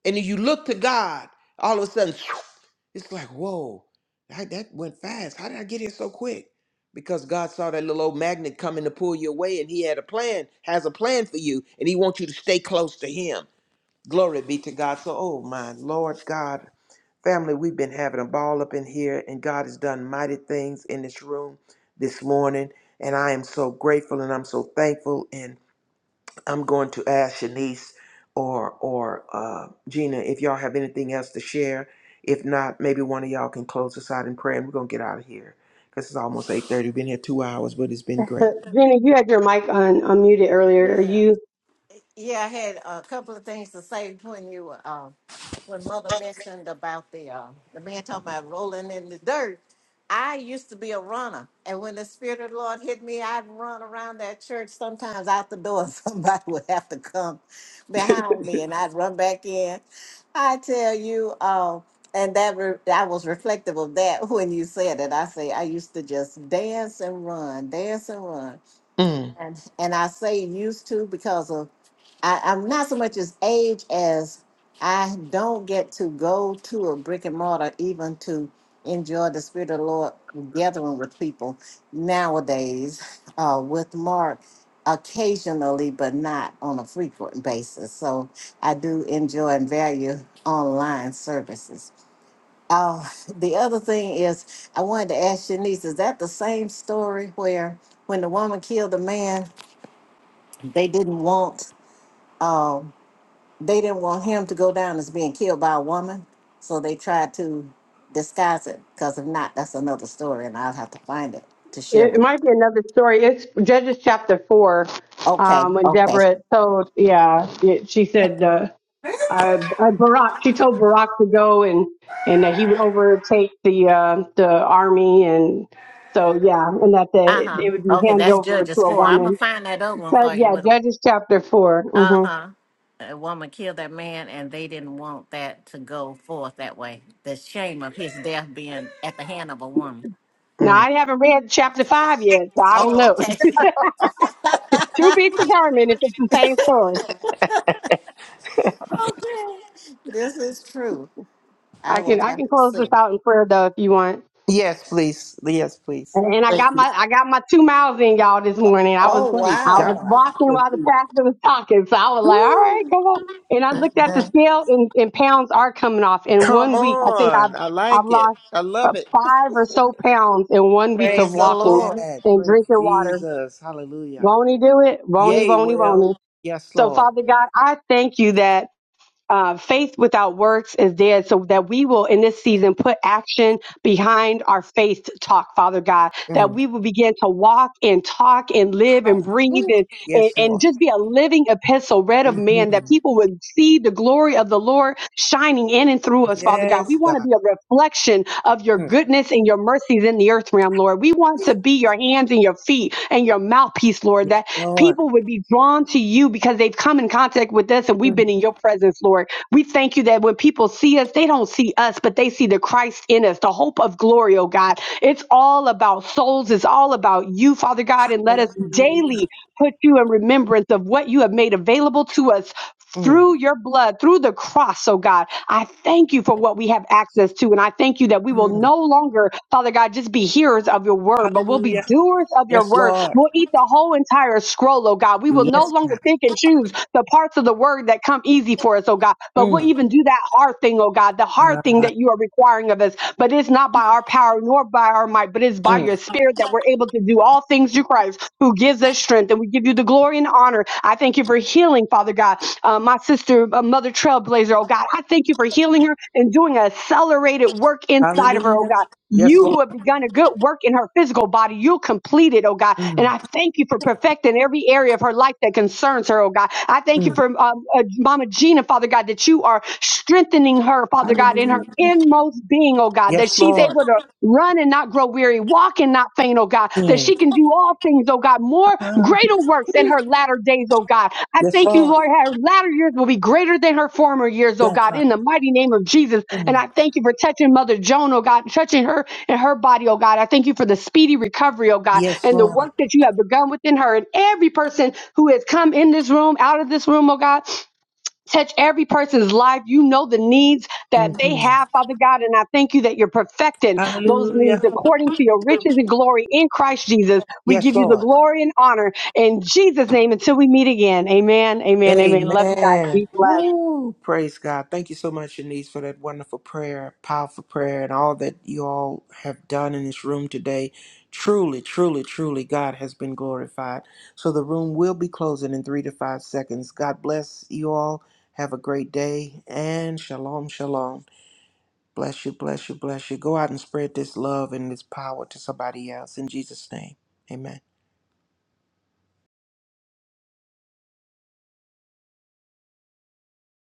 Speaker 4: and you look to God, all of a sudden, it's like, whoa, that, that went fast. How did I get here so quick? Because God saw that little old magnet coming to pull you away, and He had a plan, has a plan for you, and He wants you to stay close to Him. Glory be to God. So, oh my Lord God, Family, we've been having a ball up in here, and God has done mighty things in this room this morning. And I am so grateful and I'm so thankful. And I'm going to ask Shanice or or uh, Gina if y'all have anything else to share. If not, maybe one of y'all can close us out in prayer, and we're gonna get out of here because it's almost eight thirty. We've been here two hours, but it's been great.
Speaker 6: Jenny, you had your mic on unmuted earlier. Are
Speaker 3: Yeah.
Speaker 6: you
Speaker 3: Yeah, I had a couple of things to say when you were, uh, when Mother mentioned about the uh, the man talking about rolling in the dirt. I used to be a runner, and when the Spirit of the Lord hit me, I'd run around that church. Sometimes out the door, somebody would have to come behind me, and I'd run back in. I tell you, uh, and that re- I was reflective of that when you said it. I say I used to just dance and run, dance and run.
Speaker 4: Mm.
Speaker 3: And, and I say used to because of I, I'm not so much as age as I don't get to go to a brick and mortar even to enjoy the spirit of the Lord gathering with people nowadays uh, with Mark occasionally, but not on a frequent basis. So I do enjoy and value online services. Uh, the other thing is, I wanted to ask Shanice, is that the same story where when the woman killed the man they didn't want um they didn't want him to go down as being killed by a woman so they tried to disguise it because if not that's another story and i'll have to find it to share
Speaker 6: It
Speaker 3: with
Speaker 6: might be another story. It's Judges chapter four,
Speaker 3: okay
Speaker 6: um, when
Speaker 3: okay
Speaker 6: Deborah told, yeah, it, she said, uh, uh, Barak, she told Barak to go and, and that he would overtake the, uh, the army. And so, yeah, and that the,
Speaker 3: uh-huh
Speaker 6: it would be
Speaker 3: okay
Speaker 6: handed
Speaker 3: that's
Speaker 6: over to
Speaker 3: judges
Speaker 6: a
Speaker 3: four i'm gonna
Speaker 6: woman.
Speaker 3: find that other one
Speaker 6: So,
Speaker 3: for you
Speaker 6: yeah,
Speaker 3: with a
Speaker 6: Judges chapter 4 hmm
Speaker 3: uh-huh a woman killed that man and they didn't want that to go forth that way the shame of his death being at the hand of a woman
Speaker 6: Now
Speaker 4: Mm.
Speaker 6: I haven't read chapter five yet, so I don't
Speaker 3: oh
Speaker 6: know.
Speaker 3: okay
Speaker 6: to be determined if it's the same story.
Speaker 3: okay this is true I
Speaker 6: I
Speaker 3: will
Speaker 6: can,
Speaker 3: have
Speaker 6: I can
Speaker 3: to
Speaker 6: close
Speaker 3: see.
Speaker 6: this out in prayer though, if you want.
Speaker 4: Yes, please. Yes, please.
Speaker 6: And, and I
Speaker 4: Thank
Speaker 6: got
Speaker 4: you.
Speaker 6: my I got my two miles in y'all this morning. I
Speaker 4: Oh,
Speaker 6: was
Speaker 3: Oh
Speaker 4: praise
Speaker 6: I
Speaker 4: God.
Speaker 6: was
Speaker 3: wow!
Speaker 6: walking while the
Speaker 4: Hallelujah.
Speaker 6: pastor was talking, so I was like, all right,
Speaker 4: Woo.
Speaker 6: come on. And I looked at the
Speaker 4: Amen.
Speaker 6: scale, and, and pounds are coming off. In
Speaker 4: Come
Speaker 6: one week, I think
Speaker 4: on.
Speaker 6: I've
Speaker 4: I
Speaker 6: I've
Speaker 4: like it.
Speaker 6: lost
Speaker 4: I love
Speaker 6: uh,
Speaker 4: it.
Speaker 6: five or so pounds in one week
Speaker 4: Look
Speaker 3: Praise
Speaker 6: of
Speaker 3: the
Speaker 4: at
Speaker 6: walking
Speaker 3: Lord.
Speaker 4: that.
Speaker 6: and
Speaker 4: Praise
Speaker 6: drinking water.
Speaker 4: Jesus. Hallelujah.
Speaker 6: Won't he do it? Won't he?
Speaker 4: Yay,
Speaker 6: Won't he? Won't
Speaker 4: Well,
Speaker 6: he?
Speaker 4: Yes,
Speaker 6: So
Speaker 4: Lord.
Speaker 6: Father God, I thank you that uh, faith without works is dead, so that we will in this season put action behind our faith talk, Father God, that
Speaker 4: Mm.
Speaker 6: we will begin to walk and talk and live and breathe and, and,
Speaker 4: Yes,
Speaker 6: and
Speaker 4: Lord.
Speaker 6: just be a living epistle read of
Speaker 4: hmm
Speaker 6: man, that people would see the glory of the Lord shining in and through us, Father God. We
Speaker 4: Yes,
Speaker 6: want
Speaker 4: God.
Speaker 6: to be a reflection of your
Speaker 4: Mm.
Speaker 6: goodness and your mercies in the earth realm, Lord. We want to be your hands and your feet and your mouthpiece, Lord,
Speaker 4: Yes,
Speaker 6: that
Speaker 4: Lord.
Speaker 6: People would be drawn to you because they've come in contact with us and we've
Speaker 4: Mm.
Speaker 6: been in your presence, Lord. We thank you that when people see us, they don't see us, but they see the Christ in us, the hope of glory, oh God. It's all about souls, it's all about you, Father God, and let us
Speaker 4: Hallelujah.
Speaker 6: daily put you in remembrance of what you have made available to us
Speaker 4: Mm.
Speaker 6: through your blood, through the cross, oh God. I thank you for what we have access to. And I thank you that we will
Speaker 4: Mm.
Speaker 6: no longer, Father God, just be hearers of your word, but we'll be
Speaker 4: Hallelujah.
Speaker 6: doers of your
Speaker 4: Yes,
Speaker 6: word.
Speaker 4: Lord.
Speaker 6: We'll eat the whole entire scroll, oh God. We will no
Speaker 4: Yes,
Speaker 6: longer
Speaker 4: God.
Speaker 6: pick and choose the parts of the word that come easy for us, oh God. But we'll
Speaker 4: Mm.
Speaker 6: even do that hard thing, oh God, the hard thing
Speaker 4: Uh,
Speaker 6: that you are requiring of us. But it's not by our power nor by our might, but it's by your
Speaker 4: mm.
Speaker 6: spirit that we're able to do all things through Christ who gives us strength. And we give you the glory and honor. I thank you for healing, Father God, uh, my sister, uh, Mother Trailblazer, oh God. I thank you for healing her and doing an accelerated work inside of her, oh
Speaker 4: Hallelujah.
Speaker 6: God.
Speaker 4: Yes,
Speaker 6: You
Speaker 4: Lord.
Speaker 6: who have begun a good work in her physical body, you'll complete it, oh God. And
Speaker 4: Mm.
Speaker 6: I thank you for perfecting every area of her life that concerns her, oh God. I thank you
Speaker 4: Mm.
Speaker 6: for um, uh, Mama Gina, Father God, that you are strengthening her, Father God, in her
Speaker 4: Hallelujah.
Speaker 6: inmost being, oh God, that
Speaker 4: Yes,
Speaker 6: she's
Speaker 4: Lord.
Speaker 6: able to Run and not grow weary. Walk and not faint, oh God, that
Speaker 4: Mm.
Speaker 6: she can do all things, oh God, more
Speaker 4: Ah.
Speaker 6: greater works in her latter days, oh God. I
Speaker 4: Yes,
Speaker 6: thank you,
Speaker 4: Lord.
Speaker 6: Lord, her latter years will be greater than her former years, oh
Speaker 4: That's
Speaker 6: God,
Speaker 4: right.
Speaker 6: in the mighty name of Jesus. And
Speaker 4: Mm.
Speaker 6: I thank you for touching Mother Joan, oh God, touching her and her body, oh God. I thank you for the speedy recovery, oh God,
Speaker 4: Yes,
Speaker 6: and the work that you have begun within her and every person who has come in this room, out of this room, oh God. Touch every person's life. You know the needs that they
Speaker 4: Lord.
Speaker 6: have, Father God. And I thank you that you're perfecting those
Speaker 4: Hallelujah.
Speaker 6: needs according to your riches and glory in Christ Jesus. We
Speaker 4: Yes,
Speaker 6: give you the
Speaker 4: Lord.
Speaker 6: glory and honor in Jesus' name until we meet again. Amen. Amen. Amen. Love you guys.
Speaker 4: Amen.
Speaker 6: Be blessed.
Speaker 4: Woo. Praise God. Thank you so much, Shanice, for that wonderful prayer, powerful prayer, and all that you all have done in this room today. Truly, truly, truly, God has been glorified. So the room will be closing in three to five seconds. God bless you all. Have a great day and shalom, shalom. Bless you, bless you, bless you. Go out and spread this love and this power to somebody else in Jesus' name. Amen.